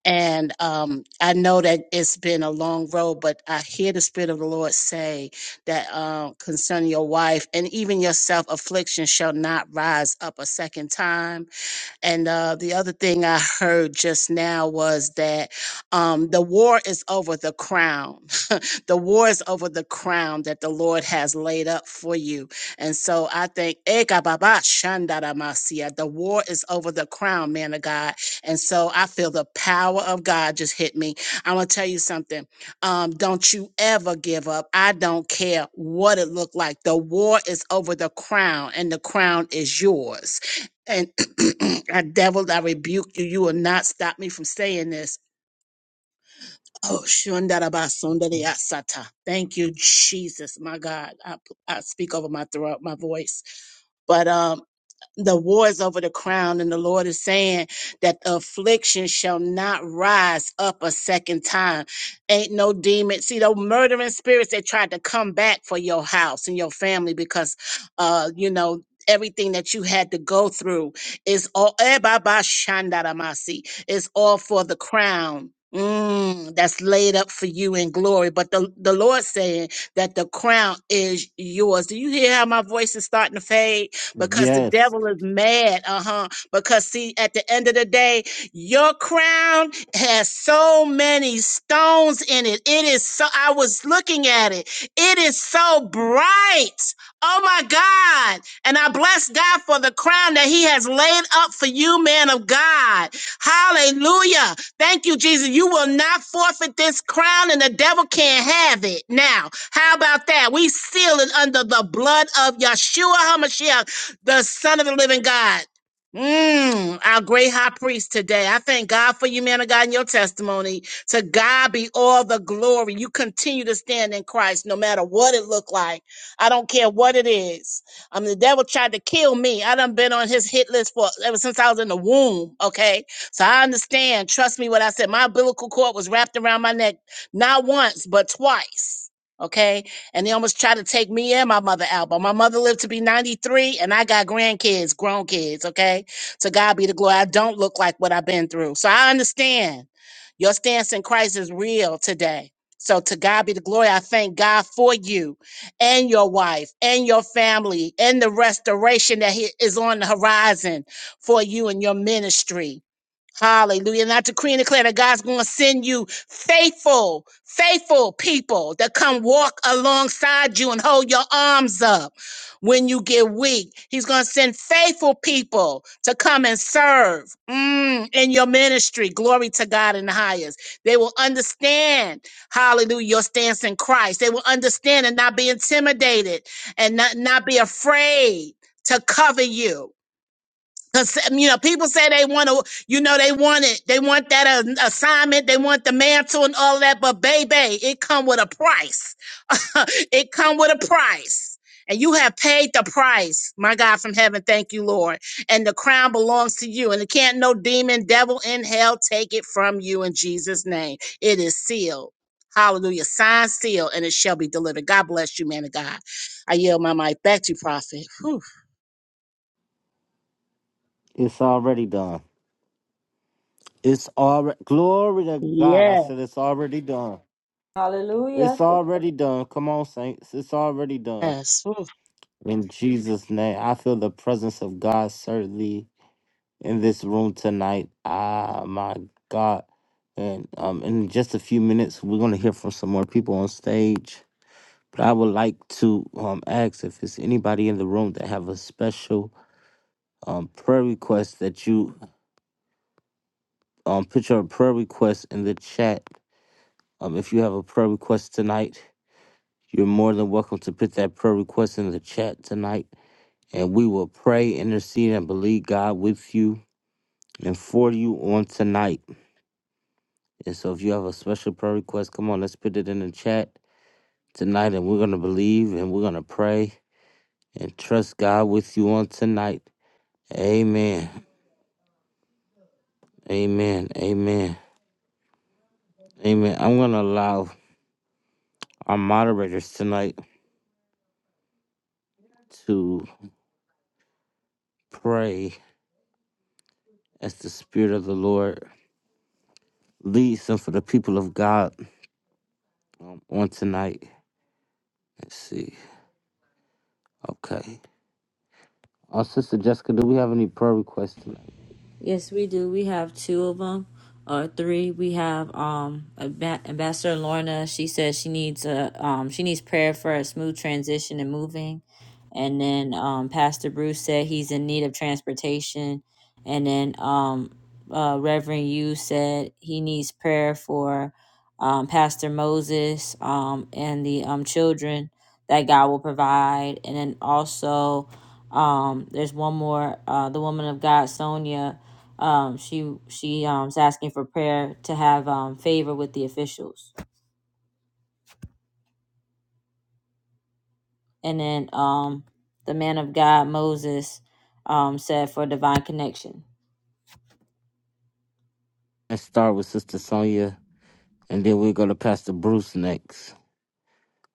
And um, I know that it's been a long road, but I hear the Spirit of the Lord say that uh, concerning your wife and even yourself, affliction shall not rise up a second time. And uh, the other thing I heard just now was that um, the war is over the crown. The war is over the crown that the Lord has laid up for you. And so I think the war is over the crown, man of God. And so I feel the power of God just hit me. I'm gonna tell you something. Um, don't you ever give up. I don't care what it looked like. The war is over the crown, and the crown is yours. And <clears throat> I devil, I rebuke you. You will not stop me from saying this Oh, shundarabasundariasata. Thank you, Jesus, my God. I, I speak over my throat, my voice. But um, the wars over the crown and the lord is saying that the affliction shall not rise up a second time ain't no demon see those murdering spirits that tried to come back for your house and your family because uh you know everything that you had to go through is all eh, ba, ba, shandaramasi. it's all for the crown Mm, that's laid up for you in glory. But the, the Lord saying that the crown is yours. Do you hear how my voice is starting to fade? because the Yes, devil is mad. Uh huh. Because, see, at the end of the day, your crown has so many stones in it. It is so, I was looking at it. It is so bright. Oh my God. And I bless God for the crown that He has laid up for you, man of God. Hallelujah. Thank you, Jesus. You will not forfeit this crown, and the devil can't have it. Now, how about that? We seal it under the blood of Yeshua HaMashiach the Son of the Living God. Mm, our great high priest today. I thank God for you, man of God, and your testimony. To God be all the glory. You continue to stand in Christ no matter what it looked like. I don't care what it is. Um, the devil tried to kill me. I done been on his hit list for ever since I was in the womb. Okay. So I understand. Trust me what I said. My umbilical cord was wrapped around my neck, not once, but twice. Okay and they almost tried to take me and my mother out. But my mother lived to be 93, and I got grandkids, grown kids, okay? To God be the glory. I don't look like what I've been through. So I understand your stance in Christ is real today. So to God be the glory. I thank God for you and your wife and your family and the restoration that he- is on the horizon for you and your ministry. Hallelujah. And I decree and declare that God's going to send you faithful, faithful people that come walk alongside you and hold your arms up when you get weak. He's going to send faithful people to come and serve mm, in your ministry. Glory to God in the highest. They will understand, hallelujah, your stance in Christ. They will understand and not be intimidated and not, not be afraid to cover you. Cause um, you know, people say they want to, you know, they want it, they want that uh, assignment, they want the mantle and all that. But baby, it come with a price. <laughs> it come with a price, and you have paid the price. My God from heaven, thank you, Lord. And the crown belongs to you, and it can't no demon, devil in hell take it from you in Jesus' name. It is sealed. Hallelujah. signed, sealed, and it shall be delivered. God bless you, man of God. I yield my mic back to you, prophet. Whew. it's already done. It's already glory to God. I Yeah. said it's already done. It's already done. Come on, saints. It's already done. Yes. In Jesus' name, I feel the presence of God certainly in this room tonight. Ah, my God. And um, in just a few minutes, we're gonna hear from some more people on stage. But I would like to um ask if there's anybody in the room that have a special um prayer request that you um put your prayer request in the chat. Um, if you have a prayer request tonight, you're more than welcome to put that prayer request in the chat tonight, and we will pray, intercede, and believe God with you and for you on tonight. And so, if you have a special prayer request, come on, let's put it in the chat tonight, and we're gonna believe and we're gonna pray and trust God with you on tonight. Amen. Amen. Amen. Amen. I'm gonna allow our moderators tonight to pray as the Spirit of the Lord leads them for the people of God um, on tonight. Let's see. Okay. Uh, Sister Jessica, do we have any prayer requests tonight? Yes, we do. We have two of them or three. We have um Amba- Ambassador Lorna. She says she needs a um she needs prayer for a smooth transition and moving. And then um Pastor Bruce said he's in need of transportation. And then um uh, Reverend Yu said he needs prayer for um Pastor Moses um and the um children that God will provide. And then also um there's one more uh the woman of God Sonia um she she um is asking for prayer to have um favor with the officials and then um the man of god moses um said for divine connection Let's start with Sister Sonia, and then we'll go to Pastor Bruce next.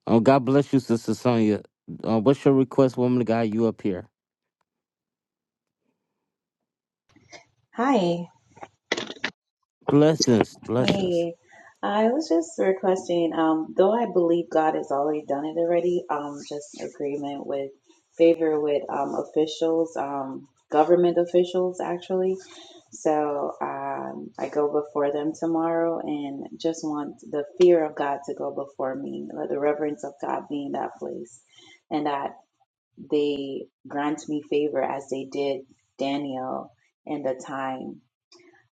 Oh, God bless you, Sister Sonia. Uh, what's your request, woman of God? You up here? Hi. Blessings, blessings. Hey. I was just requesting, um, though I believe God has already done it already, um, just agreement with favor with um, officials, um, government officials actually. So um, I go before them tomorrow and just want the fear of God to go before me, let the reverence of God be in that place, and that they grant me favor as they did Daniel in the time.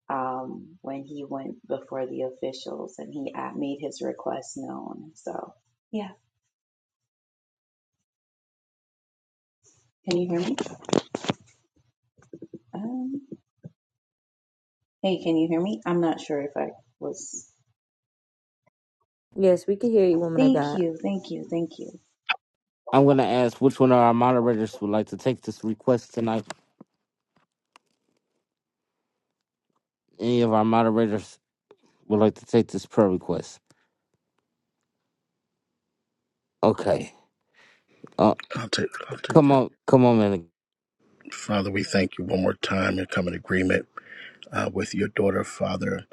um, when he went before the officials and he uh, made his request known. So, yeah. Can you hear me? Um, hey, can you hear me? I'm not sure if I was. yes we can hear you woman of Thank god you, thank you, thank you. I'm going to ask which one of our moderators would like to take this request tonight. Any of our moderators would like to take this prayer request. Okay. Uh, I'll take I'll take come it. on, come on, man. Father, we thank you one more time and come in agreement uh, with your daughter, Father,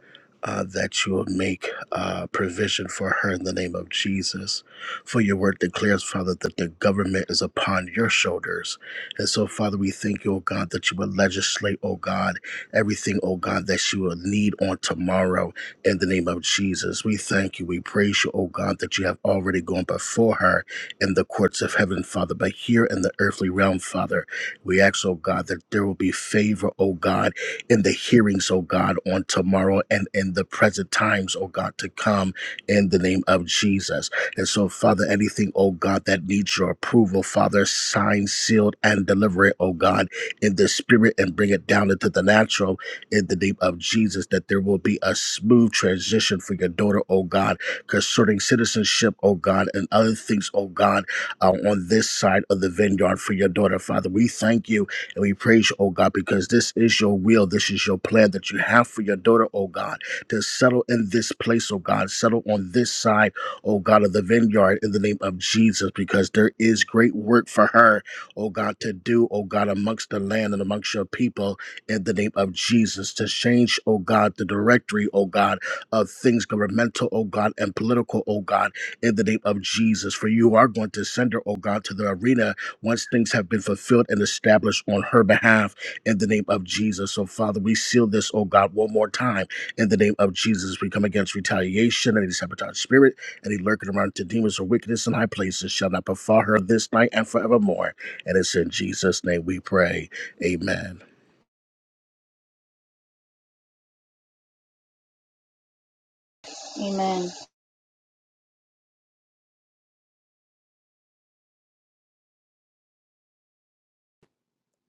uh, that you will make uh, provision for her in the name of Jesus. For your word declares, Father, that the government is upon your shoulders. And so, Father, we thank you, O God, that you will legislate, O God, everything, O God, that she will need on tomorrow in the name of Jesus. We thank you. We praise you, O God, that you have already gone before her in the courts of heaven, Father, but here in the earthly realm, Father, we ask, O God, that there will be favor, O God in the hearings, oh God, on tomorrow and in the present times, oh God, to come in the name of Jesus. And so, Father, anything, oh God, that needs your approval, Father, sign, sealed, and deliver it, oh God, in the spirit and bring it down into the natural in the name of Jesus, that there will be a smooth transition for your daughter, oh God, concerning citizenship, oh God, and other things, oh God, uh, on this side of the vineyard for your daughter, Father. We thank you and we praise you, oh God, because this is your will. This is your plan that you have for your daughter, oh God, to settle in this place, oh God, settle on this side, oh God, of the vineyard in the name of Jesus, because there is great work for her, oh God, to do, oh God, amongst the land and amongst your people in the name of Jesus, to change, oh God, the directory, oh God, of things governmental, oh God, and political, oh God, in the name of Jesus. For you are going to send her, oh God, to the arena once things have been fulfilled and established on her behalf in the name of Jesus. So, Father, we seal this, oh God, one more time in the name of Jesus. We come against retaliation and any sabotage spirit, any lurking around to demons or wickedness in high places shall not befall her this night and forevermore. And it's in Jesus' name we pray. Amen. Amen.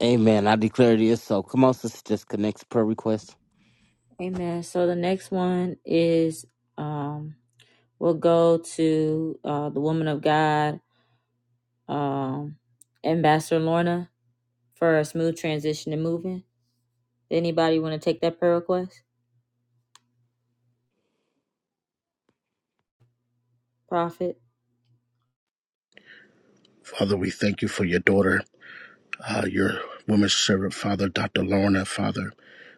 Amen. I declare it is so. Come on, sister, just connects prayer request. amen so the next one is um we'll go to uh the woman of god um ambassador lorna for a smooth transition and moving anybody want to take that prayer request prophet Father, we thank you for your daughter. uh, your women's servant, Father, Dr. Lorna, Father.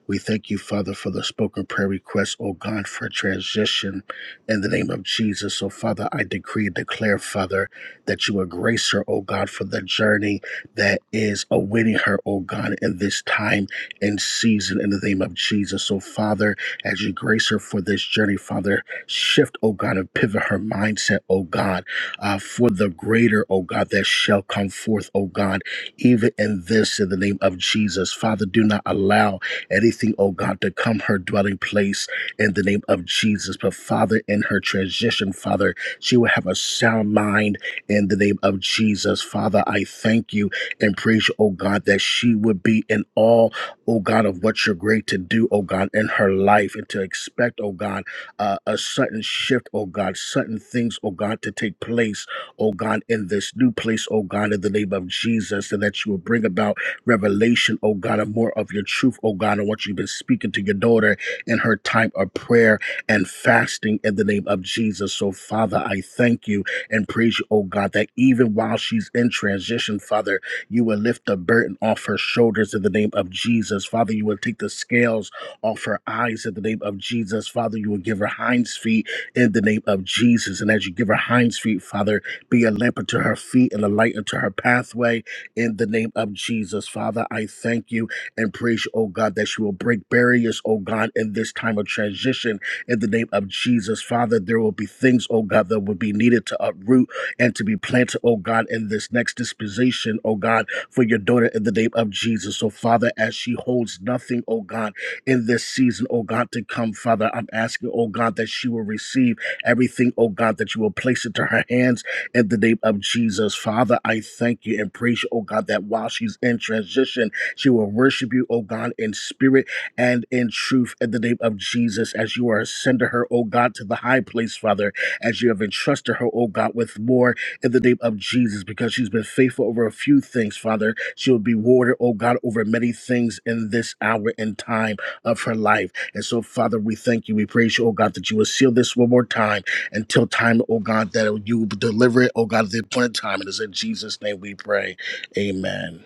We thank you, Father, for the spoken prayer request, oh God, for transition in the name of Jesus. Oh Father, I decree and declare, Father, that you will grace her, oh God, for the journey that is awaiting her, oh God, in this time and season in the name of Jesus. Oh Father, as you grace her for this journey, Father, shift, oh God, and pivot her mindset, oh God, uh, for the greater, oh God, that shall come forth, oh God even in this, in the name of Jesus. Father, do not allow anything, oh God, to come her dwelling place in the name of Jesus. But Father, in her transition, Father, she will have a sound mind in the name of Jesus. Father, I thank you and praise you, oh God, that she would be in awe, oh God, of what you're great to do, oh God, in her life and to expect, oh God, uh, a sudden shift, oh God, sudden things, oh God, to take place oh God, in this new place, oh God, in the name of Jesus, and that you will bring about revelation, oh God, and more of your truth, oh God, and what you've been speaking to your daughter in her time of prayer and fasting in the name of Jesus. So, Father, I thank you and praise you, oh God, that even while she's in transition, Father, you will lift the burden off her shoulders in the name of Jesus. Father, you will take the scales off her eyes in the name of Jesus. Father, you will give her hinds feet in the name of Jesus. And as you give her hinds feet, Father, be a lamp unto her feet and a light unto her pathway in the name of Jesus. Father, I thank you and praise you, oh God, that you will break barriers, oh God, in this time of transition in the name of Jesus. Father, there will be things, oh God, that will be needed to uproot and to be planted, oh God, in this next disposition, oh God, for your daughter in the name of Jesus. So, Father, as she holds nothing, oh God, in this season, oh God, to come, Father, I'm asking, oh God, that she will receive everything, oh God, that you will place into her hands in the name of Jesus. Father, I thank you and praise you, oh God, that while she's in transition, she will worship you, oh God, in spirit and in truth in the name of Jesus as you are sending her, oh God, to the high place, Father, as you have entrusted her, oh God, with more in the name of Jesus because she's been faithful over a few things, Father. She will be rewarded, oh God, over many things in this hour and time of her life. And so, Father, we thank you. We praise you, oh God, that you will seal this one more time until time, oh God, that you will deliver it, oh God, at the appointed time. It is in Jesus' name we pray. Amen.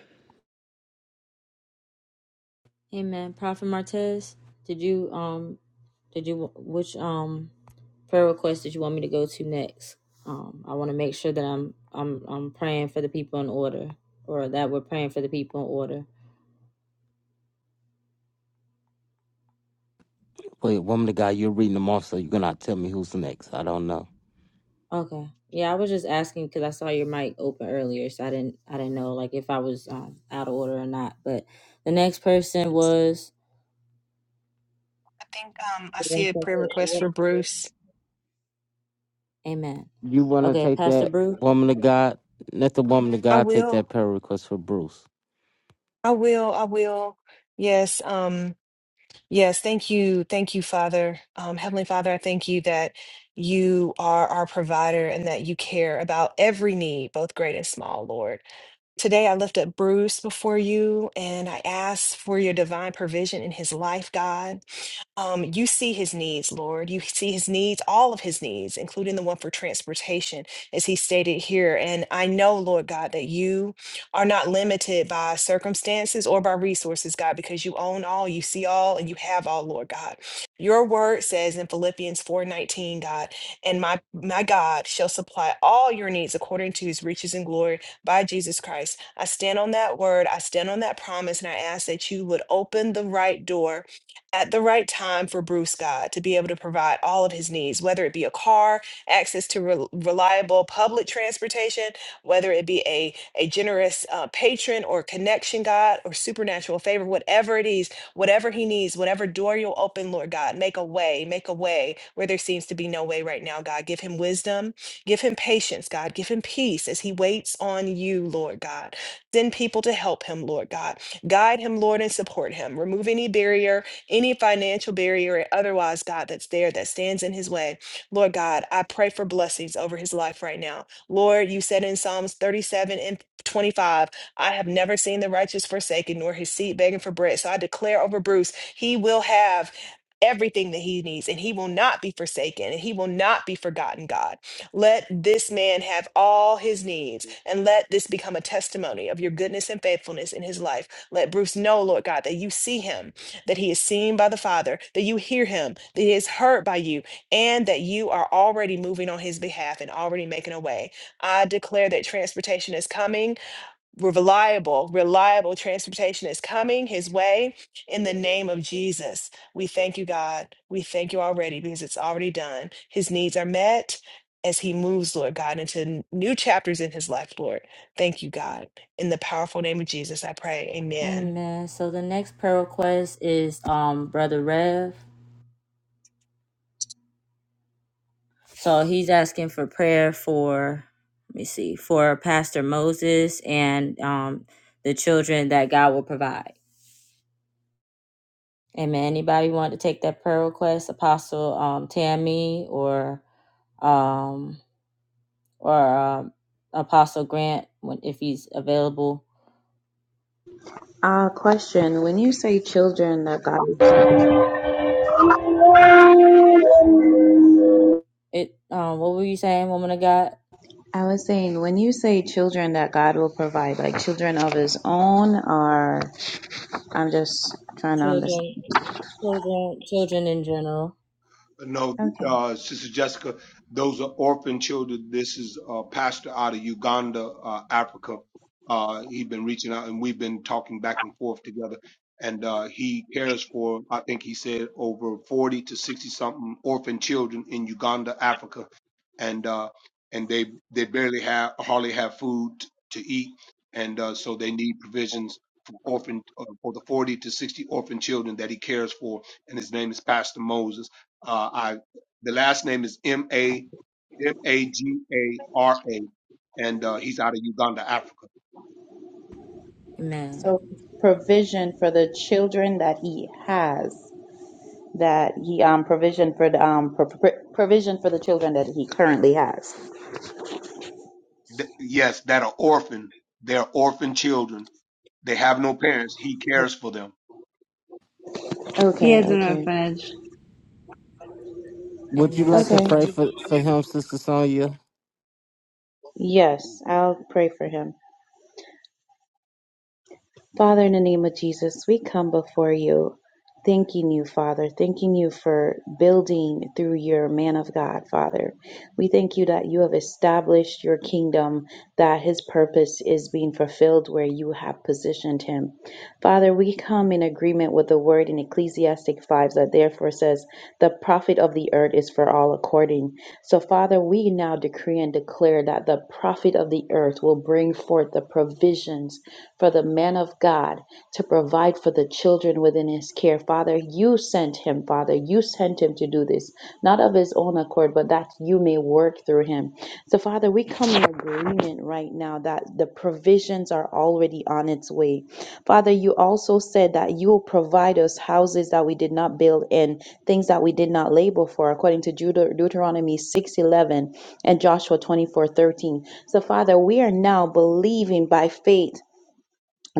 Amen. Prophet Martez, did you um did you which um prayer request did you want me to go to next? Um I want to make sure that I'm I'm I'm praying for the people in order or that we're praying for the people in order. Wait, woman of God, you're reading them off, so you're gonna tell me who's next. I don't know. Okay. Yeah, I was just asking cuz I saw your mic open earlier, so I didn't I didn't know like if I was um, out of order or not. But the next person was I think um I see a prayer request for Bruce. Amen. You wanna Okay, take Pastor that Bruce. woman of God? Let the woman of I God take that will. prayer request for Bruce. I will. I will. Yes. Um Yes, thank you. Thank you, Father. Um, Heavenly Father, I thank you that you are our provider and that you care about every need, both great and small, Lord. Today, I lift up Bruce before you and I ask for your divine provision in his life, God. Um, you see his needs, Lord. You see his needs, all of his needs, including the one for transportation, as he stated here. And I know, Lord God, that you are not limited by circumstances or by resources, God, because you own all, you see all, and you have all, Lord God. Your word says in Philippians 4:19, God, and my my God shall supply all your needs according to his riches and glory by Jesus Christ. I stand on that word, I stand on that promise, and I ask that you would open the right door at the right time for Bruce God to be able to provide all of his needs, whether it be a car, access to rel reliable public transportation, whether it be a, a generous uh, patron or connection, God, or supernatural favor, whatever it is, whatever he needs, whatever door you'll open, Lord God, make a way, make a way where there seems to be no way right now, God. Give him wisdom, give him patience, God, give him peace as he waits on you, Lord God. Send people to help him, Lord God. Guide him, Lord, and support him. Remove any barrier any financial barrier or otherwise, God, that's there that stands in his way. Lord God, I pray for blessings over his life right now. Lord, you said in Psalms 37 and 25, I have never seen the righteous forsaken, nor his seed begging for bread. So I declare over Bruce, he will have. Everything that he needs, and he will not be forsaken, and he will not be forgotten, God. Let this man have all his needs, and let this become a testimony of your goodness and faithfulness in his life. Let Bruce know, Lord God, that you see him that he is seen by the Father, that you hear him, that he is heard by you, and that you are already moving on his behalf and already making a way. I declare that transportation is coming. Reliable, reliable transportation is coming his way in the name of Jesus. We thank you, God. We thank you already because it's already done. His needs are met as he moves, Lord God, into n- new chapters in his life, Lord. Thank you, God. In the powerful name of Jesus, I pray. Amen. Amen. So the next prayer request is um Brother Rev. So he's asking for prayer for let me see, for Pastor Moses and um the children that God will provide. Amen. Anybody want to take that prayer request? Apostle um Tammy or um or um Apostle Grant when if he's available. Uh, question When you say children that God, It um what were you saying, woman of God? I was saying, when you say children that God will provide, like children of his own, or I'm just trying to understand. Children children children in general. No, Okay. uh, Sister Jessica, those are orphan children. This is a pastor out of Uganda, uh, Africa. Uh, he's been reaching out, and we've been talking back and forth together. And uh, he cares for, I think he said, over 40 to 60 something orphan children in Uganda, Africa, and uh, and they they barely have hardly have food to eat, and uh, so they need provisions for orphan uh, for the 40 to 60 orphan children that he cares for. And his name is Pastor Moses Uh, I the last name is M A M A G A R A, and uh, he's out of Uganda, Africa. Amen. So, provision for the children that he has. that he um provision for the um pro- pro- provision for the children that he currently has. Th- yes, that are orphan. They're orphan children. They have no parents. He cares for them. He Okay, has an okay, orphanage. Would you Amen. like to So okay. can pray you for, for him, Sister Sonia? Yes, I'll pray for him. Father, in the name of Jesus, we come before you, thanking you, Father, thanking you for building through your man of God, Father. We thank you that you have established your kingdom, that his purpose is being fulfilled where you have positioned him. Father, we come in agreement with the word in Ecclesiastic 5 that therefore says, The profit of the earth is for all according. So, Father, we now decree and declare that the profit of the earth will bring forth the provisions for the man of God to provide for the children within his care. Father, you sent him, Father. You sent him to do this, not of his own accord, but that you may work through him. So, Father, we come in agreement right now that the provisions are already on its way. Father, you also said that you will provide us houses that we did not build and things that we did not labor for, according to Deut- Deuteronomy 6, 11, and Joshua 24, 13. So, Father, we are now believing by faith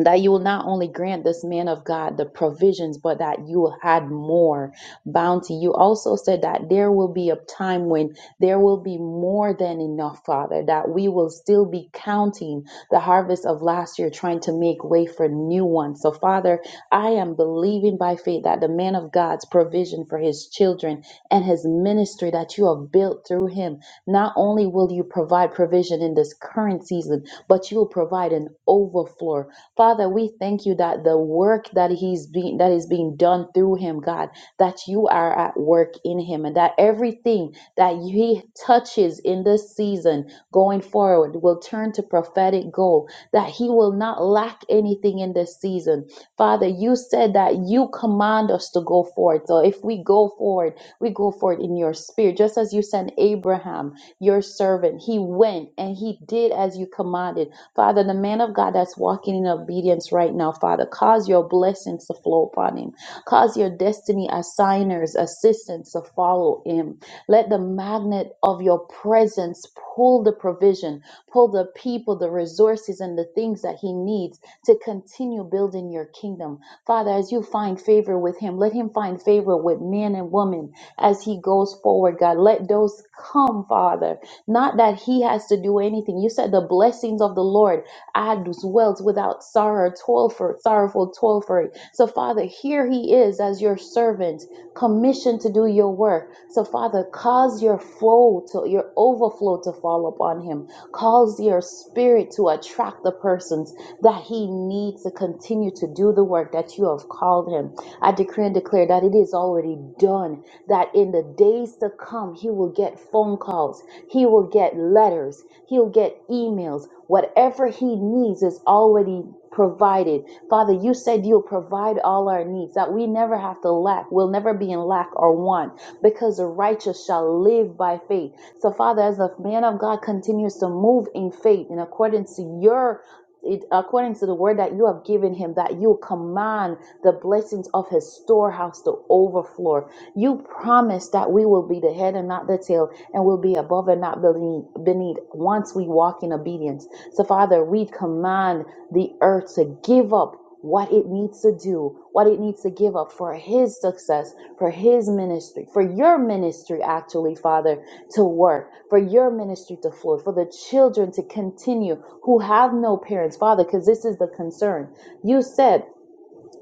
that you will not only grant this man of God the provisions, but that you will add more bounty. You also said that there will be a time when there will be more than enough, Father, that we will still be counting the harvest of last year, trying to make way for new ones. So, Father, I am believing by faith that the man of God's provision for his children and his ministry that you have built through him, not only will you provide provision in this current season, but you will provide an overflow Father, we thank you that the work that he's being that is being done through him, God, that you are at work in him and that everything that he touches in this season going forward will turn to prophetic gold, that he will not lack anything in this season. Father, you said that you command us to go forward. So if we go forward, we go forward in your spirit, just as you sent Abraham, your servant. He went and he did as you commanded. Father, the man of God that's walking in obedience right now, Father, cause your blessings to flow upon him. Cause your destiny assigners, assistants to follow him. Let the magnet of your presence pull the provision pull the people, the resources, and the things that he needs to continue building your kingdom. Father, as you find favor with him, let him find favor with men and women as he goes forward, God. Let those come, Father. Not that he has to do anything. You said the blessings of the Lord. I dwelt without sorrow, toil for it, sorrowful toil for it. So, Father, here he is as your servant, commissioned to do your work. So, Father, cause your flow to your overflow to fall upon him. Cause your spirit to attract the persons that he needs to continue to do the work that you have called him. I decree and declare that it is already done, that in the days to come, he will get phone calls, he will get letters, he'll get emails. Whatever he needs is already provided. Father, you said you'll provide all our needs, that we never have to lack. We'll never be in lack or want because the righteous shall live by faith. So, Father, as the man of God continues to move in faith in accordance to your it, according to the word that you have given him, that you command the blessings of his storehouse to overflow. You promise that we will be the head and not the tail, and will be above and not beneath, beneath once we walk in obedience. So, Father, we command the earth to give up what it needs to do, what it needs to give up for his success, for his ministry, for your ministry, actually, Father, to work, for your ministry to flow, for the children to continue who have no parents, Father, because this is the concern. You said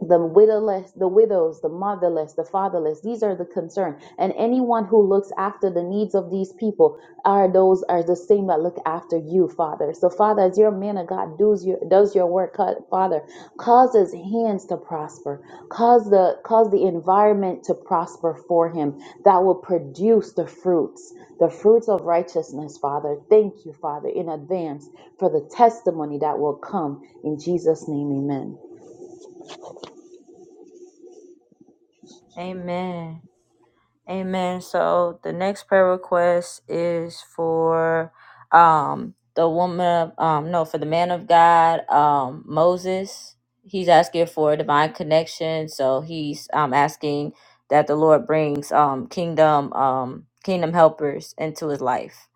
the widowless, the widows, the motherless, the fatherless. These are the concern, and anyone who looks after the needs of these people are those are the same that look after you, Father. So, Father, as your man of God does your does your work, ca- Father, cause his hands to prosper, cause the cause the environment to prosper for him, that will produce the fruits, the fruits of righteousness, Father. Thank you, Father, in advance for the testimony that will come in Jesus' name, Amen. Amen. Amen. So the next prayer request is for um the woman of um no for the man of God, um Moses. He's asking for a divine connection. So he's um asking that the Lord brings um kingdom um kingdom helpers into his life.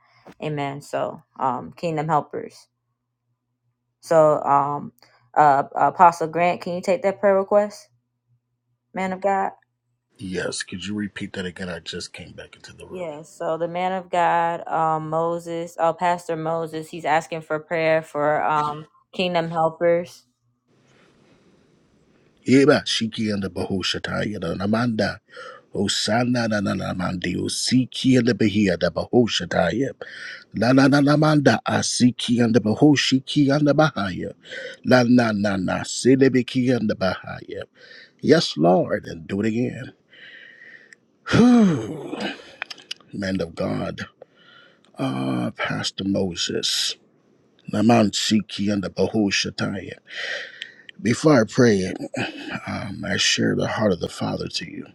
Amen. So um kingdom helpers. So um uh Apostle Grant, can you take that prayer request, man of God? Yes, could you repeat that again? I just came back into the room. Yes, so the man of God, um, Moses, uh, Pastor Moses, he's asking for prayer for um, kingdom helpers. Eba shiki and the bahushatai and amanda. Osana na na na mandi osiki and the bahia the bahushatai. La na na na manda asiki and the bahushiki and the bahaya. La na na na silibiki and the bahaya. Yes, Lord, and do it again. Whew. Man of God. Ah, Pastor Moses. Naman Siki and the Bahushataya. Before I pray, um, I share the heart of the Father to you.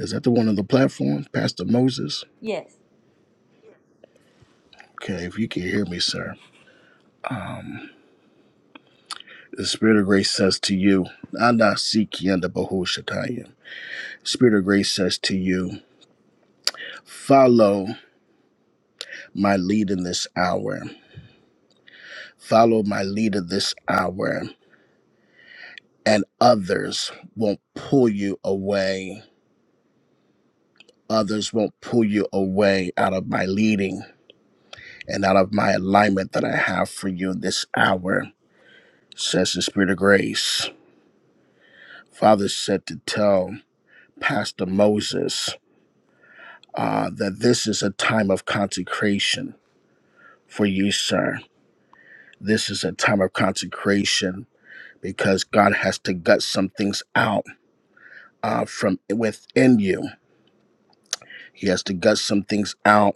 Is that the one on the platform, Pastor Moses? Yes. Okay, if you can hear me, sir. The Spirit of Grace says to you, Ana Siki and the Bahushataya. Spirit of Grace says to you, follow my lead in this hour. Follow my lead in this hour, and others won't pull you away Others won't pull you away out of my leading and out of my alignment that I have for you this hour, says the Spirit of Grace. Father said to tell Pastor Moses uh, that this is a time of consecration for you, sir. This is a time of consecration because God has to gut some things out uh, from within you. He has to gut some things out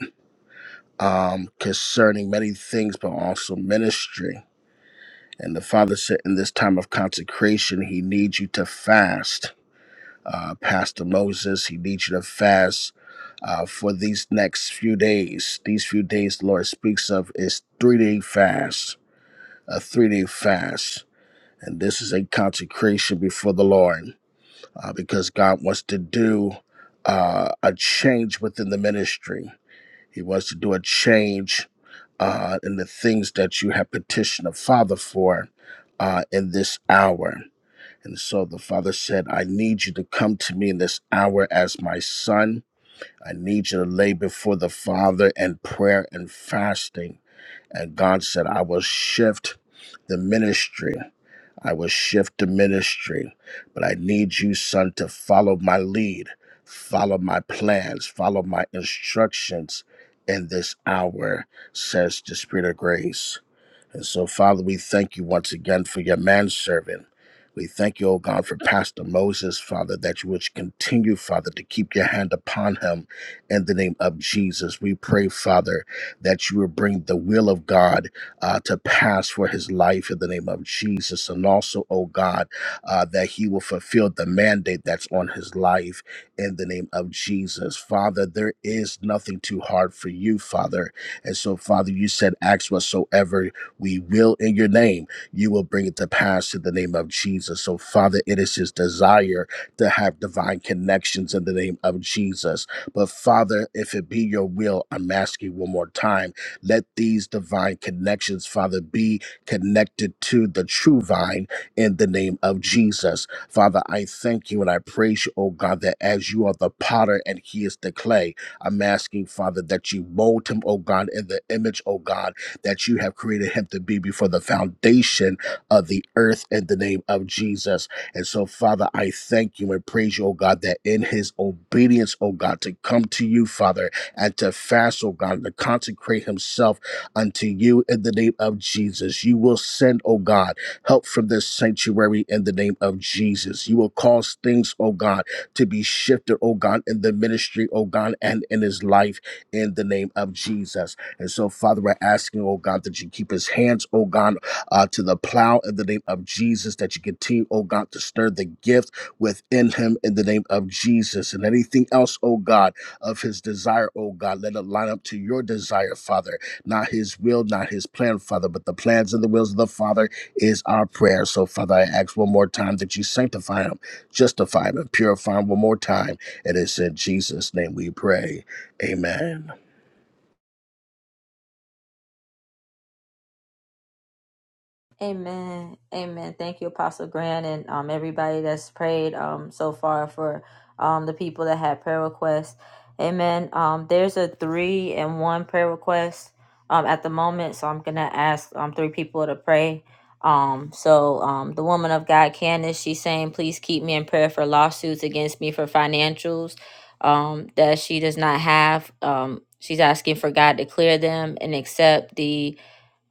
um, concerning many things, but also ministry. And the Father said, in this time of consecration, He needs you to fast. Uh, Pastor Moses, He needs you to fast uh, for these next few days. These few days the Lord speaks of is three day fast, a three day fast. And this is a consecration before the Lord uh, because God wants to do uh, a change within the ministry. He wants to do a change uh, in the things that you have petitioned the Father for uh, in this hour. And so the Father said, I need you to come to me in this hour as my son. I need you to lay before the Father in prayer and fasting. And God said, I will shift the ministry. I will shift to ministry, but I need you, son, to follow my lead, follow my plans, follow my instructions in this hour, says the Spirit of grace. And so, Father, we thank you once again for your manservant. We thank you, O God, for Pastor Moses, Father, that you would continue, Father, to keep your hand upon him in the name of Jesus. We pray, Father, that you would bring the will of God uh, to pass for his life in the name of Jesus. And also, O God, uh, that he will fulfill the mandate that's on his life in the name of Jesus. Father, there is nothing too hard for you, Father. And so, Father, you said, ask whatsoever we will in your name. You will bring it to pass in the name of Jesus. So, Father, it is his desire to have divine connections in the name of Jesus. But, Father, if it be your will, I'm asking one more time, let these divine connections, Father, be connected to the true vine in the name of Jesus. Father, I thank you and I praise you, oh God, that as you are the potter and he is the clay, I'm asking, Father, that you mold him, oh God, in the image, oh God that you have created him to be before the foundation of the earth in the name of Jesus. And so, Father, I thank you and praise you, oh God, that in his obedience, oh God, to come to you, Father, and to fast, oh God, and to consecrate himself unto you in the name of Jesus. You will send, oh God, help from this sanctuary in the name of Jesus. You will cause things, oh God, to be shifted, oh God, in the ministry, oh God, and in his life in the name of Jesus. And so, Father, we're asking, oh God, that you keep his hands, oh God, uh, to the plow in the name of Jesus, that you continue, oh God, to stir the gift within him in the name of Jesus. And anything else, oh God, of his desire, oh God, let it line up to your desire, Father. Not his will, not his plan, Father, but the plans and the wills of the Father is our prayer. So, Father, I ask one more time that you sanctify him, justify him, and purify him one more time. It is in Jesus' name we pray. Amen. Amen. Amen. Thank you, Apostle Grant, and um, everybody that's prayed um, so far for um, the people that had prayer requests. Amen. Um, there's a three and one prayer request um, at the moment, so I'm going to ask um, three people to pray. Um, so um, the woman of God, Candace, she's saying, please keep me in prayer for lawsuits against me for financials um, that she does not have. Um, she's asking for God to clear them and accept the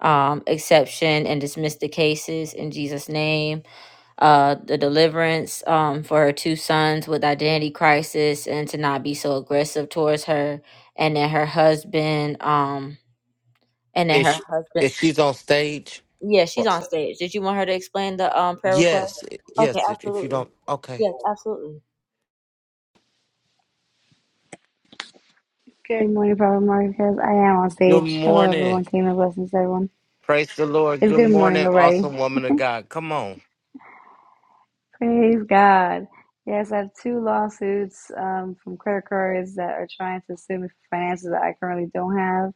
um, exception and dismiss the cases in Jesus' name. Uh, the deliverance um, for her two sons with identity crisis and to not be so aggressive towards her. And then her husband, um, and then If her sh- husband. if she's on stage, Yeah, she's on stage. Did you want her to explain the um, prayer request? yes, Okay, yes. If if you absolutely. don't, okay. Yes, absolutely. Good morning, Prophet Marcus. I am on Good stage. Hello, morning. everyone. Kingdom blessings, everyone. Praise the Lord. It's Good good morning morning, already. awesome woman of God. Come on. <laughs> Praise God. Yes, I have two lawsuits um, from credit cards that are trying to sue me for finances that I currently don't have.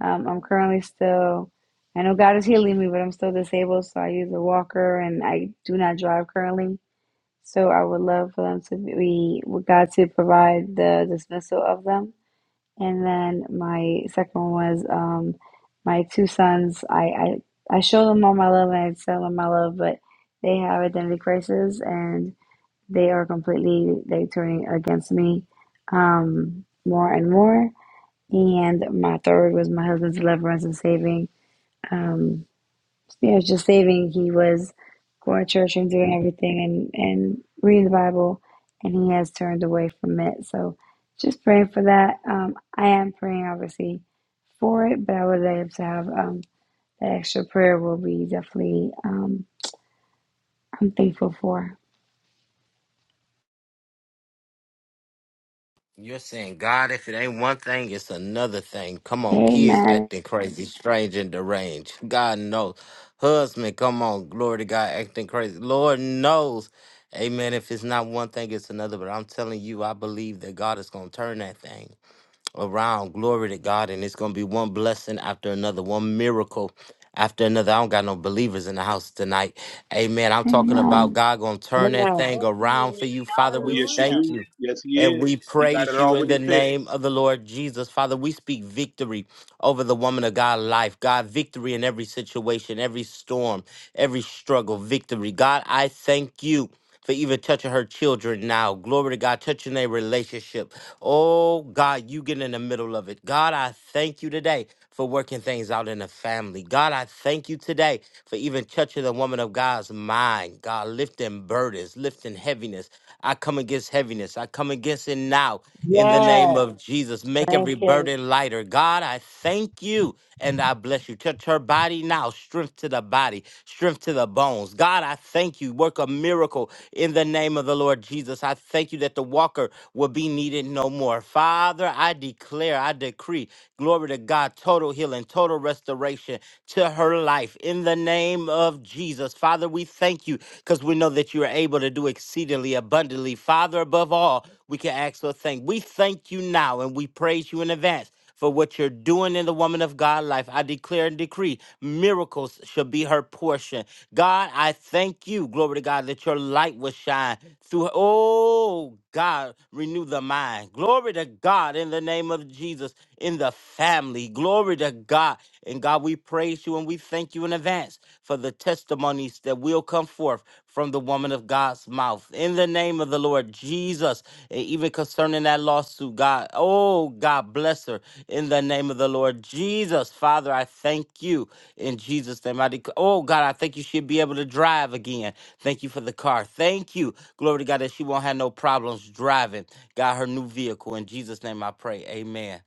Um, I'm currently still, I know God is healing me, but I'm still disabled, so I use a walker and I do not drive currently. So I would love for them to be, would God to provide the dismissal of them And then my second one was um, my two sons. I, I I show them all my love and I tell them my love, but they have identity crisis and they are completely like turning against me um, more and more. And my third was my husband's deliverance and saving. um you know, just saving, he was going to church and doing everything and, and reading the Bible, and he has turned away from it. So just praying for that. Um, I am praying, obviously, for it, but I would love to have um, that extra prayer will be definitely, um, I'm thankful for. You're saying, God, if it ain't one thing, it's another thing. Come on, kids Amen. acting crazy, strange and deranged. God knows. Husband, come on, glory to God, acting crazy. Lord knows. Amen. If it's not one thing, it's another. But I'm telling you, I believe that God is going to turn that thing around. Glory to God. And it's going to be one blessing after another, one miracle after another. I don't got no believers in the house tonight. Amen. I'm talking about Amen. God going to turn Whew. that thing around for you. Father, Oh we yes, you thank do. you. Yes, he And is. we He got praise it you in already the fixed. name of the Lord Jesus. Father, we speak victory over the woman of God life. God, victory in every situation, every storm, every struggle, victory. God, I thank you for even touching her children now. Glory to God, touching their relationship. Oh, God, you get in the middle of it. God, I thank you today for working things out in the family. God, I thank you today for even touching the woman of God's mind. God, lifting burdens, lifting heaviness. I come against heaviness. I come against it now in the Yes, name of Jesus. Make thank every you. burden lighter. God, I thank you and I bless you. Touch her body now, strength to the body, strength to the bones. God, I thank you. Work a miracle in the name of the Lord Jesus. I thank you that the walker will be needed no more. Father, I declare, I decree, glory to God, total healing, total restoration to her life in the name of Jesus. Father, we thank you because we know that you are that you are able to do exceedingly abundantly. Father, above all, we can ask or thank. We thank you now and we praise you in advance for what you're doing in the woman of God life. I declare and decree miracles shall be her portion. God, I thank you, glory to God, that your light will shine through. Oh, God, renew the mind. Glory to God in the name of Jesus, in the family. Glory to God. And God, we praise you and we thank you in advance for the testimonies that will come forth from the woman of God's mouth. In the name of the Lord Jesus, and even concerning that lost to God. Oh, God bless her in the name of the Lord Jesus. Father, I thank you in Jesus' name. I dec- oh, God, I thank you she'll be able to drive again. Thank you for the car. Thank you. Glory to God that she won't have no problems driving. God, her new vehicle. In Jesus' name I pray. Amen.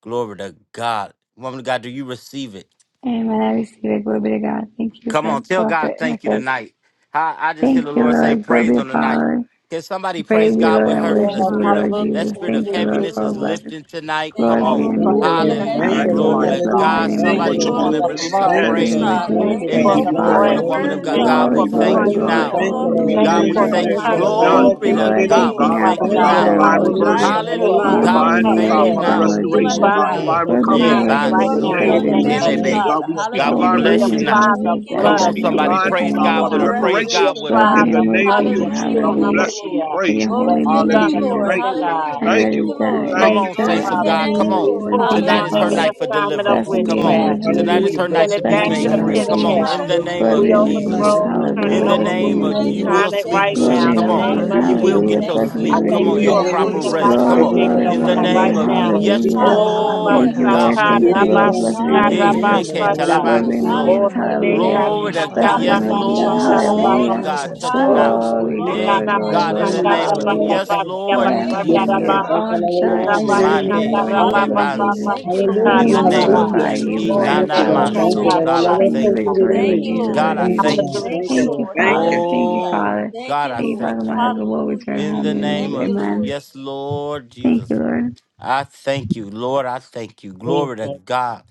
Glory to God. Woman of God, do you receive it? Amen. I receive it. Glory be to God. Thank you, Come on, Pres- tell God Prophet thank you Marcus. tonight. I, I just hear the Thank you, Lord say Lord. Glory be praise to on the night. Father. Can I somebody praise praise you, God Lord, with and her for the worship Yes, you, spirit of Lord hallelujah. that Jesus. spirit Thank of Thank you, you, Lord, Jesus. heaviness for all is Thank blessings. lifting tonight? Glory Come be Father, on. you, we in Thank Father. you, you, glorify, Lord. Jesus. Thank we you Hallelujah. Thank you, for Lord. magnify Glory Hallelujah. your to you, God, Blessed be power. Hallelujah. God. in Thank for you, Thank you, Somebody what you you're come Lord. for on Jesus. doing and the for release Sister a blood. Thank you, Glory Candace, we oh praise God. Lord God. Thank Thank Jesus. you, you We in Thank for God. give this you, the you Thank room you. for the praise, Father. we woman give breakthrough. Hallelujah. of you God. Thank glory, you God, we Glory, we for give the you all glory, thank the you praise Hallelujah. glory. honor. now. report. Thank Holy you, is God, the we Lord. name, Thank God, you decree Lord Thank and we for you. the Jesus. thank declare Thank you. it you, is Lord. done, Thank turnaround. oh Glory you, Hallelujah. to Lord. I Thank God. thank you, you God. We God, oh now Father thank Father, you Thank because God, it's you, God. now. Lord. done, divine Lord Hallelujah, Jesus. reversal, Hallelujah. that you are God, Hallelujah. In Hallelujah. your moving God, and we holy divine, oh coming name, thank it God, you midst. is Father, Thank done, now. you, Lord Lord. We restoration, Jesus. God, bind Hallelujah. Mm, divine this Glory be to you, yeah, recovery Lord assignment Bond, in right the Jesus. so now Thank in Blessed name the you, be of your cool. name, God. name Lord of Yahushua. Telebe, Thank you. Jesus. God, we Jesus. speak God, we Holy divine is your We name, bless you Lord now. apply restitution. the Jesus. God, I we Come blood on, of bless speak and I Jesus somebody. divine, worship your oh Praise name, God, right God Lord Father, with now. her. Jesus. Praise We God reparations with her. Glory be to apply your in the the name, Lord name blood of of Jesus. Yahushua. God, Yeshua we Hallelujah. bless you, we HaMashiach, In praise your you. the holy name, Son of Hallelujah. the Jesus. Thank living you, Lord. God. I know Thank it you, is Lord. We done. It Thank Come you. thank is on, you, done. saints I of just Father. God. name, Come Lord on. We Jesus. And Thank pull you, thank you, Tonight down is her every Jesus. Father. night for assignment of Bless the deliverance. Thank you, Come beauty Thank on. name Lord. you, of witchcraft. God. Tonight Jesus. is Hallelujah. We her send night Deliver Bless to it your be Bless back the name, Candace to made beauty out the of name God. her free. pit of of Come on. Jesus. In hell. situation, the Bless your name Lord. Glory be to of We the name, name of God. Bless Jesus. Jesus. Deliver her, overthrow, your Lord people. overturning, In Hallelujah. the God. Bless the Amen. You name name of can overruler, of you Jesus. encourage will sign your it We people, sleep right ask Lord that good. Glory now you be in God. to the Come the name come of on. name upon Jesus. of her You Strengthen your will Hallelujah. family, get people, Jesus. your Lord Bless the God. God. I sleep. name of Come thank on. you Hallelujah. Let Your for Jesus. a your free Holy proper and Hallelujah. Spirit life rest. Come Glory, Open fall on. our upon spirit glory, her eyes In to over the glory, her family, believe the glory. name right of season Jesus. now. Lord, of Yes, true and Hallelujah. God. Oh, Thank allow her, you, Rabba Lord Lord. Thank Lord. you, God, to God, Lord. And we feel Sata, still your Thank you, to the thank Rabba Lord. you. ground, and Bless peace. the still Sika, to name of the Let Eh, your Rabba Jesus. ground, Lord sheke God. In presence Sanda. our Glory be own to Lord season. talabanso. Oh, Jesus, Still to overrun the and hallelujah. Rebecca ground, Glory to Lord overflood God. God. Blessed Shanda, her be We the in the Yes, need to name Rabba of still Jesus, to the Jesus. still Let to Sanda, the your Lord. hallelujah. ground, to God, presence, touch God, Hallelujah. go now. the Glory, forth still to the in Eh, the glory, ground. name of glory, God, in glory, the Hallelujah. Jesus. name of Hallelujah. hallelujah. yes, Father. Lord, And Lord we I'm thank Yes, you, claiming Jesus. it Lord. is Thank God, you, all for Lord. done Thank Oh, and Candace's done you, family. in Mande, Lord. your Thank Shike name, you. Lord Jesus. Thank Banse. you for To her In Hallelujah. you the be husband's name of Hallelujah. glorified, deliverance. We you be thank GE, you for her Thank Nana you, magnified, God. Lord children's Thank Maso. you, Jesus, God, I protection. Lord. and you be thank Thank you, you. victorious, Lord Lord. Thank you Jesus, in the God, Lord I name Thank of you, Jesus. thank God. you. Thank Jesus. you, Thank Lord. you, Thank you. Father. Thank you, Oh, Father. God, I Thank you, Father. thank My you. husband will return In home, the name name Jesus. of G. Amen. Yes, Lord Thank you, Jesus. Lord. I thank you. Lord, I thank you. Glory to Jesus. God.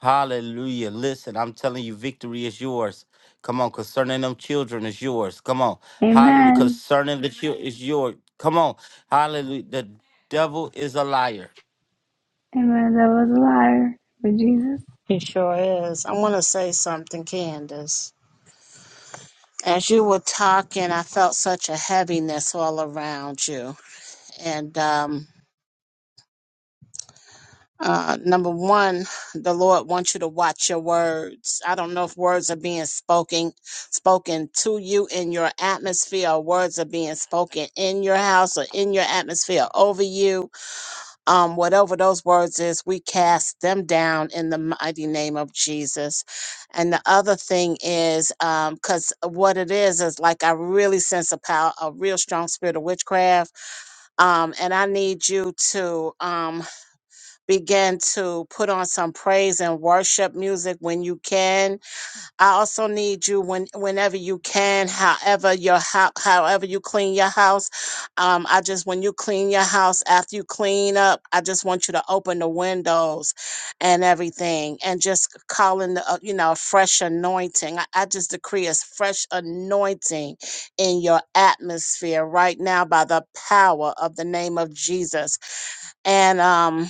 Hallelujah. Listen, I'm telling you, victory is yours. Come on, concerning them children is yours. Come on. Hallelujah. Amen. Concerning the children is yours. Come on. Hallelujah. The devil is a liar. Amen. That was a liar, Lord Jesus. He sure is. I want to say something, Candace. As you were talking, I felt such a heaviness all around you. And um, Uh, number one, the Lord wants you to watch your words. I don't know if words are being spoken, spoken to you in your atmosphere, or words are being spoken in your house or in your atmosphere over you. Um, whatever those words is, we cast them down in the mighty name of Jesus. And the other thing is, um, cause what it is is like I really sense a power, a real strong spirit of witchcraft um, and I need you to. Um, begin to put on some praise and worship music when you can. I also need you when whenever you can, however your how however you clean your house. Um, I just when you clean your house after you clean up, I just want you to open the windows and everything, and just call in the uh, you know fresh anointing. I, I just decree a fresh anointing in your atmosphere right now by the power of the name of Jesus and um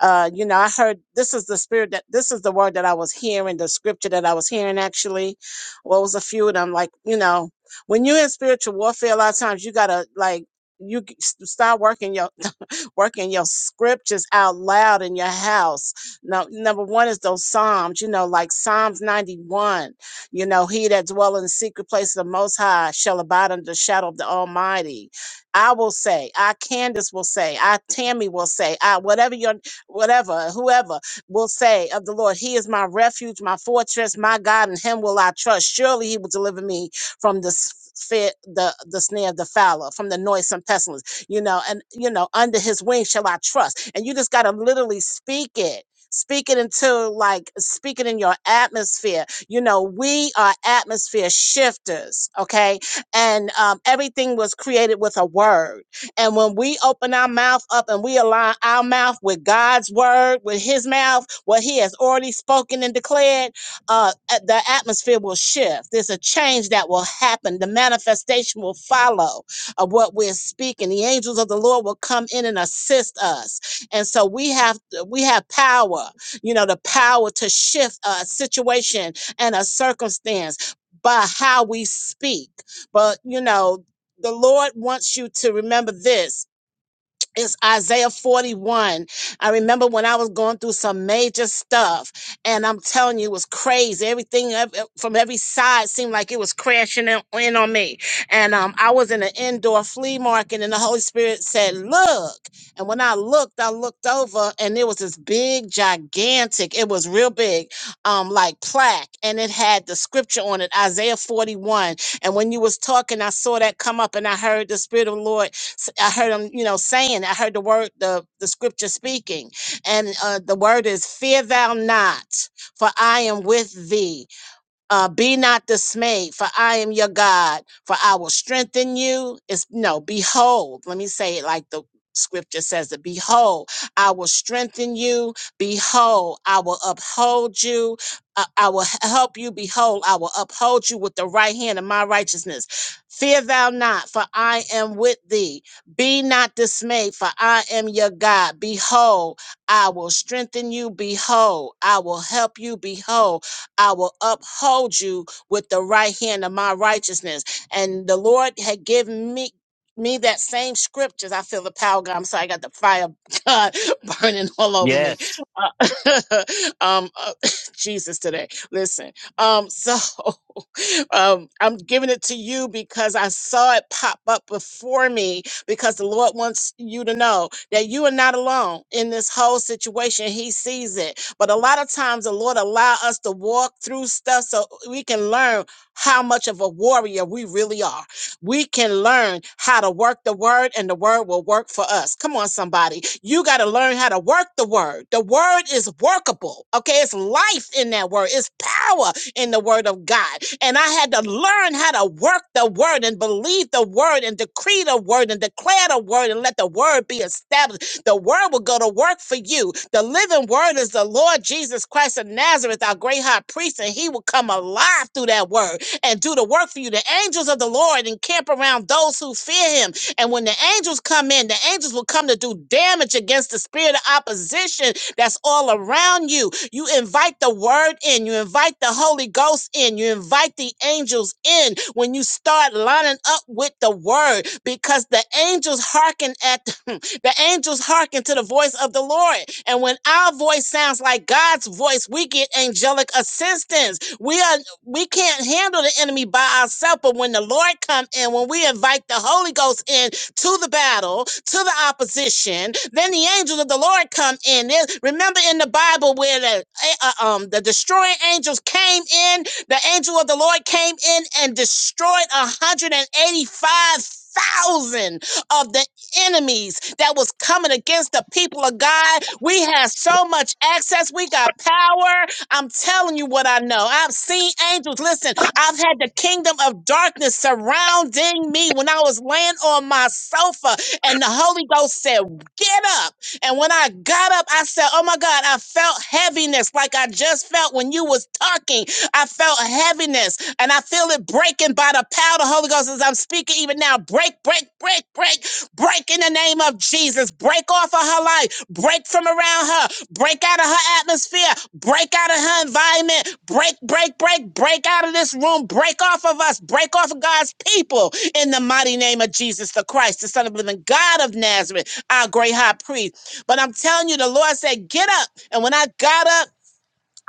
uh, you know, I heard this is the spirit that this is the word that I was hearing, the scripture that I was hearing actually. What was a few of them? Like, you know, when you're in spiritual warfare, a lot of times you gotta like you g- s- start working your <laughs> working your scriptures out loud in your house. Now, number one is those psalms, you know, like Psalms 91. You know, he that dwell in the secret place of the Most High shall abide under the shadow of the Almighty. I will say, I Candace will say, I Tammy will say, I whatever your whatever, whoever will say of the Lord, He is my refuge, my fortress, my God, in Him will I trust. Surely He will deliver me from the s- fear, the the snare of the fowler, from the noisome pestilence. You know, and you know, under His wing shall I trust. And you just gotta literally speak it. Speak it into like speak it in your atmosphere. You know, we are atmosphere shifters, okay? And um, everything was created with a word and when we open our mouth up and we align our mouth with God's word, with his mouth, what he has already spoken and declared, uh, a- the atmosphere will shift. There's a change that will happen. The manifestation will follow of what we're speaking. The angels of the Lord will come in and assist us. And so we have we have power, you know, the power to shift a situation and a circumstance by how we speak. But you know, the Lord wants you to remember this it's Isaiah 41. I remember when I was going through some major stuff, and I'm telling you, it was crazy. Everything ev- from every side seemed like it was crashing in, in on me. And um, I was in an indoor flea market, and the Holy Spirit said, Look. And when I looked, I looked over, and it was this big, gigantic, it was real big, um, like plaque, and it had the scripture on it, Isaiah 41. And when you was talking, I saw that come up, and I heard the Spirit of the Lord S- I heard him, you know, saying, I heard the word, the, the scripture speaking. And uh, the word is, Fear thou not, for I am with thee uh, be not dismayed, for I am your God, for I will strengthen you. It's no, behold, let me say it like the scripture says it behold, I will strengthen you, behold, I will uphold you, I, I will h- help you, behold, I will uphold you with the right hand of my righteousness. Fear thou not, for I am with thee. Be not dismayed, for I am your God. Behold, I will strengthen you. Behold, I will help you. Behold, I will uphold you with the right hand of my righteousness. And the Lord had given me me that same scriptures. I feel the power, of God. I'm sorry, I got the fire of God <laughs> burning all over me. Yes. Uh, <laughs> um, uh, <laughs> Jesus today. Listen. Um, so <laughs> um, I'm giving it to you because I saw it pop up before me because the Lord wants you to know that you are not alone in this whole situation. He sees it. But a lot of times the Lord allow us to walk through stuff so we can learn how much of a warrior we really are. We can learn how to work the word and the word will work for us. Come on somebody. You got to learn how to work the word. The word is workable. Okay? It's life in that word. It's power in the word of God. And I had to learn how to work the word and believe the word and decree the word and declare the word and let the word be established. The word will go to work for you. The living word is the Lord Jesus Christ of Nazareth, our great high priest, and he will come alive through that word and do the work for you. The angels of the Lord encamp around those who fear him. And when the angels come in, the angels will come to do damage against the spirit of opposition that's all around you you invite the word in, you invite the Holy Ghost in, you invite the angels in when you start lining up with the word because the angels hearken at <laughs> the angels hearken to the voice of the Lord. And when our voice sounds like God's voice, we get angelic assistance. We are we can't handle the enemy by ourselves, but when the Lord come in, when we invite the Holy Ghost in, to the battle, to the opposition. Then the angels of the Lord come in. There- Remember in the Bible where the uh, uh, um the destroying angels came in, the angel of the Lord came in and destroyed 185,000 of the enemies that was coming against the people of God. We have so much access. We got power. I'm telling you what I know. I've seen angels. Listen, I've had the kingdom of darkness surrounding me when I was laying on my sofa, and the Holy Ghost said, Get up. And when I got up, I said, Oh my God, I felt heaviness like I just felt when you was talking. I felt heaviness and I feel it breaking by the power of the Holy Ghost as I'm speaking even now. Break, break, break, break, break in the name of Jesus. Break off of her life. Break from around her break out of her atmosphere, break out of her environment, break, break, break, break out of this room, break off of us, break off of God's people in the mighty name of Jesus the Christ, the Son of the living God of Nazareth, our great high priest. But I'm telling you, the Lord said, Get up. And when I got up,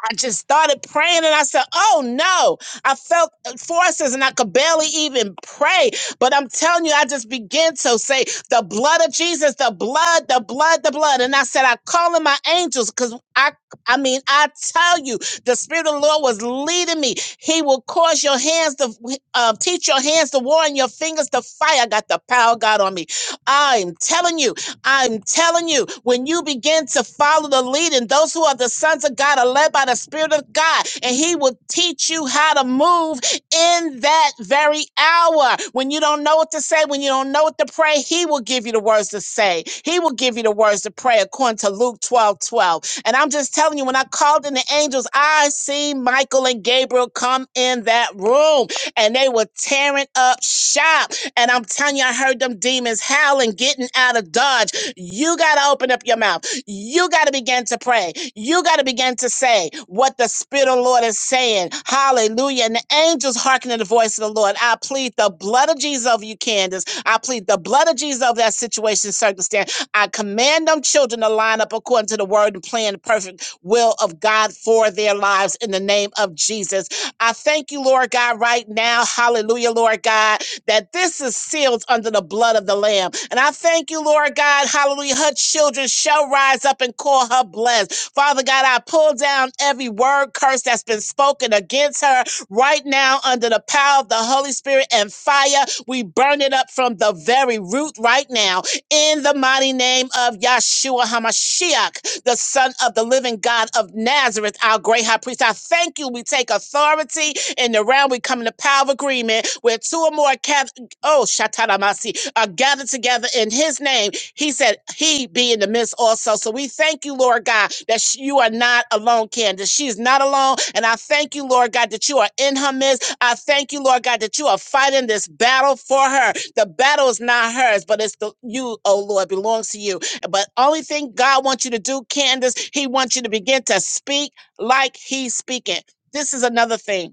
I just started praying and I said, Oh no, I felt uh, forces and I could barely even pray. But I'm telling you, I just began to say, The blood of Jesus, the blood, the blood, the blood. And I said, I call in my angels because I, I mean, I tell you, the Spirit of the Lord was leading me. He will cause your hands to uh, teach your hands to war and your fingers to fight. I got the power of God on me. I'm telling you, I'm telling you, when you begin to follow the leading, those who are the sons of God are led by the Spirit of God, and He will teach you how to move in that very hour. When you don't know what to say, when you don't know what to pray, He will give you the words to say. He will give you the words to pray, according to Luke 12 12. And I'm just telling you, when I called in the angels, I seen Michael and Gabriel come in that room, and they were tearing up shop. And I'm telling you, I heard them demons howling, getting out of Dodge. You got to open up your mouth. You got to begin to pray. You got to begin to say what the Spirit of the Lord is saying. Hallelujah. And the angels hearken to the voice of the Lord. I plead the blood of Jesus over you, Candace. I plead the blood of Jesus over that situation, circumstance. I command them children to line up according to the word and plan the perfect will of God for their lives in the name of Jesus. I thank you, Lord God, right now. Hallelujah, Lord God that this is sealed under the blood of the Lamb. And I thank you, Lord God, hallelujah. Her children shall rise up and call her blessed. Father God, I pull down every word curse that's been spoken against her right now under the power of the Holy Spirit and fire. We burn it up from the very root right now in the mighty name of Yahshua HaMashiach, the Son of the living God of Nazareth, our great high priest. I thank you. We take authority in the round, we come in the power of agreement where two or more cath- oh Shataramasi are gathered together in his name. He said he be in the midst also. So we thank you, Lord God, that sh- you are not alone, Candace. She's not alone. And I thank you, Lord God, that you are in her midst. I thank you, Lord God, that you are fighting this battle for her. The battle is not hers, but it's the you, oh Lord, belongs to you. But only thing God wants you to do, Candace, he wants you to begin to speak like he's speaking. This is another thing.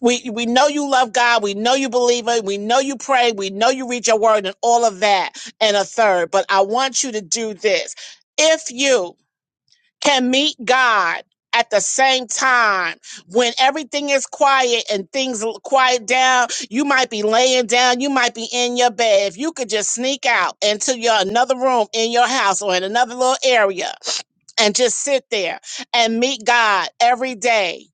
We we know you love God. We know you believe it. We know you pray. We know you read your word and all of that and a third. But I want you to do this. If you can meet God at the same time when everything is quiet and things l- quiet down, you might be laying down, you might be in your bed. If you could just sneak out into your another room in your house or in another little area and just sit there and meet God every day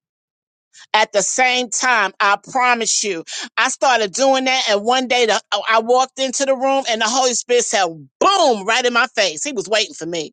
at the same time, I promise you, I started doing that. And one day the, I walked into the room and the Holy Spirit said, boom, right in my face. He was waiting for me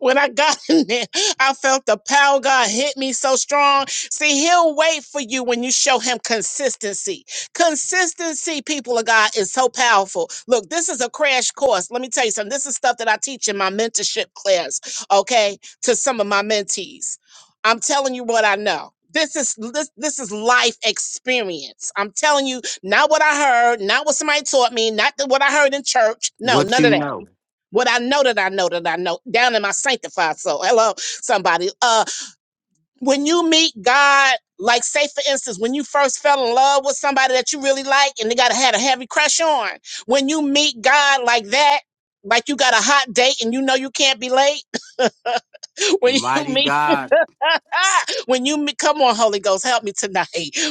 when I got in there, I felt the power of God hit me so strong. See, He'll wait for you when you show Him consistency. Consistency, people of God, is so powerful. Look, this is a crash course. Let me tell you something. This is stuff that I teach in my mentorship class, okay, to some of my mentees. I'm telling you what I know. This is this, this is life experience. I'm telling you, not what I heard, not what somebody taught me, not the, what I heard in church. No, What none you of that know. what I know that I know that I know down in my sanctified soul. Hello, somebody. Uh, when you meet God, like say for instance, when you first fell in love with somebody that you really like and they got to had a heavy crush on, when you meet God like that. Like you got a hot date and you know you can't be late. <laughs> When you Mighty meet God. <laughs> when you meet, come on, Holy Ghost, help me tonight.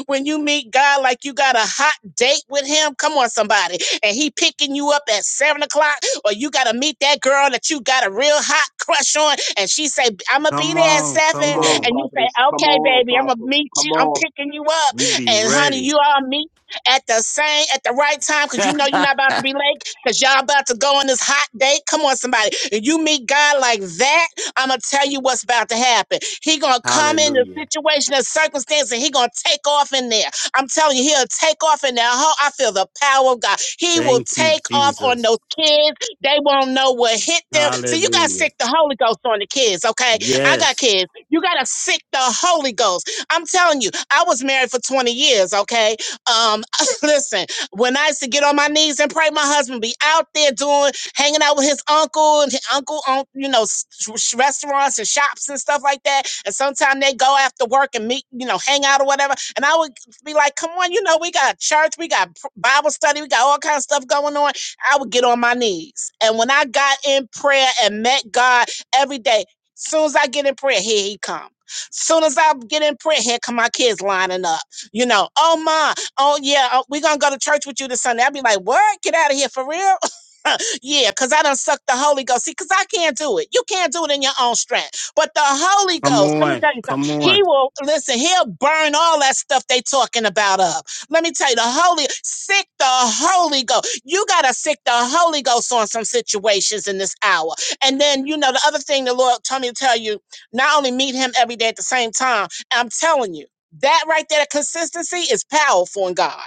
When you meet God like you got a hot date with Him, come on, somebody, and He picking you up at seven o'clock, or you got to meet that girl that you got a real hot crush on, and she say, "I'm gonna be Come there at on. Come Come 7. on, on. and you say, prophetess. Come "Okay, on, baby, I'm gonna apostle. meet Come you. on. I'm picking you up," You be and honey, ready. you all meet. At the same, at the right time, because you know you're not about to be <laughs> late, because y'all about to go on this hot date. Come on, somebody. And you meet God like that I'm gonna tell you what's about to happen. He gonna come in the Hallelujah. situation and circumstance, and he gonna take off in there. I'm telling you, he'll take off in there. Ho- I feel the power of God. He will Thank you, take off on Jesus. those kids. They won't know what hit them. So you gotta Hallelujah. sick the Holy Ghost on the kids, okay? I got Yes. kids. You gotta sick the Holy Ghost. I'm telling you, I was married for 20 years, okay? Um, <laughs> listen, when I used to get on my knees and pray, my husband be out there doing hanging out with his uncle and his uncle on you know s- sh- restaurants and shops and stuff like that. And sometimes they go after work and meet, you know, hang out or whatever. And I would be like, "Come on, you know, we got church, we got pr- Bible study, we got all kinds of stuff going on." I would get on my knees, and when I got in prayer and met God every day, soon as I get in prayer, here he come. Soon as I get in prayer, here come my kids lining up. You know, oh ma, oh yeah, oh, we gonna go to church with you this Sunday. I'd be like, what? Get out of here for real. <laughs> Yeah, because I done sucked the Holy Ghost. See, because I can't do it. You can't do it in your own strength. But the Holy Come Ghost, let me on. tell you something. Come on. He will, listen, he'll burn all that stuff they talking about up. Let me tell you, the Holy, sick the Holy Ghost. You got to sick the Holy Ghost on some situations in this hour. And then, you know, the other thing the Lord told me to tell you, not only meet him every day at the same time, I'm telling you, that right there, consistency is powerful in God.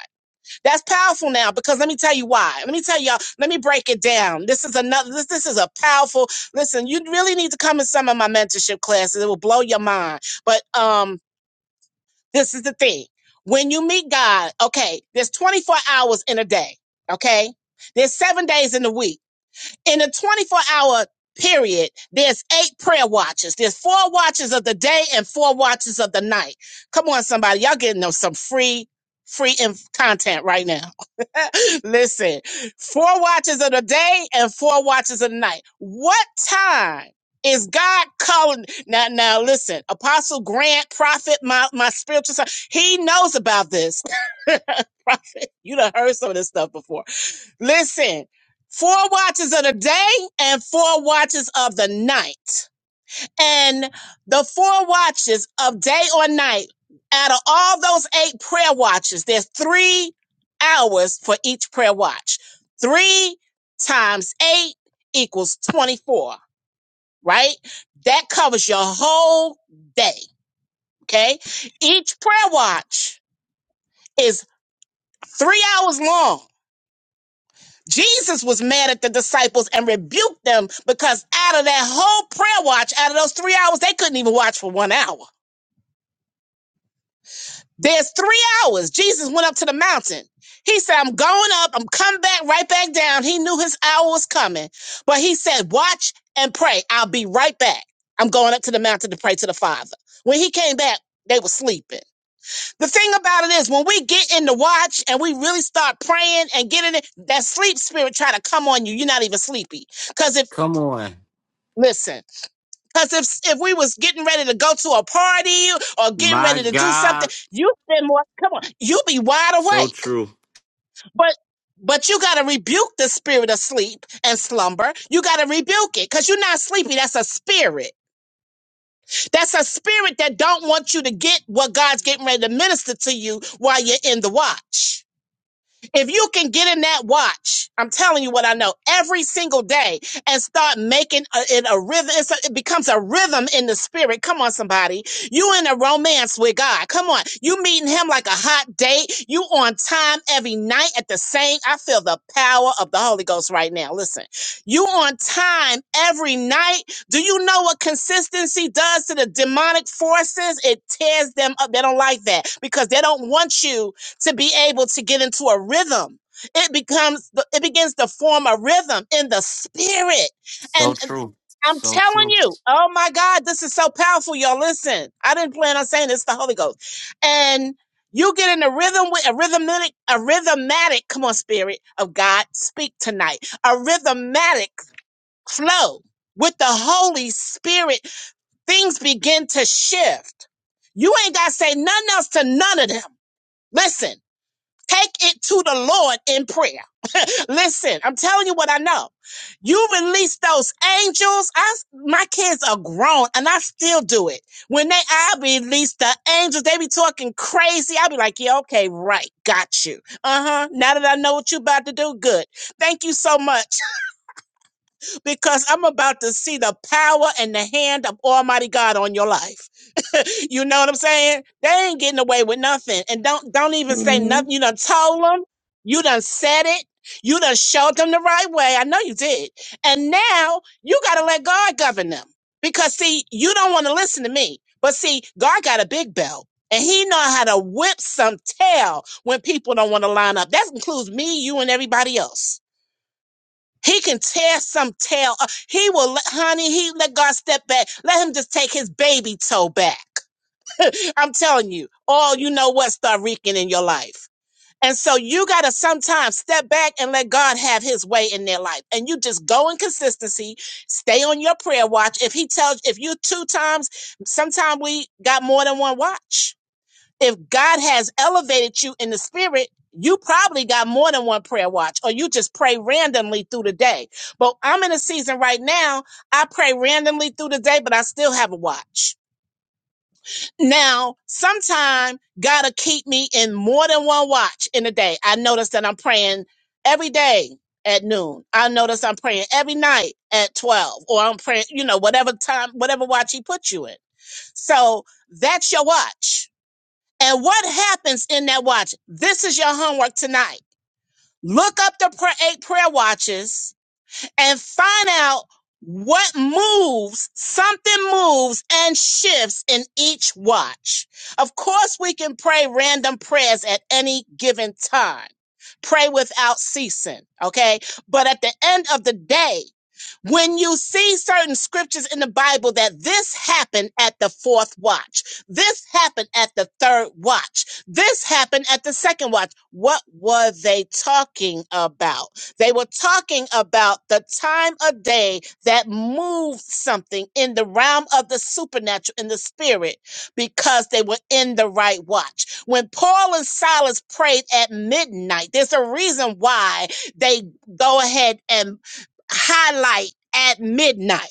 That's powerful now because let me tell you why. Let me tell y'all, let me break it down. This is another this this is a powerful listen, you really need to come in some of my mentorship classes. It will blow your mind. But um this is the thing. When you meet God, okay, there's 24 hours in a day, okay? There's 7 days in the week in a 24 hour period, there's eight prayer watches. There's four watches of the day and four watches of the night. Come on, somebody. Y'all getting them some free, free inf- content right now. <laughs> Listen, four watches of the day and four watches of the night. What time? Is God calling now? Now listen, Apostle Grant, Prophet, my my spiritual son, he knows about this. <laughs> Prophet, you done heard some of this stuff before. Listen, four watches of the day and four watches of the night. And the four watches of day or night, out of all those eight prayer watches, there's three hours for each prayer watch. Three times eight equals 24, right? That covers your whole day, okay? Each prayer watch is three hours long Jesus was mad at the disciples and rebuked them because out of that whole prayer watch, out of those three hours, they couldn't even watch for one hour. There's three hours. Jesus went up to the mountain. He said, I'm going up. I'm coming back right back down. He knew his hour was coming, but he said, watch and pray. I'll be right back. I'm going up to the mountain to pray to the Father. When he came back, they were sleeping. The thing about it is, when we get in the watch and we really start praying and getting it, that sleep spirit try to come on you. You're not even sleepy. Cause if Come on. listen, cause if if we was getting ready to go to a party or getting My ready to do something, God. you spend more. Come on, you be wide So awake. true. But but you gotta rebuke the spirit of sleep and slumber. You gotta rebuke it because you're not sleepy. That's a spirit. That's a spirit that don't want you to get what God's getting ready to minister to you while you're in the watch. If you can get in that watch, I'm telling you what I know, every single day and start making a, it a rhythm, it's a, it becomes a rhythm in the spirit. Come on, somebody. You in a romance with God. Come on. You meeting him like a hot date. You on time every night at the same. I feel the power of the Holy Ghost right now. Listen, you on time every night. Do you know what consistency does to the demonic forces? It tears them up. They don't like that because they don't want you to be able to get into a rhythm. It becomes it begins to form a rhythm in the spirit. So And true. I'm So telling true. you, oh my God, this is so powerful, y'all. Listen, I didn't plan on saying this, the Holy Ghost. And you get in a rhythm with a rhythmic, a rhythmatic, come on, spirit of God, speak tonight. A rhythmatic flow with the Holy Spirit, things begin to shift. You ain't got to say nothing else to none of them. Listen. Take it to the Lord in prayer. <laughs> Listen, I'm telling you what I know. You release those angels. I, my kids are grown and I still do it. When they, I release the angels, they be talking crazy. I be like, yeah, okay, right. Got you. Uh huh. Now that I know what you about to do, good. Thank you so much because I'm about to see the power and the hand of Almighty God on your life. <laughs> you know what I'm saying? They ain't getting away with nothing. And don't don't even say hmm nothing. You done told them. You done said it. You done showed them the right way. I know you did. And now you gotta let God govern them. Because see, you don't want to listen to me. But see, God got a big belt. And he know how to whip some tail when people don't want to line up. That includes me, you, and everybody else. He can tear some tail. up. He will let, honey, he let God step back. Let him just take his baby toe back I'm telling you, all you know what start reeking in your life. And so you got to sometimes step back and let God have his way in their life. And you just go in consistency, stay on your prayer watch. If he tells, if you two times, sometimes we got more than one watch. If God has elevated you in the spirit, you probably got more than one prayer watch or you just pray randomly through the day. But I'm in a season right now. I pray randomly through the day, but I still have a watch. Now, sometime God'll keep me in more than one watch in a day. I notice that I'm praying every day at noon. I notice I'm praying every night at 12 or I'm praying, you know, whatever time, whatever watch he put you in. So that's your watch. And what happens in that watch? This is your homework tonight. Look up the pra- eight prayer watches and find out what moves, something moves and shifts in each watch. Of course, we can pray random prayers at any given time. Pray without ceasing, okay? But at the end of the day, when you see certain scriptures in the Bible that this happened at the fourth watch, this happened at the third watch, this happened at the second watch, what were they talking about? They were talking about the time of day that moved something in the realm of the supernatural, in the spirit, because they were in the right watch. When Paul and Silas prayed at midnight, there's a reason why they go ahead and highlight at midnight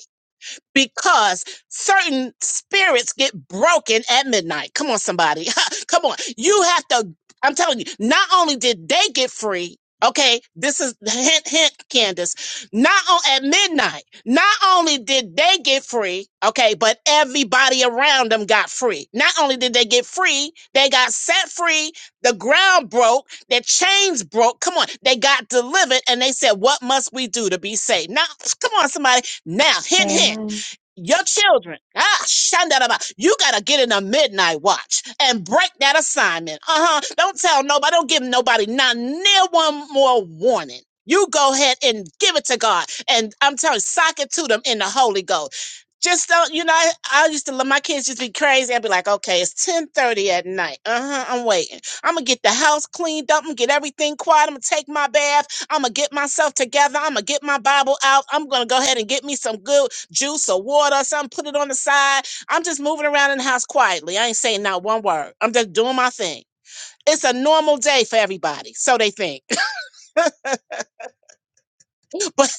because certain spirits get broken at midnight. Come on, somebody. <laughs> Come on. You have to, I'm telling you, not only did they get free, okay, this is hint, hint, Candace. Not on, at midnight, not only did they get free, okay, but everybody around them got free. Not only did they get free, they got set free. The ground broke, their chains broke. Come on, they got delivered and they said, What must we do to be saved? Now, come on, somebody. Now, hint, hint Amen. your children. Ah, shandaraba. You gotta get in a midnight watch and break that assignment. Uh huh. Don't tell nobody. Don't give nobody not near one more warning. You go ahead and give it to God, and I'm telling you, sock it to them in the Holy Ghost. Just don't, you know. I, I used to let my kids just be crazy. I'd be like, okay, it's ten thirty at night. Uh huh. I'm waiting. I'm gonna get the house cleaned up. I'm gonna get everything quiet. I'm gonna take my bath. I'm gonna get myself together. I'm gonna get my Bible out. I'm gonna go ahead and get me some good juice or water or something, put it on the side. I'm just moving around in the house quietly. I ain't saying not one word. I'm just doing my thing. It's a normal day for everybody, so they think. <laughs> But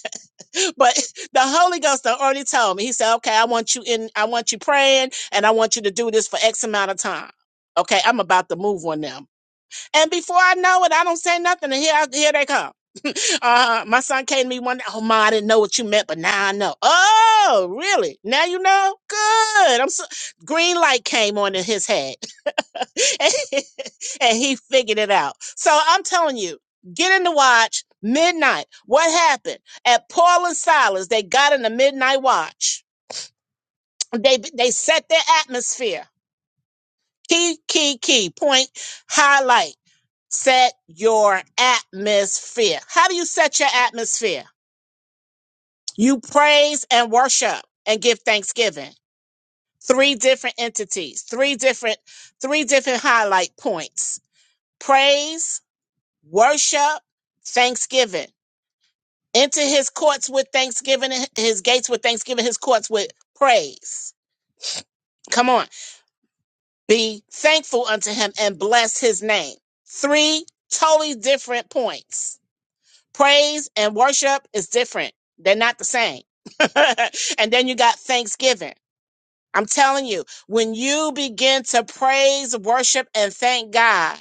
but the Holy Ghost already told me. He said, "Okay, I want you in. I want you praying, and I want you to do this for X amount of time." Okay, I'm about to move on them And before I know it, I don't say nothing, and here, I- here they come. <laughs> uh, my son came to me one day. Oh, ma, I didn't know what you meant, but now I know. Oh, really? Now you know? Good. I'm so green light came on in his head, <laughs> and he figured it out. So I'm telling you, get in the watch midnight. What happened at Paul and Silas? They got in the midnight watch. They they set their atmosphere. Key, key, key point, highlight. Set your atmosphere. How do you set your atmosphere? You praise and worship and give thanksgiving. Three different entities, three different, three different highlight points. Praise, worship, thanksgiving. Enter his courts with thanksgiving, and his gates with thanksgiving, his courts with praise. Come on. Be thankful unto him and bless his name. Three totally different points. Praise and worship is different. They're not the same. <laughs> and then you got thanksgiving. I'm telling you, when you begin to praise, worship, and thank God,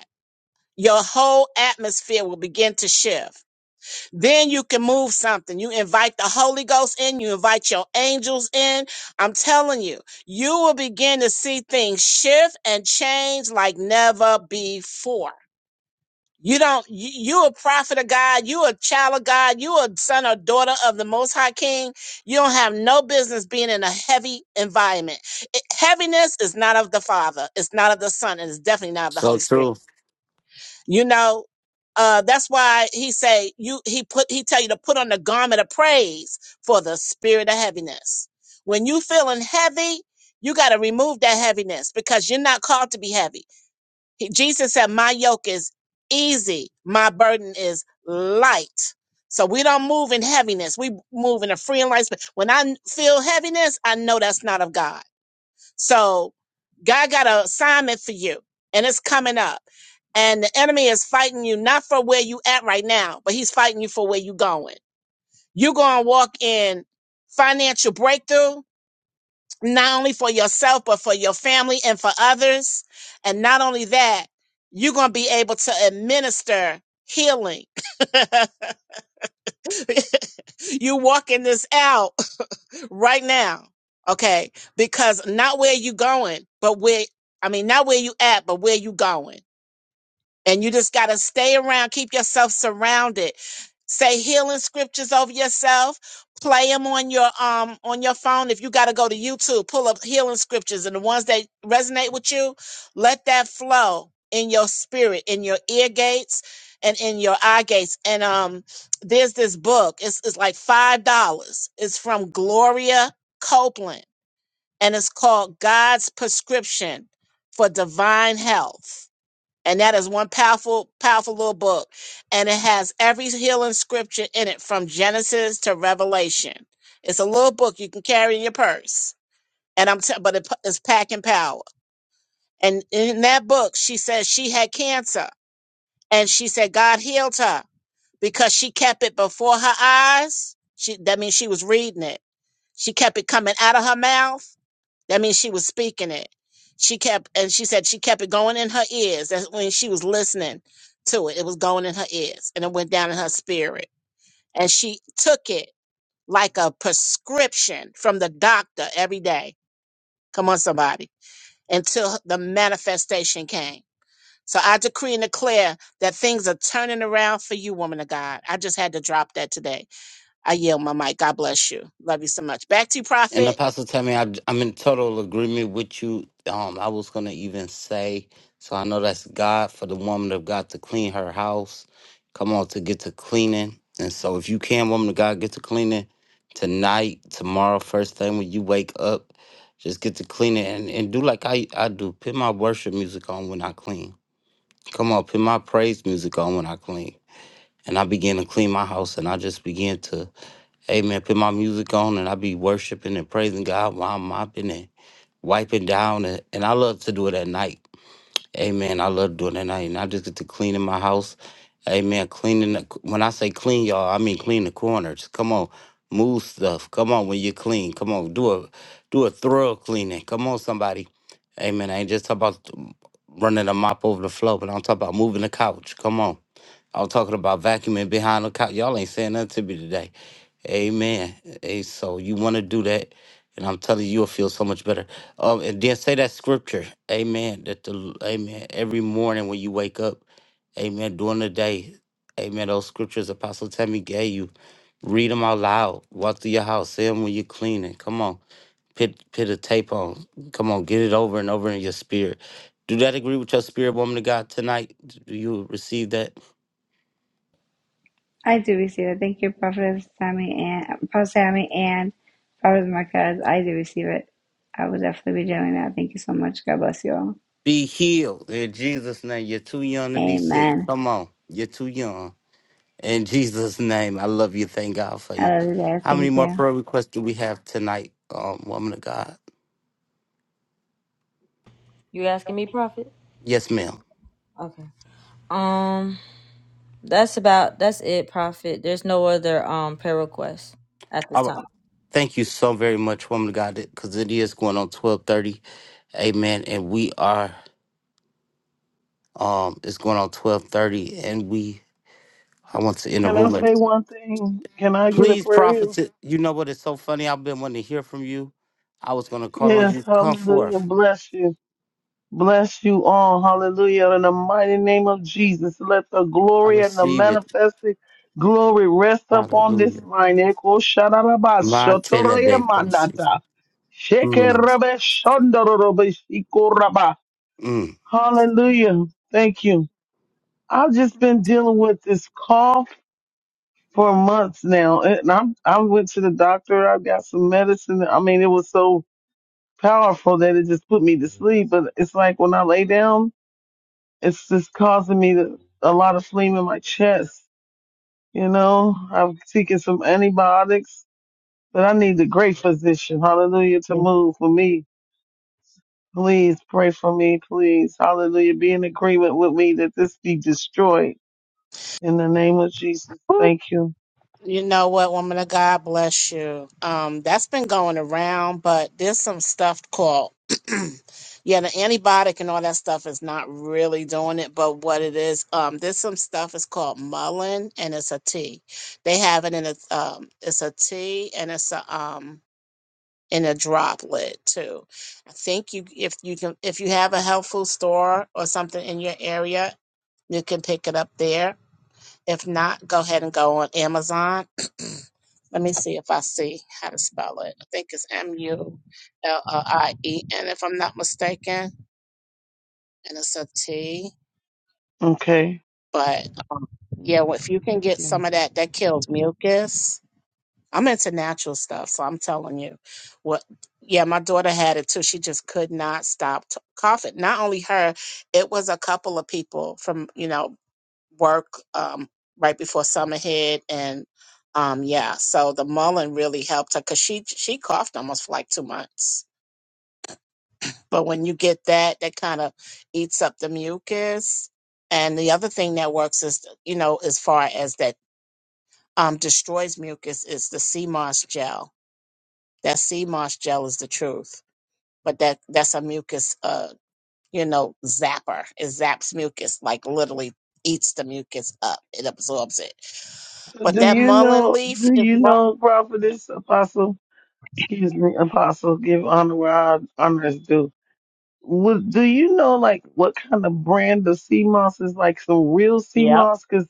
your whole atmosphere will begin to shift then you can move something. You invite the Holy Ghost in, you invite your angels in. I'm telling you, you will begin to see things shift and change like never before. You don't, you, you a prophet of God, you a child of God, you a son or daughter of the Most High King. You don't have no business being in a heavy environment. It- heaviness is not of the Father, it's not of the Son, and it's definitely not of the So Holy Spirit. true. You know, uh, that's why he say you he put he tell you to put on the garment of praise for the spirit of heaviness. When you feeling heavy, you got to remove that heaviness because you're not called to be heavy. He- Jesus said, "My yoke is easy, my burden is light." So we don't move in heaviness. We move in a free and light spirit. When I feel heaviness, I know that's not of God. So God got an assignment for you and it's coming up. And the enemy is fighting you not for where you at right now, but he's fighting you for where you going. You're going to walk in financial breakthrough, not only for yourself, but for your family and for others. And not only that, you're going to be able to administer healing. <laughs> you walking this out right now, okay? Because not where you going, but where I mean, not where you at, but where you going. And you just got to stay around, keep yourself surrounded. Say healing scriptures over yourself. Play them on your um on your phone. If you got to go to YouTube, pull up healing scriptures and the ones that resonate with you, let that flow in your spirit, in your ear gates and in your eye gates. And um there's this book. It's it's like $5. It's from Gloria Copeland and it's called God's Prescription for Divine Health and that is one powerful powerful little book and it has every healing scripture in it from genesis to revelation it's a little book you can carry in your purse and i'm t- but it, it's packing power and in that book she says she had cancer and she said god healed her because she kept it before her eyes she that means she was reading it she kept it coming out of her mouth that means she was speaking it. She kept, and she said she kept it going in her ears. That's when she was listening to it. It was going in her ears and it went down in her spirit. And she took it like a prescription from the doctor every day. Come on, somebody. Until the manifestation came. So I decree and declare that things are turning around for you, woman of God. I just had to drop that today. I yield my mic. God bless you. Love you so much. Back to you, And prophet. Apostle Tammy, I, I'm in total agreement with you. Um, I was gonna even say, so I know that's God for the woman of God to clean her house. Come on, to get to cleaning. And so, if you can, woman of God, get to cleaning tonight, tomorrow, first thing when you wake up, just get to cleaning and, and do like I, I do. Put my worship music on when I clean. Come on, put my praise music on when I clean. And I begin to clean my house, and I just begin to Amen. Put my music on and I be worshiping and praising God while I'm mopping and wiping down. And, and I love to do it at night. Amen. I love doing it at night. And I just get to clean in my house. Amen. Cleaning. The, when I say clean, y'all, I mean clean the corners. Come on. Move stuff. Come on when you clean. Come on. Do a do a thorough cleaning. Come on, somebody. Amen. I ain't just talking about running a mop over the floor, but I'm talking about moving the couch. Come on. I'm talking about vacuuming behind the couch. Y'all ain't saying nothing to me today. Amen. Hey, so you want to do that, and I'm telling you, you'll feel so much better. Um, and then say that scripture, Amen. That the Amen every morning when you wake up, Amen. During the day, Amen. Those scriptures Apostle Tammy gave you, read them out loud. Walk through your house, say them when you're cleaning. Come on, put put a tape on. Come on, get it over and over in your spirit. Do that agree with your spirit, woman of God, tonight? Do you receive that? I do receive it. Thank you, Prophet Sammy and Prophet Sammy and Prophet Marquez. I do receive it. I will definitely be doing that. Thank you so much. God bless you all. Be healed in Jesus' name. You're too young to be sick. Amen. Come on. You're too young. In Jesus' name, I love you. Thank God for you. I love you guys. How many Thank more you. prayer requests do we have tonight, um, woman of God? You asking me, Prophet? Yes, ma'am. Okay. Um, that's about that's it, Prophet. There's no other um prayer requests at this All right. time. Thank you so very much, woman of God, because it is going on 1230. Amen. And we are, um, it's going on 1230, and we, I want to in the Can I room. at- say one thing? Can I get a Please, prayer? in? prophet, you know what? It's so funny. I've been wanting to hear from you. I was going to call on Yes, you. Come hallelujah. forth. Bless you. Bless you all. Hallelujah. In the mighty name of Jesus, let the I glory and the receive it. manifested glory rest upon this Hallelujah. line. Eko shararaba My shotoraya telebekos. mandata. Mm, Shekerabe shondororobe shikoraba. mm. Hallelujah. Thank you. I've just been dealing with this cough. for months now. And I'm, I went to the doctor. I got some medicine. I mean, it was so powerful that it just put me to sleep. But it's like when I lay down, it's just causing me to, a lot of phlegm in my chest. You know, I'm taking some antibiotics, but I need a great physician. Hallelujah to move for me. Please pray for me, please. Hallelujah. Be in agreement with me that this be destroyed in the name of Jesus. Thank you. You know what, woman of God bless you. Um, that's been going around, but there's some stuff called <clears throat> yeah, the antibiotic and all that stuff is not really doing it, but what it is, um, there's some stuff is called mullein and it's a tea. They have it in a um it's a tea and it's a um in a droplet too. I think you if you can if you have a health food store or something in your area, you can pick it up there if not, go ahead and go on Amazon. <clears throat> Let me see if I see how to spell it. I think it's M U L L I E N, if I'm not mistaken, and it's a T. Okay. But um, yeah, well, if you can Thank get you. some of that, that kills mucus. I'm into natural stuff, so I'm telling you, what? Yeah, my daughter had it too. She just could not stop t- coughing. Not only her, it was a couple of people from you know work um, right before summer hit, and um, yeah, so the mullein really helped her because she she coughed almost for like two months. But when you get that, that kind of eats up the mucus. And the other thing that works is, you know, as far as that um, destroys mucus is the sea moss gel. That sea moss gel is the truth, but that that's a mucus. Uh, you know, zapper. It zaps mucus, like literally eats the mucus up. It absorbs it. But Do that you mullein know? leaf Do is you what? know prophetess apostle? Excuse me, apostle. Give honor where our honor is due. Would do you know like what kind of brand of sea moss is like some real sea moss? Because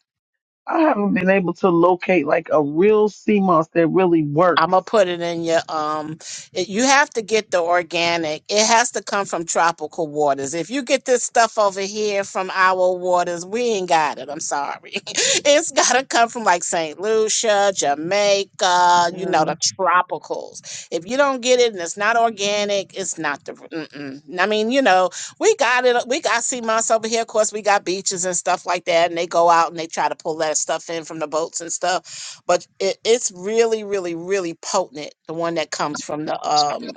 I haven't been able to locate like a real sea moss that really I'm works. gonna put it in your um. It, you have to get the organic. It has to come from tropical waters. If you get this stuff over here from our waters, we ain't got it. I'm sorry. <laughs> it's gotta come from like Saint Lucia, Jamaica. You Yeah, know the tropicals. If you don't get it and it's not organic, it's not the. Mm-mm. I mean, you know, we got it. We got sea moss over here. Of course, we got beaches and stuff like that, and they go out and they try to pull that stuff in from the boats and stuff but it, it's really, really, really potent. The one that comes from the um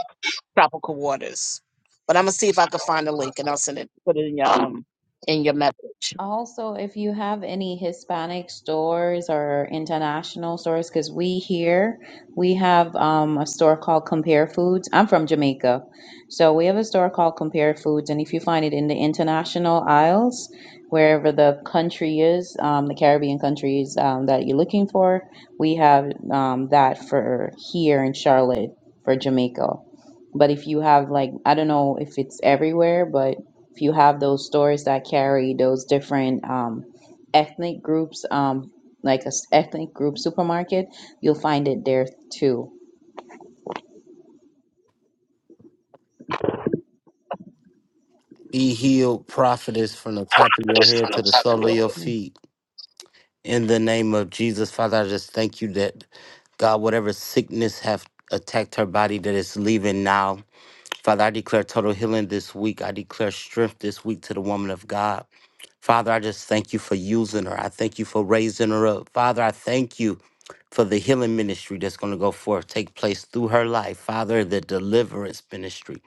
tropical waters. But I'm gonna see if I can find a link and I'll send it. Put it in your um in your message. Also, if you have any Hispanic stores or international stores, because we here we have um, a store called Compare Foods. I'm from Jamaica, so we have a store called Compare Foods, and if you find it in the international aisles, wherever the country is, um, the Caribbean countries um, that you're looking for, we have um, that for here in Charlotte for Jamaica. But if you have like I don't know if it's everywhere, but if you have those stores that carry those different um, ethnic groups, um, like a s- ethnic group supermarket, you'll find it there too. Be healed, prophetess, from the top of your head to the sole of thank your you. feet. In the name of Jesus, Father, I just thank you that God, whatever sickness have attacked her body that is leaving now. Father, I declare total healing this week. I declare strength this week to the woman of God. Father, I just thank you for using her. I thank you for raising her up. Father, I thank you for the healing ministry that's going to go forth, take place through her life. Father, the deliverance ministry.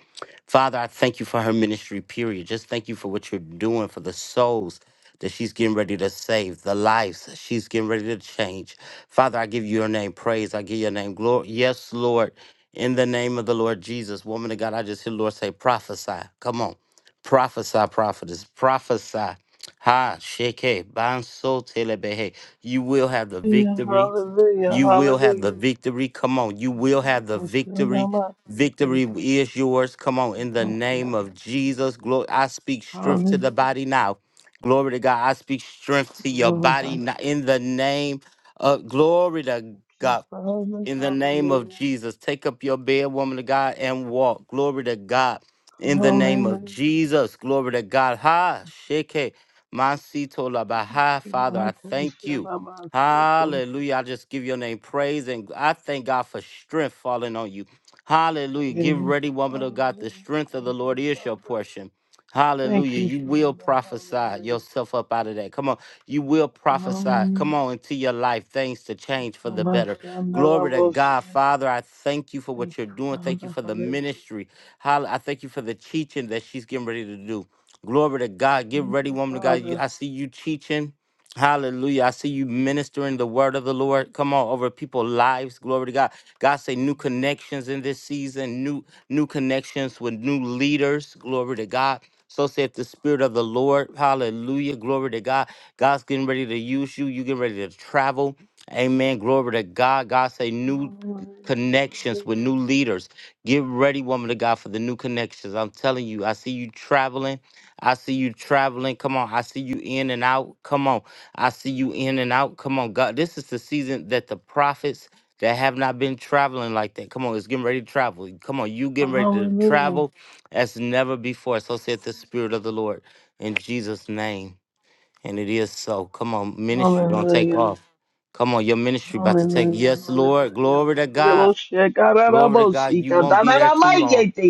Father, I thank you for her ministry, period. Just thank you for what you're doing for the souls that she's getting ready to save, the lives that she's getting ready to change. Father, I give you your name praise. I give your name glory. Yes, Lord, in the name of the Lord Jesus. Woman of God, I just hear the Lord say, prophesy. Come on. Prophesy, prophetess. Prophesy. Ha sheke banso telebehe. You will have the Yeah, victory. hallelujah, You will have the hallelujah. victory. Come on, you will have the victory. Victory is yours. Come on, in the name Yes, of Jesus, glory. I speak strength to hallelujah, the body now. Glory to God. I speak strength to your glory, body hallelujah. now. In the name of glory to Thank you, God Father, in the name of hallelujah. Jesus. Take up your bed, woman of God, and walk. Glory to God. In the name Hallelujah. of Jesus. Glory to God. Ha, sheke, masito la baha. Father, I thank you. Shabbat-shalom. Hallelujah. I just give your name praise and I thank God for strength falling on you. Hallelujah. Give Yes. ready, woman of God. The Hallelujah. strength of the Thank you, Lord is your Father. portion. Thank Hallelujah. you, You will Father. prophesy Hallelujah. yourself up out of that. Come on. You will prophesy. Come Hallelujah. on into your life. Things to change for the better. Glory to Kumashandalabosha. God. Father, I thank you for Thank what you're you, doing. Thank you Father. for the Hallelujah. ministry. Hall- I thank you for the teaching that she's getting ready to do. Glory to God. Get Thank ready, you, woman of God. You- Father. I see you teaching. Hallelujah. I see you ministering the word of the Lord. Come on over people's lives. Glory to God. God say new connections in this season, new new connections with new leaders. Glory to God. So saith the Spirit of the Lord. Hallelujah. Glory to God. God's getting ready to use you. You getting ready to travel. Amen. Glory to God. God say new Hallelujah. connections with Hallelujah. new leaders. Get ready, woman of God, for the new connections. I'm telling you, I see you traveling. I see you traveling. Come on. I see you in and out. Come on. I see you in and out. Come on, God. This is the season that the prophets that have not been traveling like that. Come on, it's getting ready to travel. Come on, you getting ready to Hallelujah. travel as never before. So saith the Spirit of the Lord in Jesus' name. And it is so. Come on, ministry gonna take Hallelujah. off. Come on, your ministry about to take. Hallelujah. Hallelujah. Yes, Lord. Glory to Hallelujah. God. Loshe Glory to God. kararabosi. You won't be there too long. Kadanaramayete.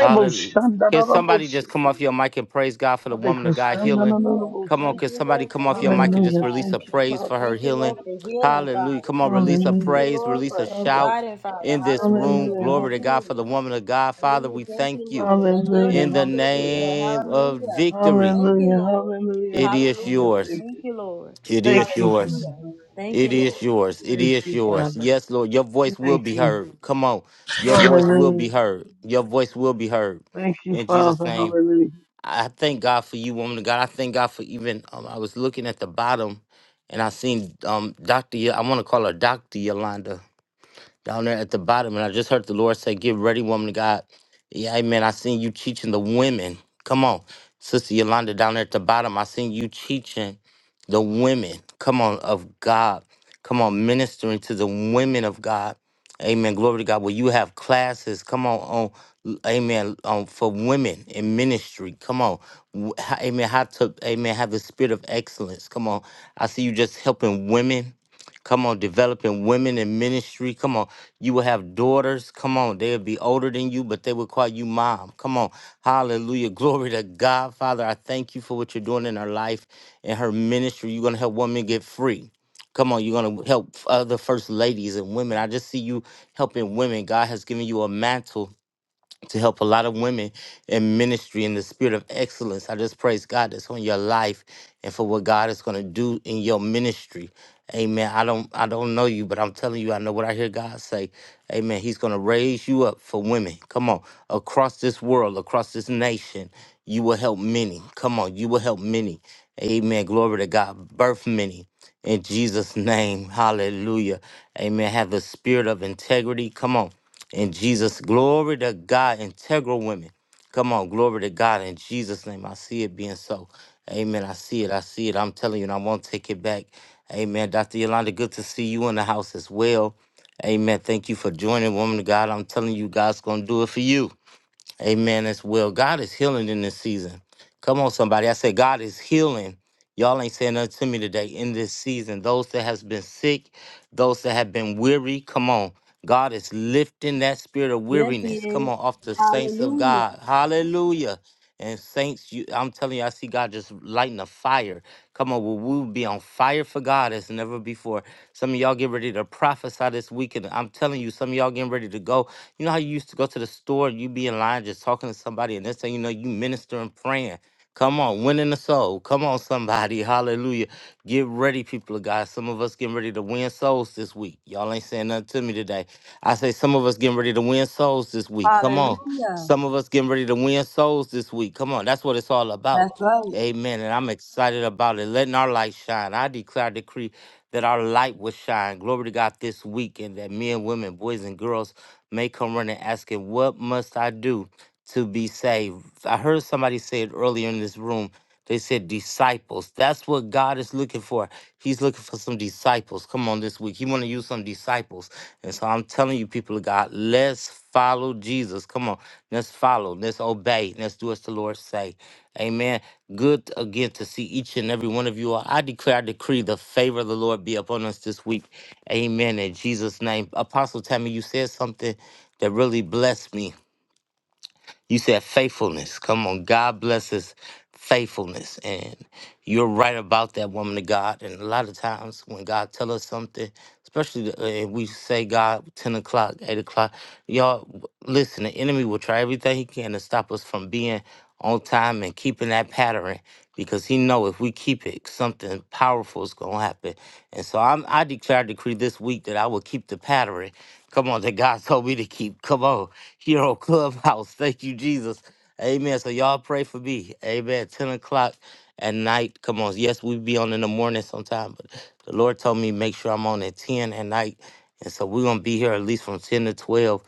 Hallelujah. Can somebody just come off your mic and praise God for the woman of Hallelujah. God healing? Come on, can somebody come off your mic and just Hallelujah. release Thank a you, praise for Father. her healing? Hallelujah. Hallelujah. Come on, release a Hallelujah. praise, Thank you, release a Father. shout in this room. Hallelujah. Glory to God for the Hallelujah. woman of God. Father, we thank Hallelujah. you Hallelujah. in the name of Hallelujah. victory. Hallelujah. Hallelujah. It is Hallelujah. yours. Thank you. It Thank is you, Father. yours. Thank Hallelujah. It is yours. It Thank is you, yours. Father. Yes, Lord. Your voice will Thank be you. heard. Come on. Your voice will Hallelujah. be heard. Your voice will be heard. Thank you, In Jesus' Father. name. Hallelujah. I thank God for you, woman of God. I thank God for even um, I was looking at the bottom and I seen um Dr. Y- I want to call her Dr. Yolanda down there at the bottom. And I just heard the Lord say, Get ready, woman of God. Yeah, amen. I seen you teaching the women. Come on. Sister Yolanda down there at the bottom. I seen you teaching the women. Come on, of God. Come on, ministering to the women of God. Amen. Glory to God. Well, you have classes. Come on, on amen. On for women in ministry. Come on. W- how- Amen. How to amen have the spirit of excellence. Come on. I see you just helping women Come on, developing women in ministry. Come on, you will have daughters. Come on, they'll be older than you, but they will call you mom. Come on, hallelujah. <laughs> Glory to God. Father, I thank you for what you're doing in her life and her ministry. You're going to help women get free. Come on, you're going to help other first ladies and women. I just see you helping women. God has given you a mantle to help a lot of women in ministry in the spirit of excellence. I just praise God that's on your life and for what God is going to do in your ministry. Amen. I don't I don't know you, but I'm telling you, I know what I hear God say. Amen. He's gonna raise you up for women. Come on. Across this world, across this nation, you will help many. Come on, you will help many. Amen. Glory to God. Birth many. In Jesus' name. Hallelujah. Amen. Have the spirit of integrity. Come on. In Jesus. Glory to God. Integral women. Come on, glory to God in Jesus' name. I see it being so. Amen. I see it. I see it. I'm telling you, and I won't take it back. Amen. Dr. Yolanda, good to see you in the house as well. Amen. Thank you for joining, woman of God. I'm telling you, God's going to do it for you. Amen as well. God is healing in this season. Come on, somebody. I said, God is healing. Y'all ain't saying nothing to me today in this season. Those that has been sick, those that have been weary, come on. God is lifting that spirit of weariness. Come on, off the saints of God. Hallelujah. And saints, you I'm telling you, I see God just lighting a fire. Come on, we will be on fire for God as never before? Some of y'all get ready to prophesy this weekend. I'm telling you, some of y'all getting ready to go you know how you used to go to the store, you be in line just talking to somebody, and next thing you know, you ministering, praying. Come on, winning the soul. Come on, somebody. <laughs> Hallelujah. Get ready, people of God. Some of us getting ready to win souls this week. Y'all ain't saying nothing to me today. I say some of us getting ready to win souls this week. Come on. Some of us getting ready to win souls this week. Come on. That's what it's all about. Amen. And I'm excited about it. Letting our light shine. I declare, decree that our light will shine. Glory to God this week, and that men, women, boys, and girls may come running asking, What must I do to be saved? I heard somebody say it earlier in this room. They said disciples. That's what God is looking for. He's looking for some disciples. Come on this week. He want to use some disciples. And so I'm telling you, people of God, let's follow Jesus. Come on. Let's follow. Let's obey. Let's do as the Lord say. Amen. Good again to see each and every one of you all. I declare, I decree the favor of the Lord be upon us this week. Amen. In Jesus' name. Apostle Tammy, you said something that really blessed me. You said faithfulness. Come on. God blesses faithfulness. And you're right about that woman of God. And a lot of times when God tell us something, especially the- uh, if we say God 10 o'clock, 8 o'clock, y'all w- listen, the enemy will try everything he can to stop us from being on time and keeping that pattern because he know if we keep it, something powerful is gonna happen. And so I'm, I declare decree this week that I will keep the pattern. Come on, that God <laughs> told me to keep. Come on, here on Clubhouse. Thank you, Jesus. Amen. So y'all pray for me. Amen. Ten o'clock at night. Come on. Yes, we be on in the morning sometime, but the Lord told me make sure I'm on at ten at night. And so we're gonna be here at least from ten to twelve.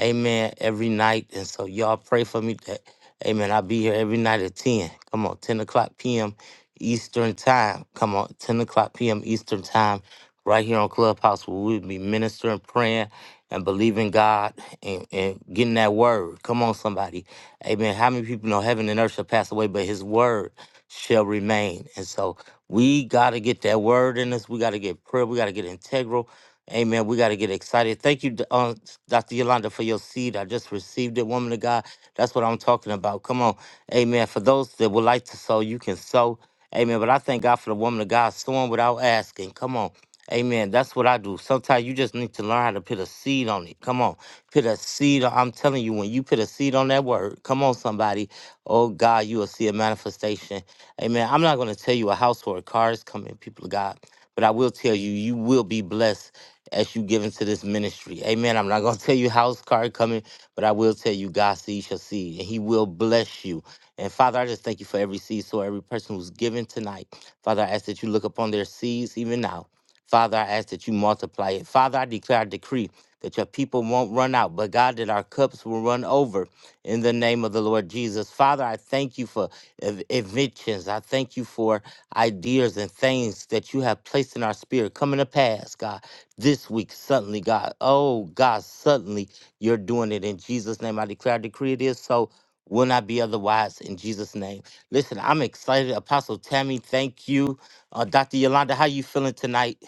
Amen. Every night. And so y'all pray for me. that Amen. I'll be here every night at 10. Come on, 10 o'clock p.m. Eastern Time. Come on, 10 o'clock p.m. Eastern Time, right here on Clubhouse, where we'll be ministering, praying, and believing God and, and getting that word. Come on, somebody. Amen. How many people know heaven and earth shall pass away, but his word shall remain? And so we got to get that word in us. We got to get prayer. We got to get integral. Amen. We got to get excited. Thank you, D- uh, Dr. Yolanda, for your seed. I just received it, woman of God. That's what I'm talking about. Come on. Amen. For those that would like to sow, you can sow. Amen. But I thank God for the woman of God sowing without asking. Come on. Amen. That's what I do. Sometimes you just need to learn how to put a seed on it. Come on. Put a seed. on- I'm telling you, when you put a seed on that word, come on, somebody. Oh, God, you will see a manifestation. Amen. I'm not going to tell you a house or a car is coming, people of God, but I will tell you, you will be blessed as you give into this ministry. Amen. I'm not going to <laughs> tell you house, car coming. But I will tell you, God sees your seed, and He will bless you. And Father, I just thank you for every seed, so every person who's given tonight. Father, I ask that you look upon their seeds even now. Father, I ask that you multiply it. Father, I declare, I decree that your people won't run out, but God, that our cups will run over in the name of the Lord Jesus. Father, I thank you for ev- inventions. I thank you for ideas and things that you have placed in our spirit coming to pass, God, this week, suddenly, God. Oh, God, suddenly. You're doing it in Jesus' name. I declare, decree it is so. Will not be otherwise in Jesus' name. Listen, I'm excited. Apostle Tammy, thank you. Uh, Dr. Yolanda, how you feeling tonight?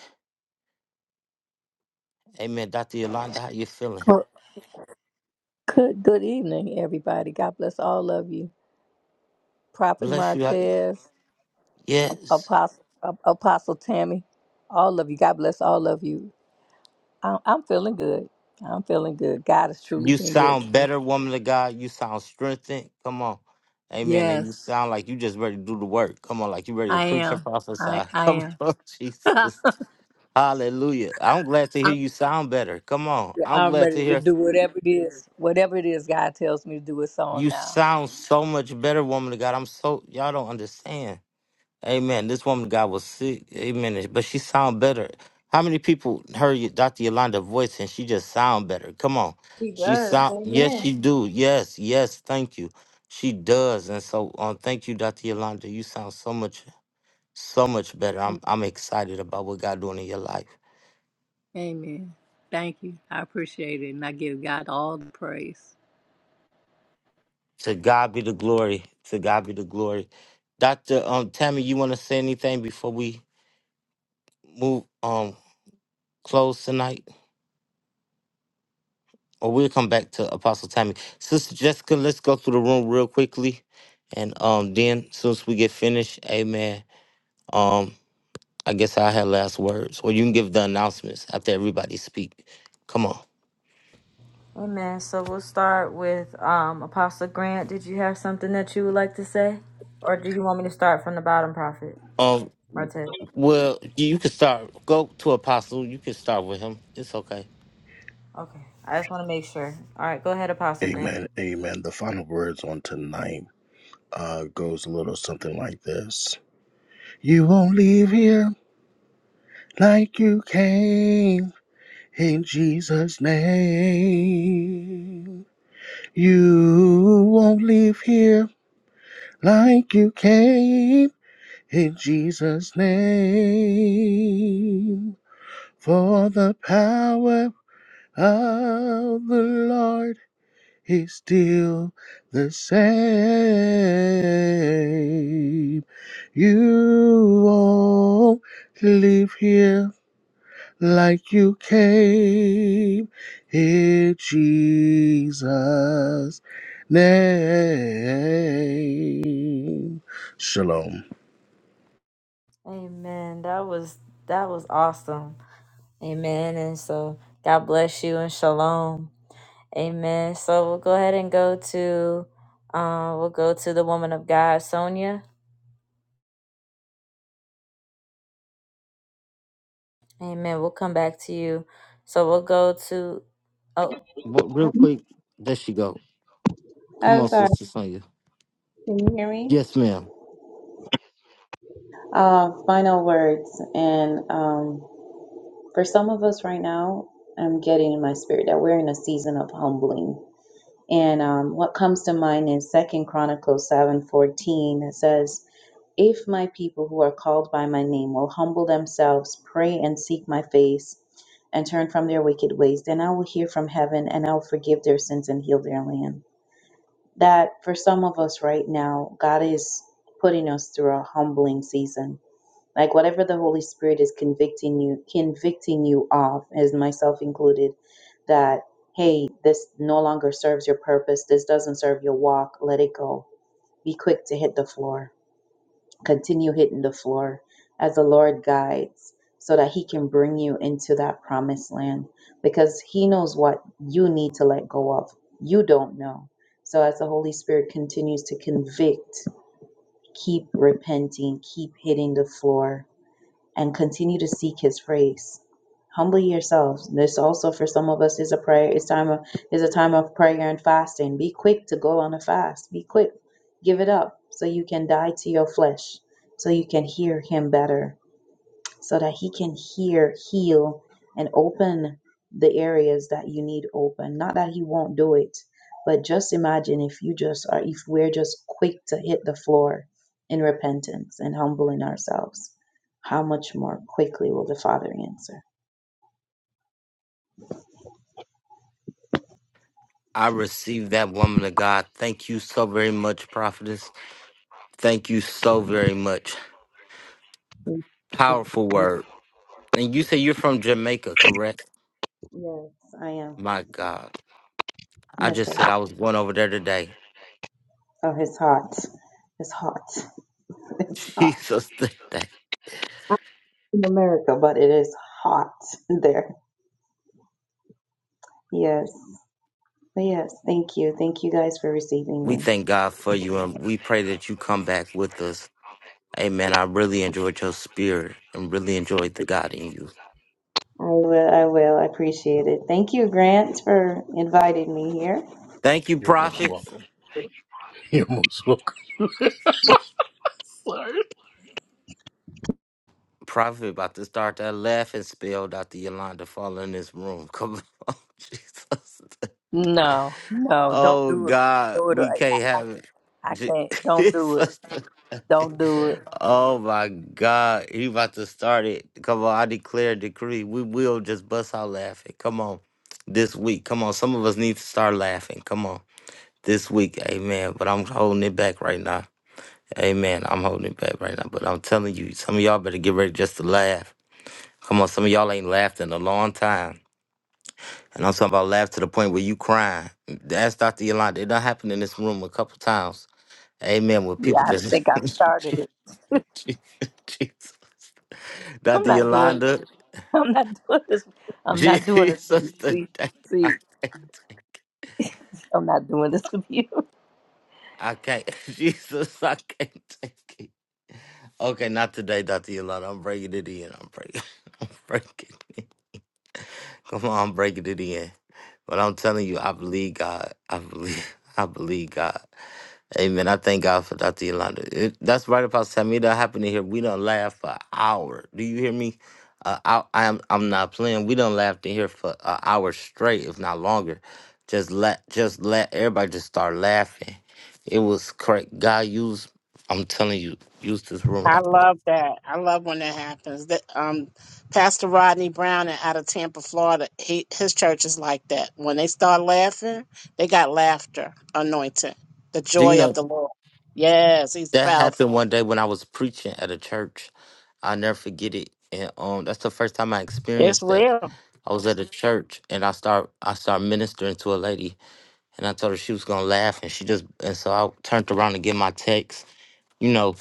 Amen. Dr. Yolanda, how you feeling? Well, Good, good evening, everybody. God bless all of you. Prophet Bless you. I- Martez, Yes. Apostle, Apostle Tammy, all of you. God bless all of you. I'm, I'm feeling good. I'm feeling good. God has truly You been good sound to me. better, woman of God. You sound strengthened. Come on. Amen. And you Yes, sound like you just ready to do the work. Come on, like you ready to I preach and am. prophesy. I, <laughs> I Come am. on, <laughs> Jesus. Hallelujah. I'm glad to hear I'm, you sound better. Come on. I'm I'm glad to ready to hear do whatever it is. Whatever it is God tells me to do, it's on You now. sound so much better, woman of God. I'm so y'all don't understand. Amen. This woman of God was sick. Amen. But she sound better. How many people heard you- Dr. Yolanda voice and she just sound better? Come on. She sound yes, she do. Yes, yes, thank you. She does. And so um, thank you, Dr. Yolanda. You sound so much, so much better. I'm I'm excited about what God doing in your life. Amen. Thank you. I appreciate it. And I give God all the praise. To God be the glory. To God be the glory. Dr. Um Tammy, you wanna say anything before we move? Um close tonight, or we'll come back to Apostle Tammy. Sister Jessica, let's go through the room real quickly, and um, then since we get finished, Amen. Um, I guess I had last words, or you can give the announcements after everybody speak. Come on. Amen. So we'll start with um, Apostle Grant. Did you have something that you would like to say? Or do you want me to start from the bottom, Prophet Um, Martez? well, you you can start. Go to Apostle. You can start with him. It's okay. Okay. I just want to make sure. All right, go ahead, Apostle Grant. Amen. Amen. The final words on tonight uh, goes a little something like this You won't leave here like you came in Jesus' name. You won't leave here like you came in Jesus' name. For the power of the Lord He's still the same. You won't leave here like you came. In Jesus' name. Shalom. Amen. That was that was awesome. Amen. And so God bless you and shalom. Amen. So we'll go ahead and go to um, we'll go to the woman of God, Sonia. Amen. We'll come back to you. So we'll go to oh But real quick, there she go. Come I'm on, sorry. Sister Sonia. Can you hear me? Yes, ma'am. Uh, final words. And um, for some of us right now, I'm getting in my spirit that we're in a season of humbling. And um, what comes to mind is Second Chronicles seven fourteen. It says. If my people who are called by my name will humble themselves, pray, and seek my face, and turn from their wicked ways, then I will hear from heaven and I will forgive their sins and heal their land. That for some of us right now, God is putting us through a humbling season. Like whatever the Holy Spirit is convicting you, convicting you of, as myself included, that hey, this no longer serves your purpose, this doesn't serve your walk, let it go. Be quick to hit the floor Continue hitting the floor as the Lord guides so that He can bring you into that promised land because He knows what you need to let go of. You don't know. So, as the Holy Spirit continues to convict, keep repenting, keep hitting the floor and continue to seek his face. Humble yourselves. This also for some of us is a prayer. It's time of is a time of prayer and fasting. Be quick to go on a fast. Be quick. Give it up so you can die to your flesh, so you can hear him better so that he can hear, heal, and open the areas that you need open. Not that he won't do it, but just imagine if you just are, if we're just quick to hit the floor in repentance and humbling ourselves, how much more quickly will the Father answer? I received that woman of God. Thank you so very much, Prophetess. Thank you so very much. Powerful word. And you say you're from Jamaica, correct? Yes, I am. My God. I Yes, just said sir. I was going over there today. Oh, it's hot. It's hot. <laughs> It's <laughs> hot Jesus, today. in America, but it is hot there. Yes. But yes, thank you. Thank you guys for receiving We me. thank God for you and we pray that you come back with us. Amen. I really enjoyed your spirit and really enjoyed the God in you. I will. I will. I appreciate it. Thank you, Grant, for inviting me here. Thank you, You're most Prophet. welcome. <laughs> You're most welcome. Sorry. Prophet about to start that laughing spell, Dr. Yolanda fall in this room. Come on, <laughs> Jesus. No, no, don't Oh do it. God, No, it- we can't I, have it. I J- can't. <laughs> Don't do it. Don't do it. oh my God, he about to start it. Come on, I declare a decree. We will just bust out laughing. Come on, this week. Come on, some of us need to start laughing. Come on, this week. Amen. But I'm holding it back right now. Amen. I'm holding it back right now. But I'm telling you, some of y'all better get ready just to laugh. Come on, some of y'all ain't laughed in a long time. And I'm talking about laugh to the point where you crying. That's Dr. Yolanda. It done happened in this room a couple times. Amen. Where Yeah, people I just think I <laughs> started it. Jesus. I'm Dr. not doing. Yolanda. <laughs> I'm not doing this. <laughs> I'm not doing this. Jesus the See, day. see, I can't take it. I'm not doing this with you. I can't. <laughs> Jesus, I can't take it. Okay, not today, Dr. Yolanda. I'm breaking it in. I'm breaking. <laughs> I'm breaking. Come on, I'm breaking it in. But I'm telling you, I believe God. I believe. <laughs> I believe God. Amen. I thank God for Dr. Yolanda. It, that's right, Apostle Tammy. That happened in here. We don't laugh for an hour. Do you hear me? Uh, I, I'm I'm not playing. We don't laugh in here for an hour straight, if not longer. Just let just let everybody just start laughing. It was correct. God used. I'm telling you, used this room I like. That. love that. I love when that happens. That um, Pastor Rodney Brown out of Tampa, Florida, he, his church is like that. When they start laughing, they got laughter anointing, the Do you joy of know the Lord. Yes, he's that powerful. happened one day when I was preaching at a church? I never forget it. And um, that's the first time I It's experienced that. real. I was at a church and I start I start ministering to a lady and I told her she was gonna laugh, and she just and so I turned around to get my text. You know,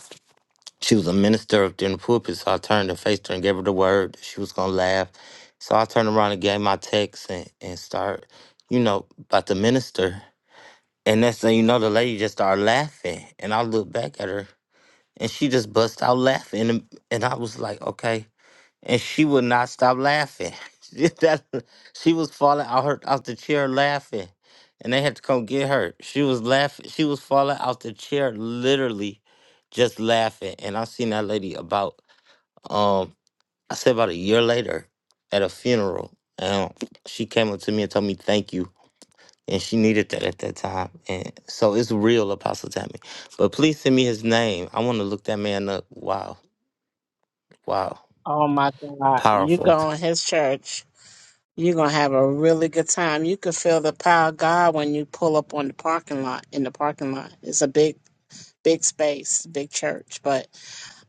she was a minister up there in the pulpit, so I turned and faced her and gave her the word that she was gonna laugh. So I turned around and gave my text and and start, you know, about the minister. And next thing you know, the lady just started laughing, and I looked back at her, and she just bust out laughing, and and I was like, okay and she would not stop laughing. <laughs> that, she was falling out her out the chair laughing, and they had to come get her. She was laughing. She was falling out the chair, literally, just laughing. And I seen that lady about um I said about a year later at a funeral, and she came up to me and told me thank you. And she needed that at that time. And so it's real, Apostle Tammy. But please send me his name. I want to look that man up. Wow. Wow. Oh my God, you Powerful. go in his church. You're gonna have a really good time. You could feel the power of God when you pull up on the parking lot in the parking lot. It's a big, big space, big church. But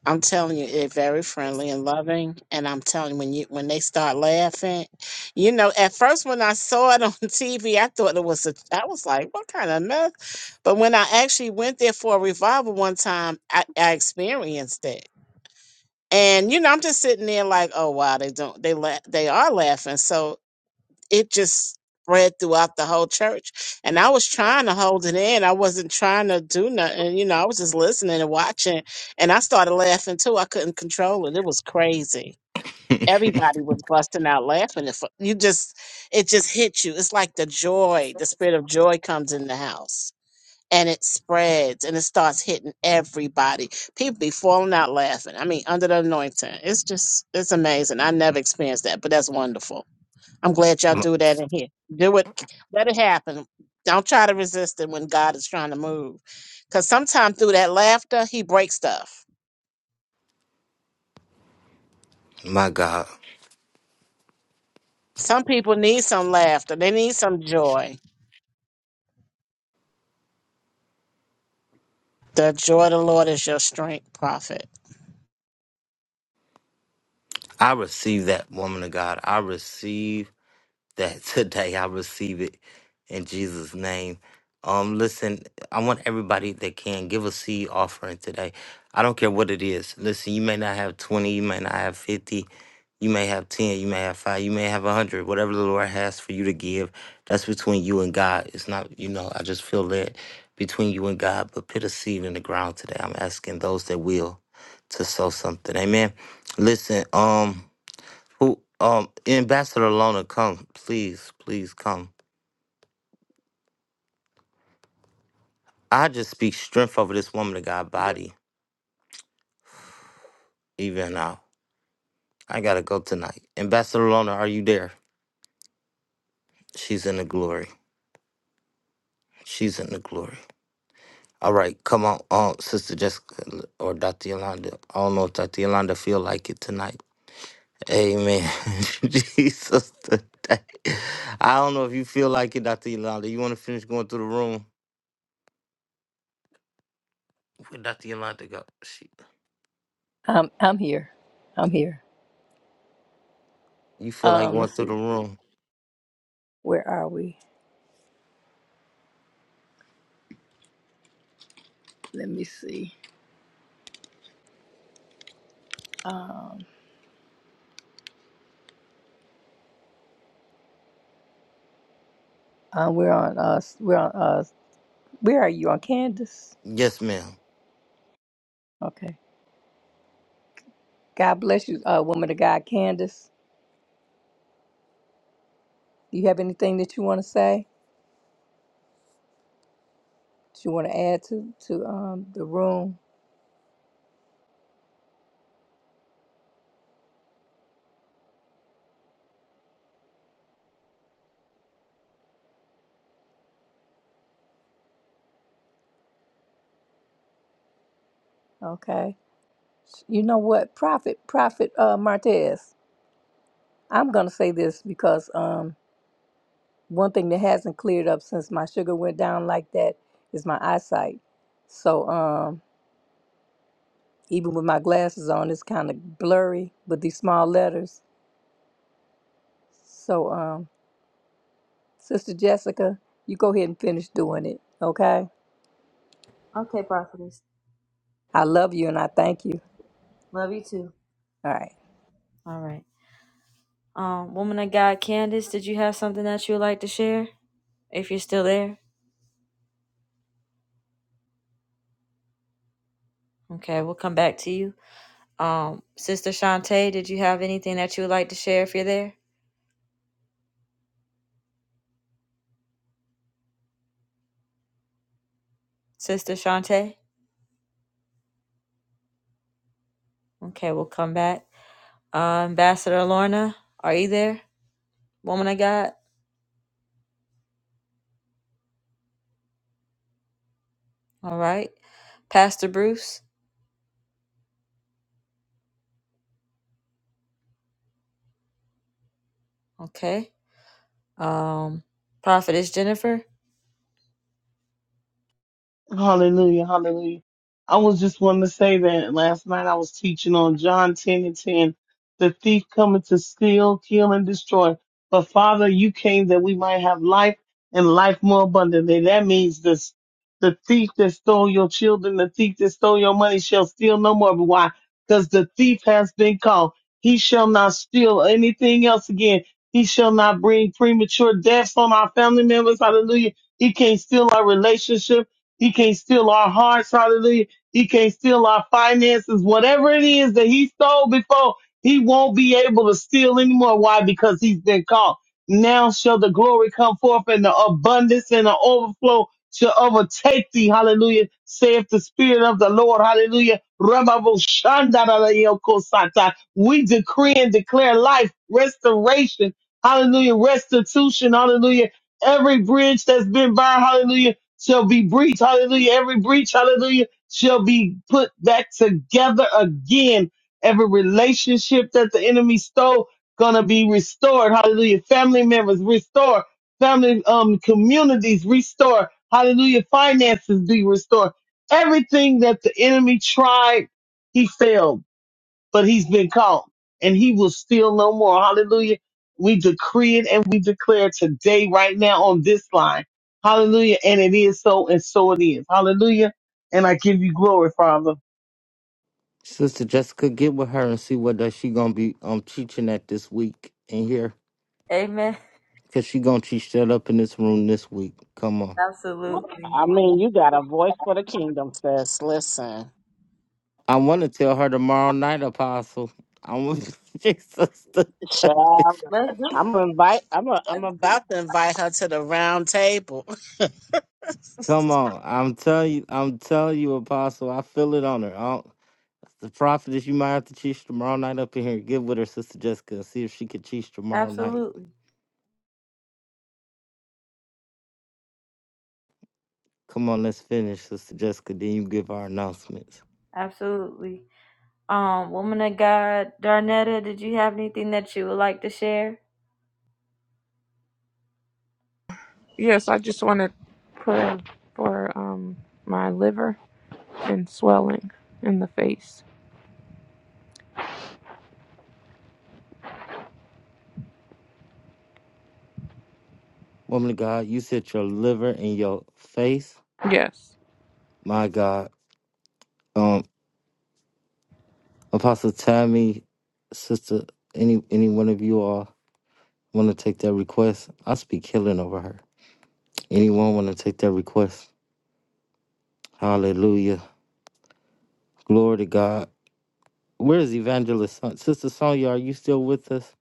I'm telling you, it's very friendly and loving. And I'm telling you, when you when they start laughing, you know, at first when I saw it on <laughs> TV, I thought it was a I was like, what kind of mess? But when I actually went there for a revival one time, I, I experienced it. And you know, I'm just sitting there like, oh wow, they don't they la- they are laughing. So it just spread throughout the whole church. And I was trying to hold it in. I wasn't trying to do nothing. You know, I was just listening and watching. And I started laughing too. I couldn't control it. It was crazy. Everybody was busting out laughing. If you just, it just hit you. It's like the joy, the spirit of joy comes in the house and it spreads and it starts hitting everybody. People be falling out laughing. I mean, under the anointing. It's just, it's amazing. I never experienced that, but that's wonderful. I'm glad y'all <laughs> do that in here. Do it. Let it happen. Don't try to resist it when God is trying to move. Because sometimes through that laughter, he breaks stuff. My God. Some people need some laughter. They need some joy. The joy of the Lord is your strength, prophet. I receive that woman of God. I receive that <laughs> today. I receive it in Jesus' name. Um, listen, I want everybody that can give a seed offering today. I don't care what it is. Listen, you may not have 20, you may not have 50, you may have 10, you may have 5, you may have 100, whatever the Lord has for you to give. That's between you and God. It's not, you know, I just feel led between you and God, but put a seed in the ground today. I'm asking those that will to sow something. Amen. Listen, um, who um Ambassador Lona, come. Please, please come. I just speak strength over this woman of God body, even now. I gotta go tonight. Ambassador Lona, are you there? She's in the glory. She's in the glory. All right, come on, um, Sister Jessica or Dr. Yolanda. I don't know if Dr. Yolanda feel like it tonight. Amen. <laughs> Jesus today. I don't know if you feel like it, Dr. Yolanda. You wanna finish going through the room? Where Dr. Yolanda go? She, <laughs> I'm, I'm here. I'm here. you feel like Um, going let's through see. the room. Where are we? Let me see. Um, uh, we're on us. We're on us. Where are you on Candace? Yes, ma'am. Okay. God bless you, uh, woman of God, Candace. Do you have anything that you want to say? That you want to add to to um the room? Okay. S- You know what, Prophet, Prophet uh, Martez, I'm going to say this because um, one thing that hasn't cleared up since my sugar went down like that is my eyesight. So um, even with my glasses on, it's kind of blurry with these small letters. So, um, Sister Jessica, you go ahead and finish doing it, okay? okay, prophetess. I love you and I thank you. Love you too. All right. All right. Um, woman of God, Candace, did you have something that you would like to share? If you're still there. Okay, we'll come back to you. Um, Sister Shantae, did you have anything that you would like to share if you're there? Sister Shantae? Okay, we'll come back. Uh, Ambassador Lorna, are you there? Woman of God? All right. Pastor Bruce? Okay. Um, Prophetess Jennifer? Hallelujah, hallelujah. I was just wanting to say that last night I was teaching on John 10 and 10. The thief cometh to steal, kill, and destroy. But Father, you came that we might have life and life more abundantly. That means this the thief that stole your children, the thief that stole your money shall steal no more. But why? Because the thief has been caught. He shall not steal anything else again. He shall not bring premature deaths on our family members. Hallelujah. He can't steal our relationships. He can't steal our hearts. Hallelujah. He can't steal our finances. Whatever it is that he stole before, he won't be able to steal anymore. Why? Because he's been caught. Now shall the glory come forth and the abundance and the overflow shall overtake thee. Hallelujah. Saith the spirit of the Lord. Hallelujah. Rababoshandarayokosata. We decree and declare life, restoration. Hallelujah. Restitution. Hallelujah every bridge that's been burned, hallelujah shall be breached. Hallelujah. Every breach, hallelujah, shall be put back together again. Every relationship that the enemy stole gonna be restored. Hallelujah. Family members restored. Family um communities restored. Hallelujah. Finances be restored. Everything that the enemy tried, he failed but he's been caught and he will steal no more. Hallelujah. We decree it and we declare today, right now on this line. Hallelujah. And it is so and so it is. Hallelujah. And I give you glory, Father. Sister Jessica, get with her and see what that she gonna be um teaching at this week in here, Amen. cause she gonna teach that up in this room this week. Come on. Absolutely. I mean, you got a voice for the kingdom, sis. Listen, I want to tell her tomorrow night, Apostle. I want <laughs> Jesus. to- child, I'm invite. I'm a, I'm about to invite her to the round table. <laughs> Come on, I'm telling you, I'm telling you, Apostle. I feel it on her. I don't- the prophetess, you might have to teach tomorrow night up in here. Get with her, Sister Jessica, and see if she can teach tomorrow night. Absolutely. Come on, let's finish, Sister Jessica. Then you give our announcements. Absolutely. Um, woman of God, Darnetta, did you have anything that you would like to share? Yes, I just want to pray for um my liver and swelling in the face. Woman of God, you said your liver in your face. Yes. My God. Um, Apostle Tammy, sister, any any one of you all want to take that request? I speak healing over her. Anyone want to take that request? Hallelujah. Glory to God. Where is Evangelist Son- Sister Sonia? Are you still with us?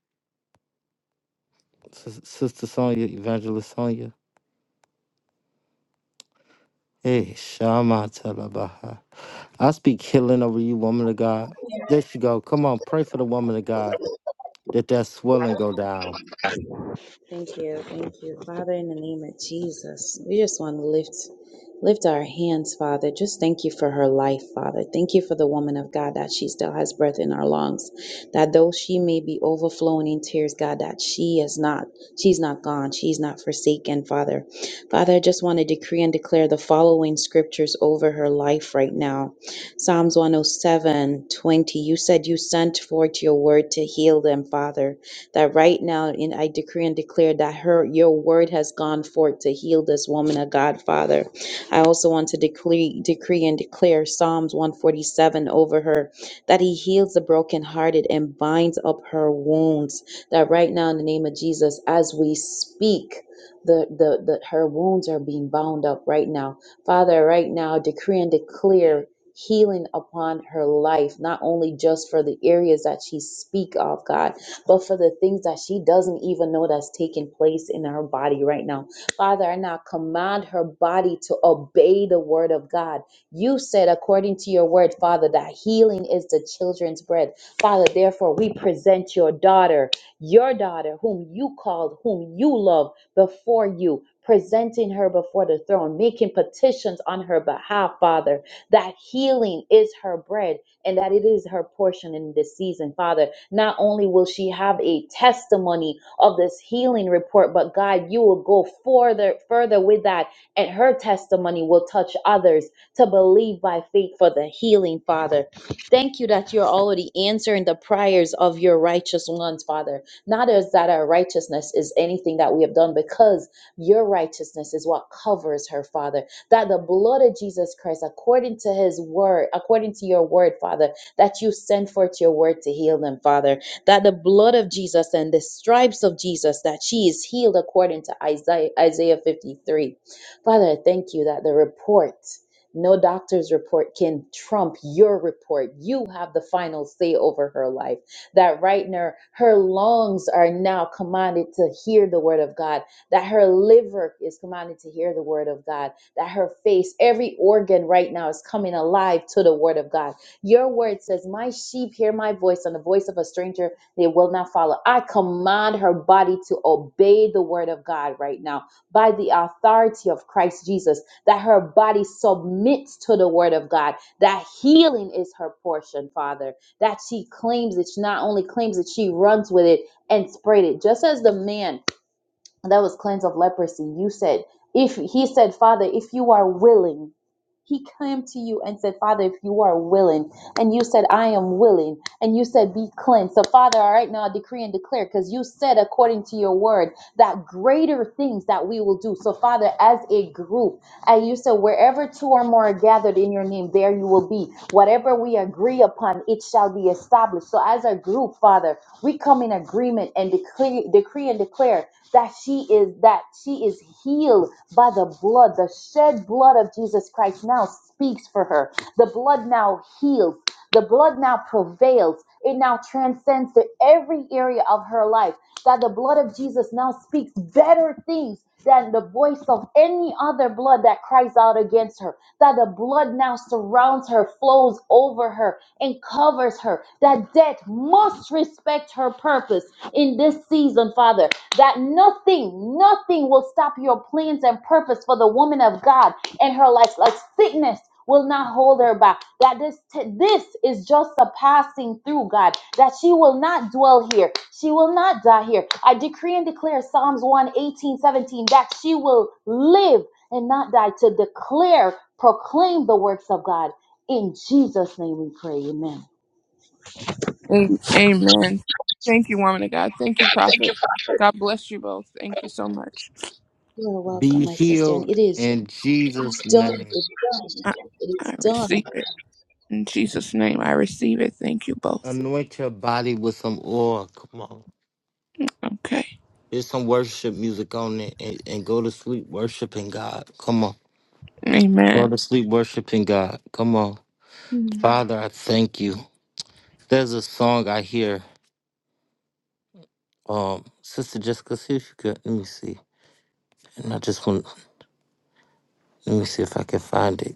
Sis- Sister Sonia, Evangelist Sonia. Hey, Shama Talabaha. I speak healing over you, woman of God. There you go. Come on, pray for the woman of God that that swelling go down. Thank you. Thank you. Father, in the name of Jesus, we just want to lift lift our hands, Father. Just thank you for her life, Father. Thank you for the woman of God that she still has breath in her lungs. That though she may be overflowing in tears, God, that she is not, she's not gone. She's not forsaken, Father. Father, I just want to decree and declare the following scriptures over her life right now. Psalms 107, 20. You said you sent forth your word to heal them, Father that right now, and I decree and declare that her your word has gone forth to heal this woman of God, Father. I also want to decree, decree and declare Psalms 147 over her that he heals the brokenhearted and binds up her wounds. That right now, in the name of Jesus, as we speak, the, the, the her wounds are being bound up right now. Father, right now, decree and declare healing upon her life, not only just for the areas that she speak of, God, but for the things that she doesn't even know that's taking place in her body right now. Father, I now command her body to obey the word of God. You said, according to your word, Father, that healing is the children's bread. Father, therefore, we present your daughter, your daughter, whom you called, whom you love, before you. Presenting her before the throne, making petitions on her behalf, Father, that healing is her bread and that it is her portion in this season, Father. Not only will she have a testimony of this healing report, but God, you will go further, further with that, and her testimony will touch others to believe by faith for the healing, Father. Thank you that you're already answering the prayers of your righteous ones, Father. Not as that our righteousness is anything that we have done, because your righteousness is what covers her, Father that the blood of Jesus Christ, according to his word, according to your word, Father, that you send forth your word to heal them, Father, that the blood of Jesus and the stripes of Jesus, that she is healed according to Isaiah, Isaiah 53. Father, I thank you that the report, no doctor's report can trump your report. You have the final say over her life. That right now, her lungs are now commanded to hear the word of God, that her liver is commanded to hear the word of God that her face, every organ right now is coming alive to the word of God. Your word says, My sheep hear my voice, and the voice of a stranger they will not follow. I command her body to obey the word of God right now by the authority of Christ Jesus, that her body submits to the word of God, that healing is her portion, Father, that she claims it, she not only claims it, she runs with it and spread it. Just as the man that was cleansed of leprosy. You said, if he said, Father, if you are willing, he came to you and said, Father, if you are willing, and you said, I am willing, and you said, Be cleansed. So, Father, all right now I decree and declare, because you said, according to your word, that greater things that we will do. So, Father, as a group, and you said, wherever two or more are gathered in your name, there you will be. Whatever we agree upon, it shall be established. So, as a group, Father, we come in agreement and decree, decree and declare that she is that she is healed by the blood, the shed blood of Jesus Christ now speaks for her. The blood now heals. The blood now prevails. It now transcends to every area of her life. That the blood of Jesus now speaks better things than the voice of any other blood that cries out against her. That the blood now surrounds her, flows over her, and covers her. That death must respect her purpose in this season, Father. That nothing, nothing will stop your plans and purpose for the woman of God and her life. Like sickness will not hold her back. That this this is just a passing through, God. That she will not dwell here. She will not die here. I decree and declare Psalms one 18 17 that she will live and not die to declare, proclaim the works of God. In Jesus' name we pray. Amen. A- Amen. Thank you, woman of God. Thank you, prophet. God bless you both. Thank you so much. You are welcome, Be my sister. And healed it is in Jesus' done. name. It's done. I, It is I done. receive it. In Jesus' name, I receive it. Thank you both. Anoint your body with some oil. Come on. Okay. There's some worship music on it and, and go to sleep worshiping God. Come on. Go Amen. to sleep worshiping God. Come on. Amen. Father, I thank you. There's a song I hear. Um, Sister Jessica, see if you could let me see. And I just want let me see if I can find it.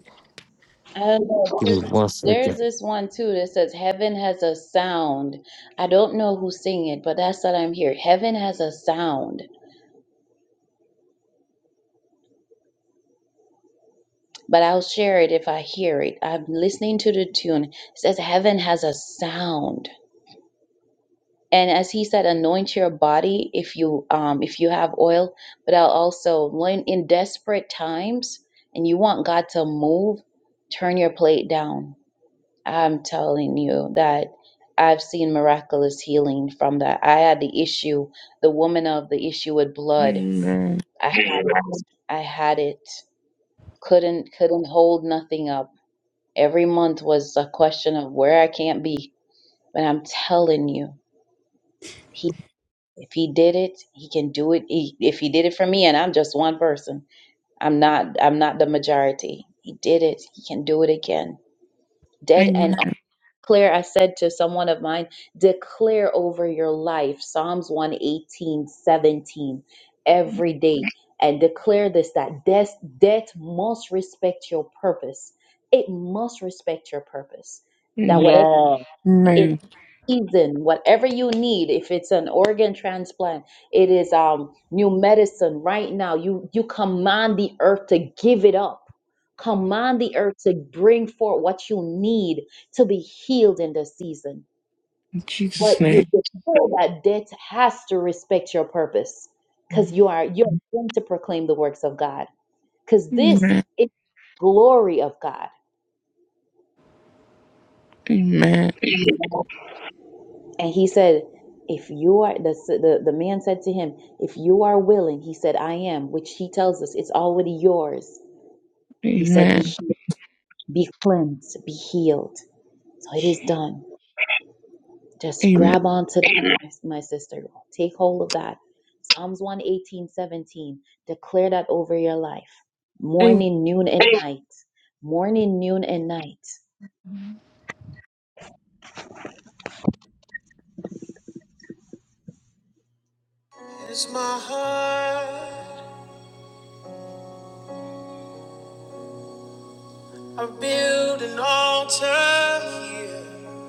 And Give there's me one second. there's this one too that says, Heaven has a sound. I don't know who's singing it, but that's what I'm hearing. Heaven has a sound, but I'll share it if I hear it. I'm listening to the tune. It says, Heaven has a sound. And as he said, anoint your body if you um if you have oil, but I'll also when in desperate times and you want God to move, turn your plate down I'm telling you that I've seen miraculous healing from that. I had the issue, the woman of the issue with blood. Amen. I had it. I had it. Couldn't couldn't hold nothing up. Every month was a question of where I can't be. But I'm telling you, he if he did it, he can do it. He, if he did it for me, and I'm just one person, I'm not I'm not the majority. He did it. He can do it again. Dead and Amen. Claire, I said to someone of mine, declare over your life Psalms one eighteen seventeen every day and declare this that death, death must respect your purpose. It must respect your purpose. That Amen. whatever yes, it Amen. season, whatever you need, if it's an organ transplant, it is um new medicine right now. You you command the earth to give it up. Command the earth to bring forth what you need to be healed in this season. In But Jesus' you name. just know that death has to respect your purpose because you are you're going to proclaim the works of God. Because this Amen. is glory of God. Amen. And he said, if you are, the, the, the man said to him, if you are willing, he said, I am, which he tells us it's already yours. He said, be, Amen. be cleansed, be healed. So it is done. Just Amen. grab onto that, my, my sister. Take hold of that. Psalms one eighteen seventeen. Declare that over your life. Morning, noon, and night. Morning, noon, and night. It's my heart. I build an altar here.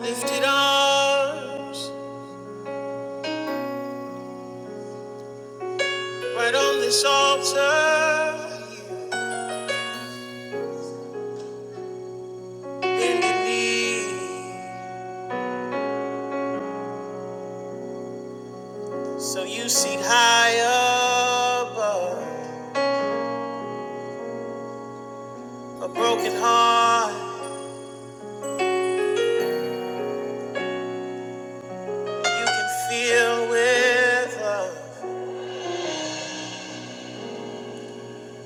Lifted arms right on this altar. here. Bending knees. So you seat high above a broken heart you can feel with love.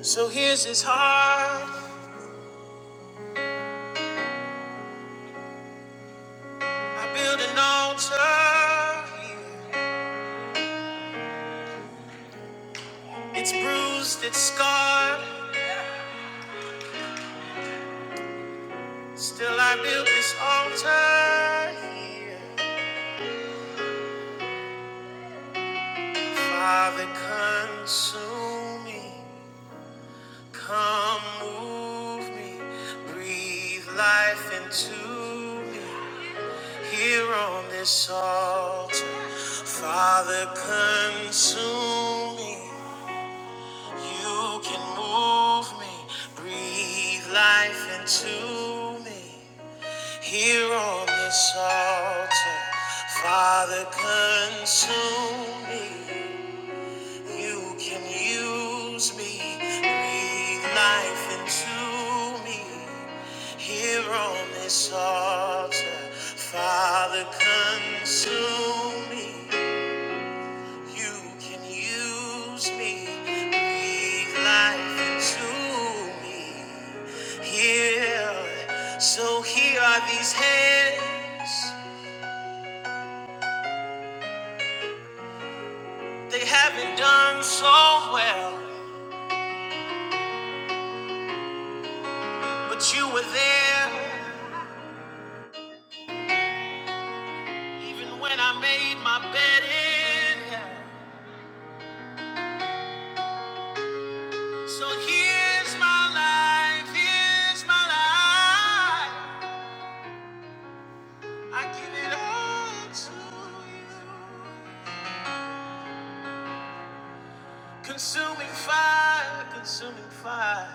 So here's his heart. I build an altar. It's bruised, it's scarred. Still, I build this altar here. Father, consume me. Come, move me. Breathe life into me. Here on this altar, Father, consume me. You can move me, breathe life into me. Here on this altar, Father, consume me. You can use me, breathe life into me. Here on this altar, Father, consume me. You can use me, breathe life into me. Here, so here are these hands. They haven't done so well, but you were there. Even when I made my bed in hell. So here's my life, here's my life. I give it all to you. Consuming fire, consuming fire,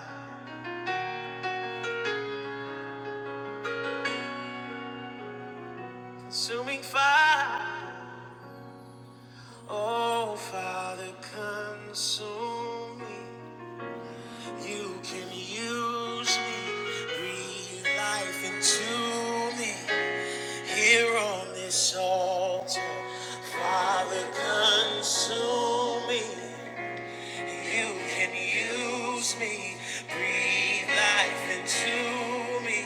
consuming fire. Oh, Father, consume me. You can use me, breathe life into me. Here on this altar, Father, consume me. You can use me, breathe life into me.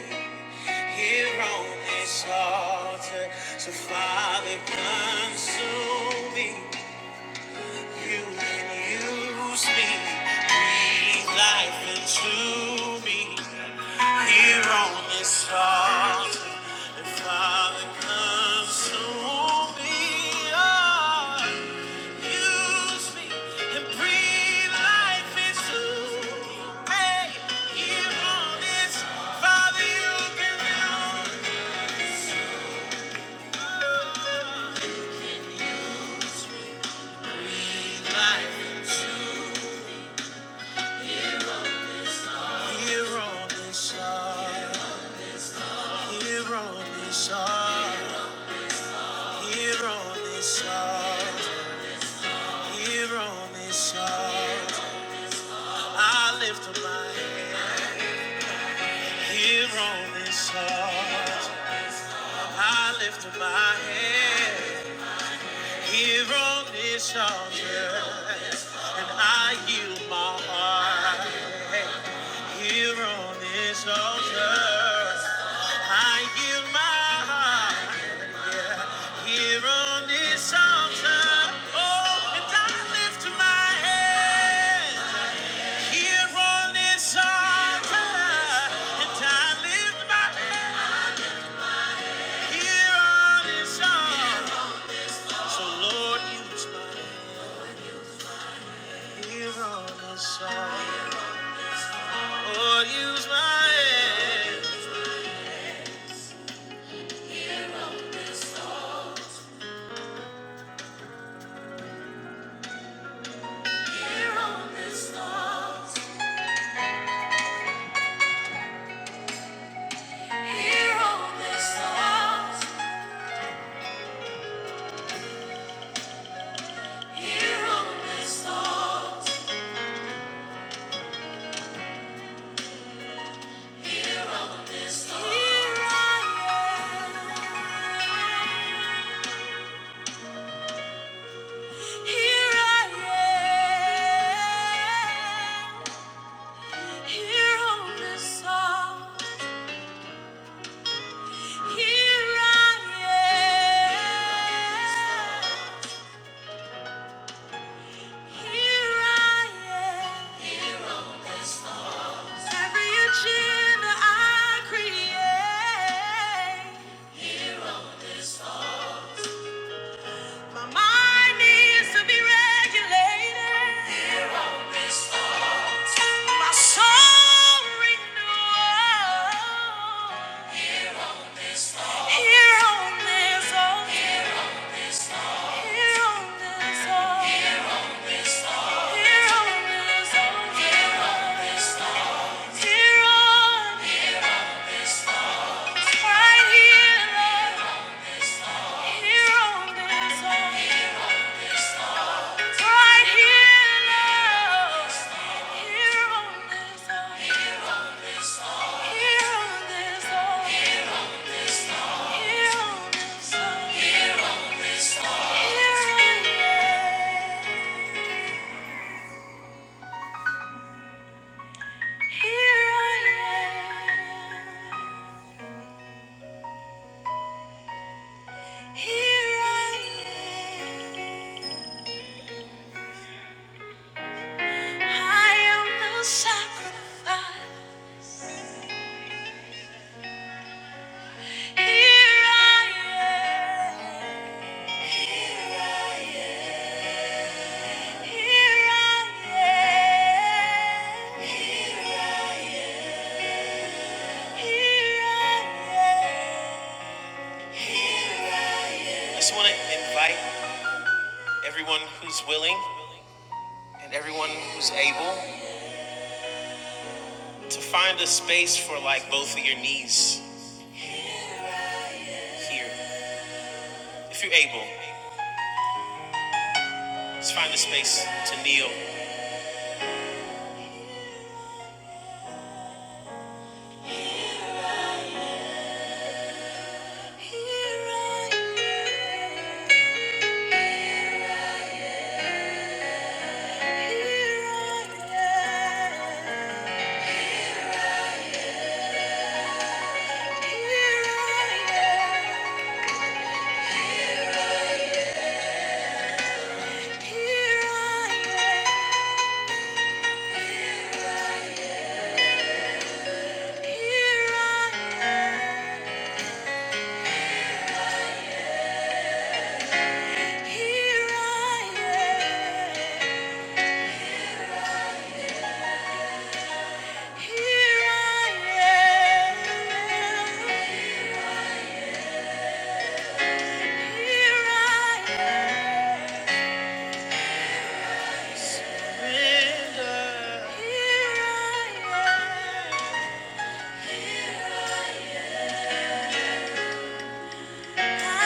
Here on this altar, so Father, consume me. You can use me, breathe life into me. Here on this altar, the Father comes to me. Oh, use me and breathe life into me. Hey, here on this, Father, you can do it. breathe life into me. Here on this altar, here on this altar, here on this altar. Here on this earth, I lift up my head. Here on this earth, I lift up my head. Here on this altar, and I yield my heart. Hey, Here on this altar, I yield my heart. Here on this altar, oh, and I lift my head. Here on this altar, and I lift my hand. Here on this altar, so Lord, use my here on this altar. Lord, use my hand. Here on this altar, here on this altar, here on this altar, here on this altar. Here I am. Here I am, here on this altar. Here I am, here I am. Every agenda I create, my mind needs to be regulated. My soul renews here on this earth. here on this earth. here on this earth. here on, this earth, here on, right here, Lord, here on this earth. Right here, Lord. Here on this earth. Here on this earth. Here on this earth. Here on this earth. Here on this earth. Here on this Here I am. Here I am. I am the sacrifice. Here I am. Here I am. Here I am. Here I am. Here I am. Here I am. I just want to invite everyone who's willing and everyone who's able to find a space for like both of your knees here. If you're able, just find a space to kneel. Here I am.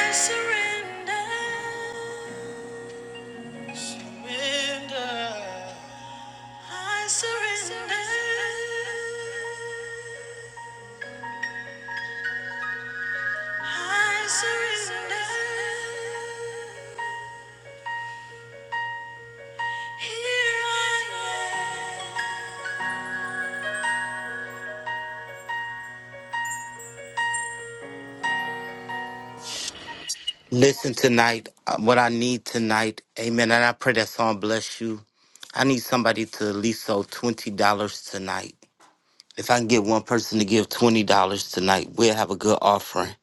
I surrender. Listen tonight, uh, what I need tonight, amen. And I pray that song bless you. I need somebody to at least sow $20 tonight. If I can get one person to give $20 tonight, we'll have a good offering.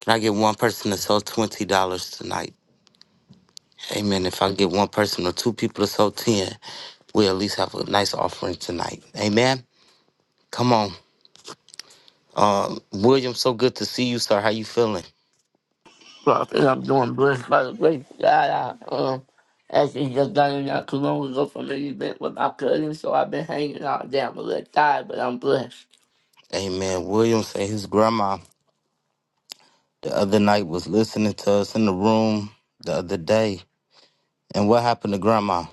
Can I get one person to sow $20 tonight? Amen. If I can get one person or two people to sow 10, we'll at least have a nice offering tonight. Amen. Come on. Uh, William, so good to see you, sir. How you feeling? So I think I'm doing blessed by the grace of God. I um, actually just done it not too long ago from an event with my cousin, so I've been hanging out there. I'm a little tired, but I'm blessed. Amen. William say his grandma The other night was listening to us in the room the other day. And what happened to grandma?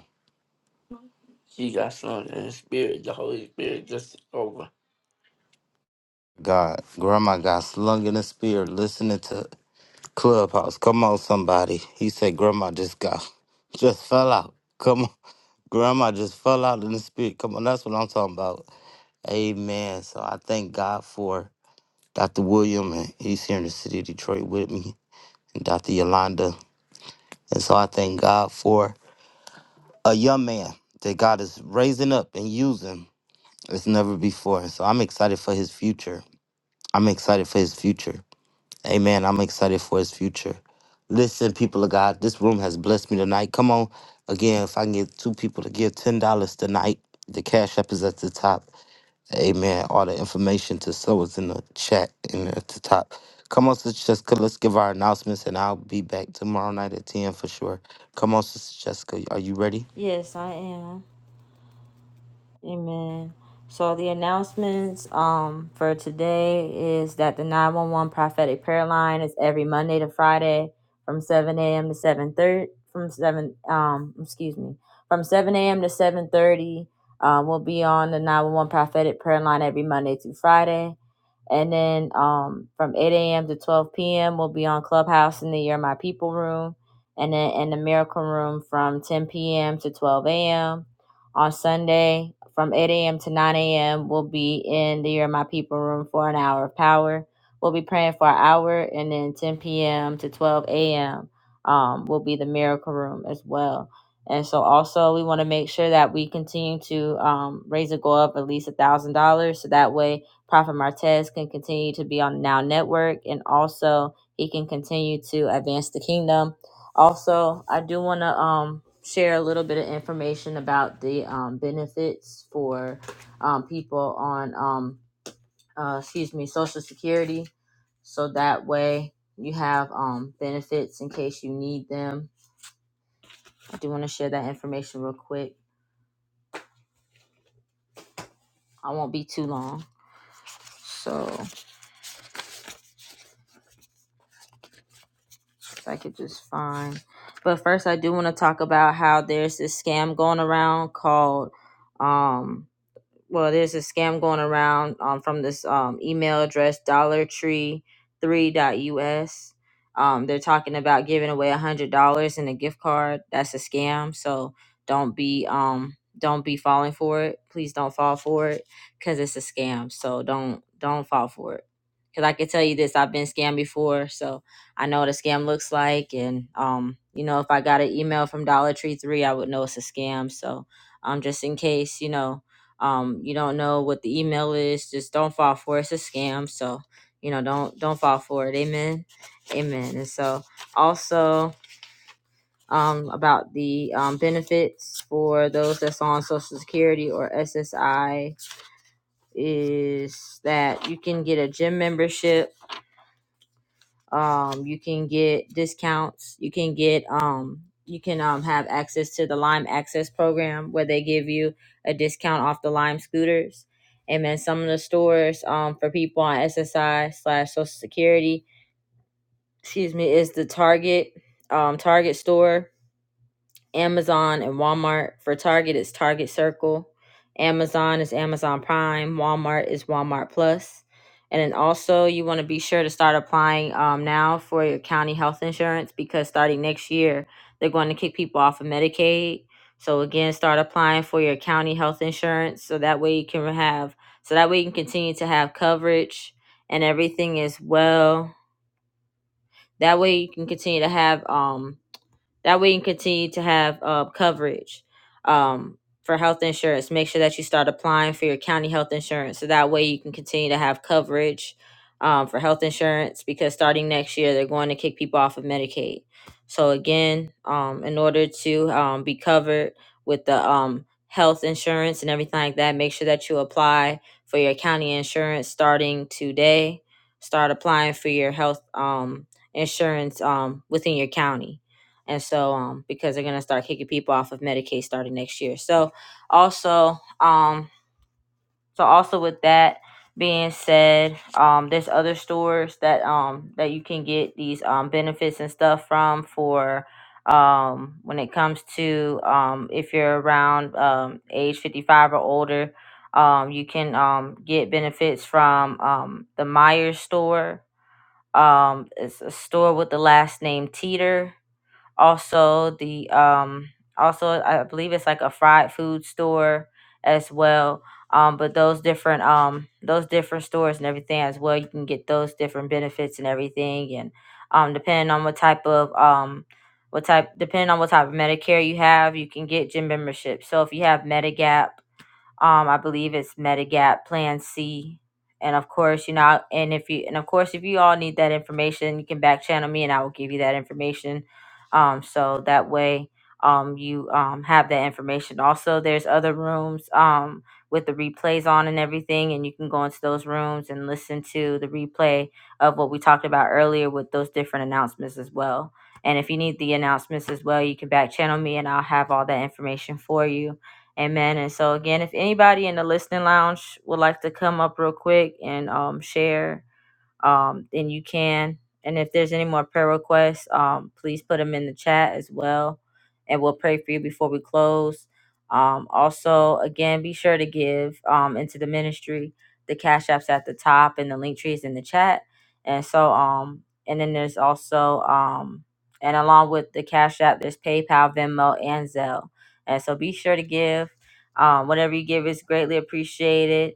She got something in the spirit. The Holy Spirit just took over. God, grandma got slung in the spirit listening to Clubhouse. Come on, somebody. He said grandma just got, just fell out. Come on. Grandma just fell out in the spirit. Come on, that's what I'm talking about. Amen. So I thank God for Dr. William, and he's here in the city of Detroit with me, and Dr. Yolanda. And so I thank God for a young man that God is raising up and using. It's never before. So I'm excited for his future. I'm excited for his future. Amen. I'm excited for his future. Listen, people of God, this room has blessed me tonight. Come on. Again, if I can get two people to give $10 tonight, the cash app is at the top. Amen. All the information to sow is in the chat and at the top. Come on, Sister Jessica, let's give our announcements and I'll be back tomorrow night at 10 for sure. Come on, Sister Jessica, are you ready? Yes, I am. Amen. So the announcements um for today is that the 911 prophetic prayer line is every Monday to Friday from 7 a.m. to 7:30 from 7 um excuse me from 7 a.m. to 7:30 um we'll be on the 911 prophetic prayer line every Monday through Friday. And then um from 8 a.m. to 12 p.m. we'll be on Clubhouse in the Year My People room and then in the Miracle room from 10 p.m. to 12 a.m on Sunday from 8 a.m. to 9 a.m. We'll be in the Year of My People room for an hour of power. We'll be praying for an hour, and then 10 p.m. to 12 a.m. Um, will be the miracle room as well. And so, also, we want to make sure that we continue to um, raise a goal of at least a thousand dollars, so that way Prophet Martez can continue to be on the Now Network, and also he can continue to advance the kingdom also, I do want to um, share a little bit of information about the um, benefits for um, people on, um, uh, excuse me, Social Security. So that way you have um, benefits in case you need them. I do want to share that information real quick. I won't be too long. So if I could just find. But first, I do want to talk about how there's this scam going around called um. well, there's a scam going around um, from this um, email address, Dollar Tree three dot us. Um, they're talking about giving away a $100 in a gift card. That's a scam. So don't be um don't be falling for it. Please don't fall for it because it's a scam. So don't don't fall for it. Cause I can tell you this, I've been scammed before, so I know what a scam looks like. And um, you know, if I got an email from Dollar Tree Three, I would know it's a scam. So um, just in case, you know, um, you don't know what the email is. Just don't fall for it. It's a scam. So, you know, don't don't fall for it. Amen. Amen. And so also um, about the um, benefits for those that's on Social Security or SSI is that you can get a gym membership um you can get discounts you can get um you can um have access to the lime access program where they give you a discount off the lime scooters and then some of the stores um for people on ssi slash social security excuse me is the target um target store Amazon and Walmart. For Target, it's Target Circle. Amazon is Amazon Prime. Walmart is Walmart Plus. And then also, you want to be sure to start applying um, now for your county health insurance because starting next year, they're going to kick people off of Medicaid. So again, start applying for your county health insurance so that way you can have so that way you can continue to have coverage and everything as well. That way you can continue to have um that way you can continue to have uh, coverage um, for health insurance. Make sure that you start applying for your county health insurance. So that way you can continue to have coverage um, for health insurance because starting next year, they're going to kick people off of Medicaid. So again, um, in order to um, be covered with the um, health insurance and everything like that, make sure that you apply for your county insurance starting today. Start applying for your health um, insurance um, within your county and so um because they're going to start kicking people off of medicaid starting next year so also um so also with that being said um there's other stores that um that you can get these um benefits and stuff from for um when it comes to um if you're around um age 55 or older um you can um get benefits from um the Myers store um it's a store with the last name Teeter also the um also i believe it's like a fried food store as well um but those different um those different stores and everything as well you can get those different benefits and everything and um depending on what type of um what type depending on what type of medicare you have you can get gym membership so if you have medigap um, I believe it's Medigap Plan C. And of course, you know, and if you and of course, if you all need that information, you can back channel me, and I will give you that information. Um, so that way, um, you um have that information. Also, there's other rooms um with the replays on and everything, and you can go into those rooms and listen to the replay of what we talked about earlier with those different announcements as well. And if you need the announcements as well, you can back channel me, and I'll have all that information for you Amen. And so again, if anybody in the listening lounge would like to come up real quick and um share um, then you can. And if there's any more prayer requests, um, please put them in the chat as well, and we'll pray for you before we close. Um, also, again, be sure to give um, into the ministry. The cash apps at the top, and the link tree is in the chat. And so, um, and then there's also, um, and along with the cash app, there's PayPal, Venmo, and Zelle. And so, be sure to give. Um, whatever you give is greatly appreciated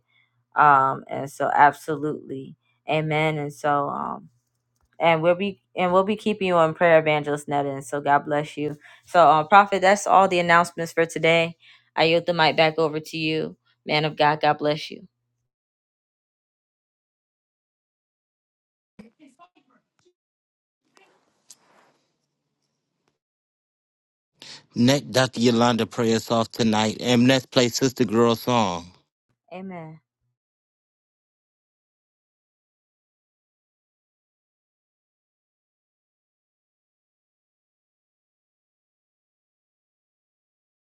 um and so absolutely amen and so um and we'll be and we'll be keeping you in prayer evangelist netta and so god bless you so uh, prophet that's all the announcements for today i yield the mic back over to you man of god god bless you Next, Dr. Yolanda, pray us off tonight. And let's play Sister Girl song. amen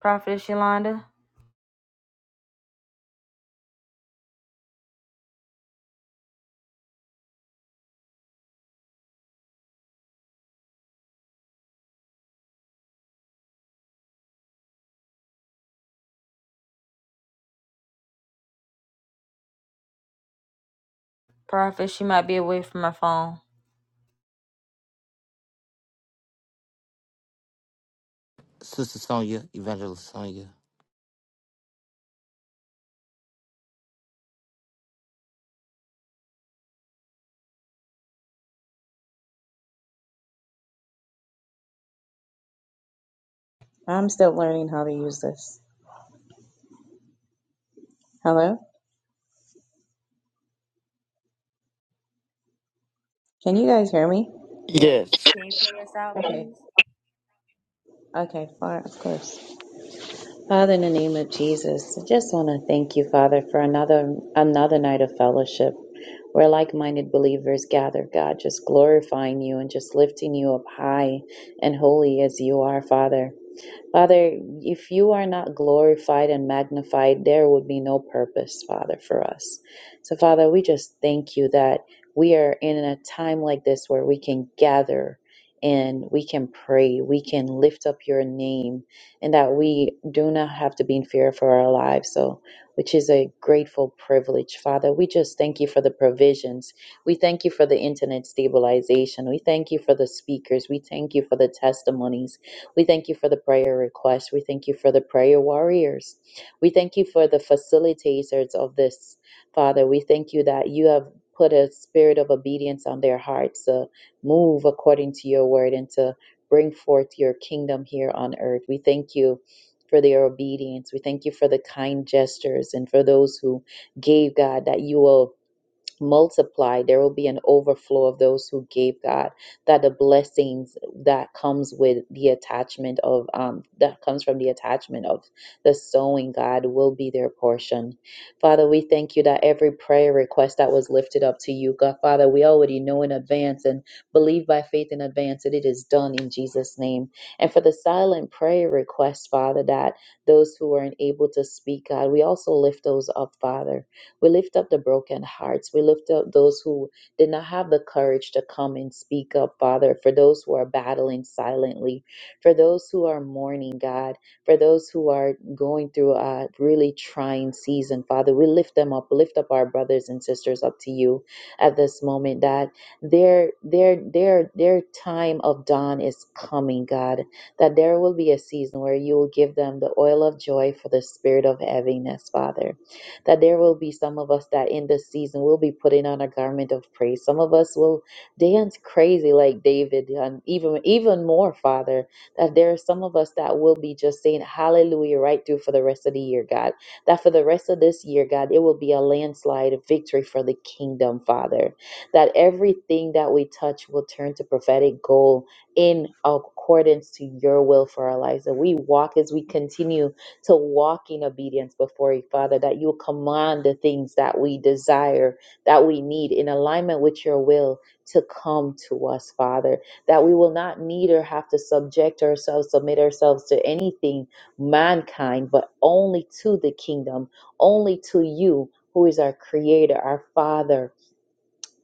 prophet yolanda Prophet, she might be away from her phone. Sister Sonia, Evangelist Sonia. I'm still learning how to use this. Hello? Can you guys hear me? Yes. Okay. Okay, fine, of course. Father, in the name of Jesus, I just want to thank you, Father, for another another night of fellowship where like-minded believers gather, God, just glorifying you and just lifting you up high and holy as you are, Father. Father, if you are not glorified and magnified, there would be no purpose, Father, for us. So, Father, we just thank you that we are in a time like this where we can gather and we can pray, we can lift up your name, and that we do not have to be in fear for our lives. So, which is a grateful privilege, Father. We just thank you for the provisions. We thank you for the internet stabilization. We thank you for the speakers. We thank you for the testimonies. We thank you for the prayer request. We thank you for the prayer warriors. We thank you for the facilitators of this, Father. We thank you that you have put a spirit of obedience on their hearts to move according to your word and to bring forth your kingdom here on earth. We thank you. For their obedience. We thank you for the kind gestures and for those who gave God that you will multiply there will be an overflow of those who gave god that the blessings that comes with the attachment of um that comes from the attachment of the sowing god will be their portion father we thank you that every prayer request that was lifted up to you god father we already know in advance and believe by faith in advance that it is done in jesus name and for the silent prayer request father that those who are unable to speak god we also lift those up father we lift up the broken hearts. We lift up those who did not have the courage to come and speak up, Father, for those who are battling silently, for those who are mourning, God, for those who are going through a really trying season, Father. We lift them up, lift up our brothers and sisters up to you at this moment, that their their their their time of dawn is coming, God, that there will be a season where you will give them the oil of joy for the spirit of heaviness, Father that there will be some of us that in this season will be putting on a garment of praise. Some of us will dance crazy like David, and even even more, Father, that there are some of us that will be just saying hallelujah right through for the rest of the year, God. That for the rest of this year, God, it will be a landslide of victory for the kingdom, Father. That everything that we touch will turn to prophetic goal in accordance to your will for our lives. That we walk as we continue to walk in obedience before you, Father, that you command the things that we desire, that we need in alignment with your will to come to us, Father, that we will not need or have to subject ourselves, submit ourselves to anything mankind, but only to the kingdom, only to you. Who is our creator, our father,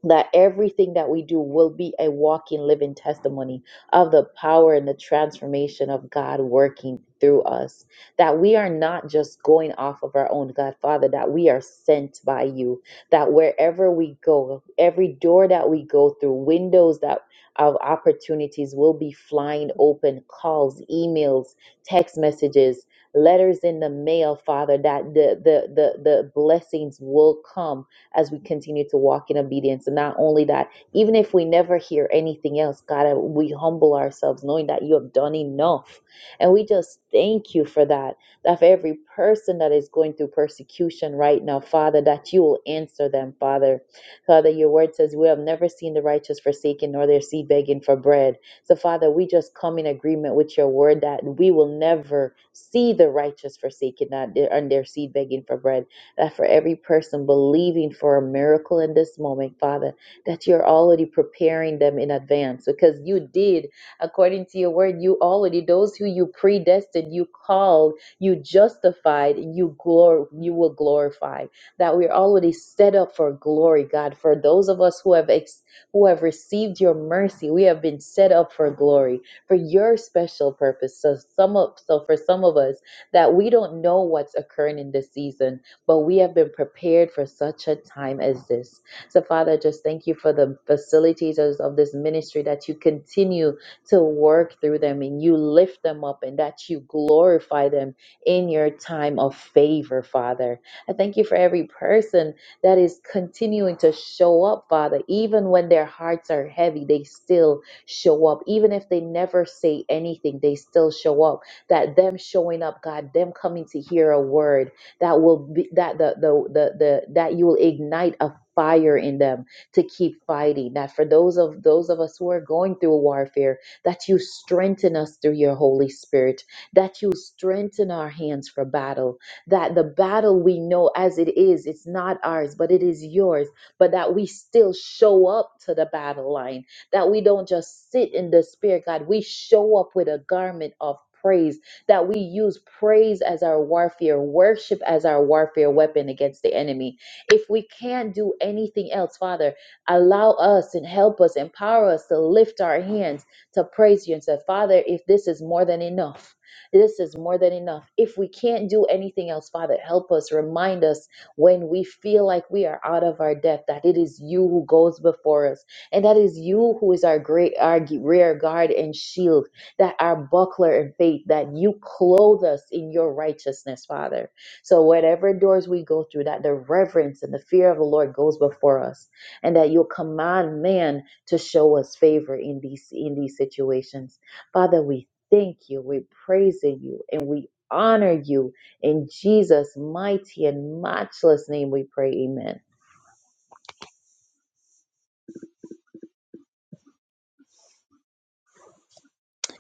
that everything that we do will be a walking, living testimony of the power and the transformation of God working through us. That we are not just going off of our own, God Father, that we are sent by you, that wherever we go, every door that we go through, windows that of opportunities will be flying open, calls, emails, text messages, letters in the mail, Father, that the the the, the blessings will come as we continue to walk in obedience. And not only that, even if we never hear anything else, God, we humble ourselves knowing that you have done enough. And we just thank you for that. That for every person that is going through persecution right now, Father, that you will answer them, Father. Father, your word says, We have never seen the righteous forsaken nor their seed begging for bread. So, Father, we just come in agreement with your word that we will never see the righteous forsaken that- and their seed begging for bread. That for every person believing for a miracle in this moment, Father, that you're already preparing them in advance because you did, according to your word, you already, those who you predestined, you called, you justified, you glor- you will glorify. That we're already set up for glory, God. For those of us who have ex- who have received your mercy, we have been set up for glory for your special purpose. So some of so for some of us that we don't know what's occurring in this season but we have been prepared for such a time as this. So, Father, just thank you for the facilitators of this ministry that you continue to work through them and you lift them up and that you glorify them in your time of favor, Father. I thank you for every person that is continuing to show up, Father, even when their hearts are heavy, they still show up. Even if they never say anything, they still show up. That them showing up, God, them coming to hear a word that will be that the the the, the that you will ignite a fire in them to keep fighting that for those of those of us who are going through a warfare that you strengthen us through your holy spirit that you strengthen our hands for battle that the battle we know as it is it's not ours but it is yours but that we still show up to the battle line that we don't just sit in despair god we show up with a garment of praise that we use praise as our warfare, worship as our warfare weapon against the enemy. If we can't do anything else, Father, allow us and help us, empower us to lift our hands to praise you and say, Father, if this is more than enough. This is more than enough. If we can't do anything else, Father, help us, remind us when we feel like we are out of our depth that it is you who goes before us and that is you who is our great our rear guard and shield that our buckler in faith, that you clothe us in your righteousness, Father. So, whatever doors we go through, that the reverence and the fear of the Lord goes before us, and that you'll command man to show us favor in these in these situations. Father, we thank you, we praise you, and we honor you in Jesus' mighty and matchless name. We pray, Amen.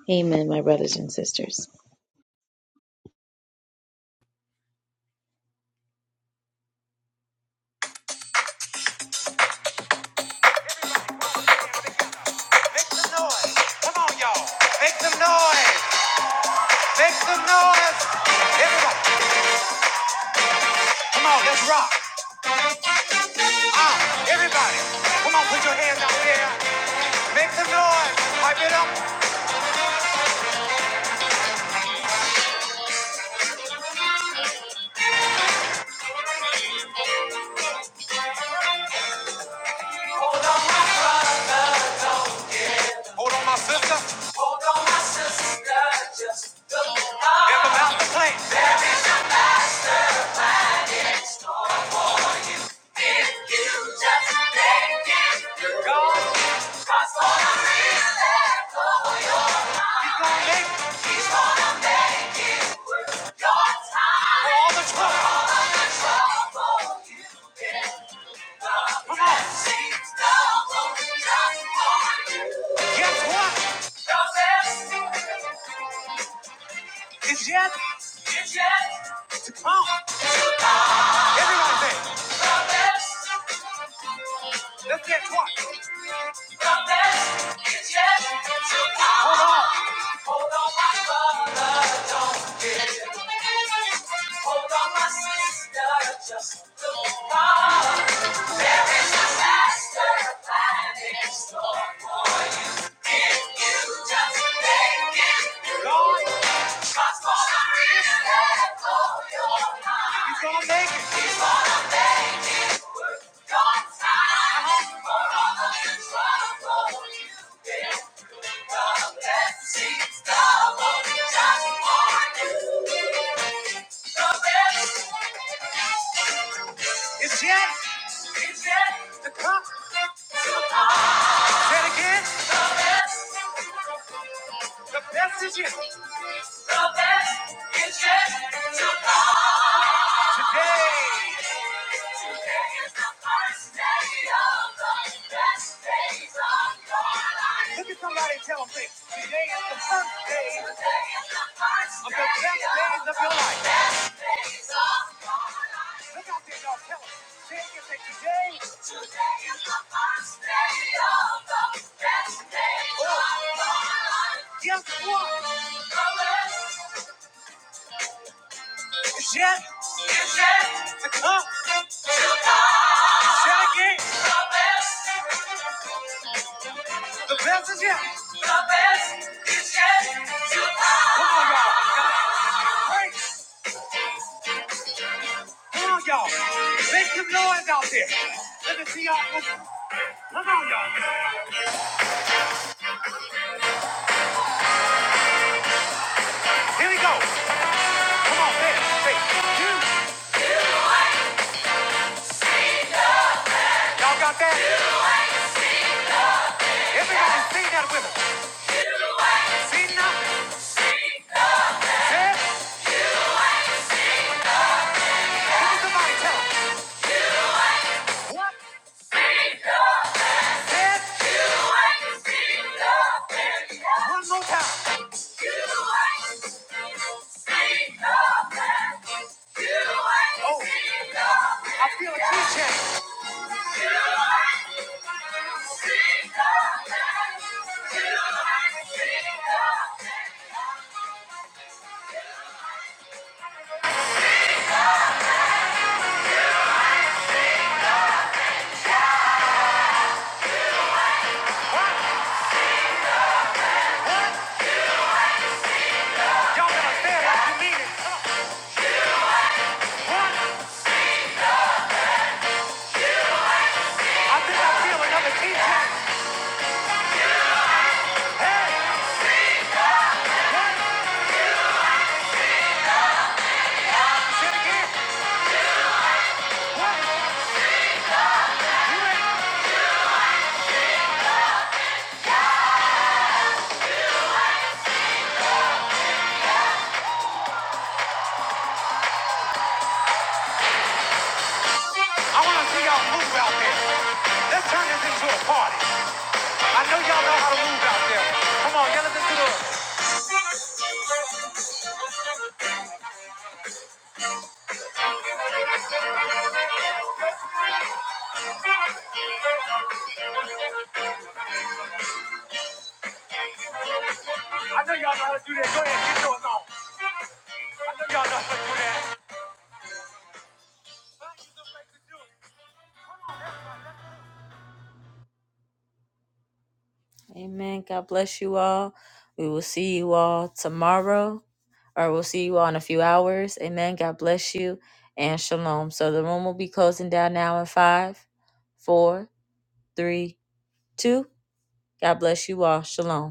Amen, my brothers and sisters. Make some noise. Come on, y'all. Make some noise. Make some noise. Everybody, come on, let's rock. Ah, everybody, come on, put your hands out there. Make some noise. Pipe it up. Hold on, my sister. It's about to play. It's yet. It's yet. Come on, everyone say. Let's get one. Lord, you gonna make it. It's yet. It's yet. The cup. Say it again. The best. The best is yet. The best is yet to come. Hey! Today Look at somebody and tell today is the first day of the best days of your life. Look out there, y'all. Tell them. today. Today is the first day of the best days oh. of your life. Guess what? The best is to come. Tell again. The best. The best is yet. The best is yet to come. Come on, y'all. you Come on, y'all. Make some noise out there. Let me see y'all. Here we go. Come on, man. Say, you. Y'all got that? Everybody sing that with me. See nothing. Say, give me somebody tell 'em. What? One more time. Oh, I feel a key change. Y'all gotta stand like you mean it. One, I think I feel another key change. One, say it again. One. I want to see y'all move out there. Let's turn this into a party. I know y'all know how to move out there. Come on, yell at this do it. I know y'all know how to do that. Go ahead, get yours on. I know y'all know how to do that. Find you some way to do it. Come on, everybody. Amen. God bless you all. We will see you all tomorrow, or we'll see you all in a few hours. Amen. God bless you and shalom. So the room will be closing down now in five, four, three, two. God bless you all. Shalom.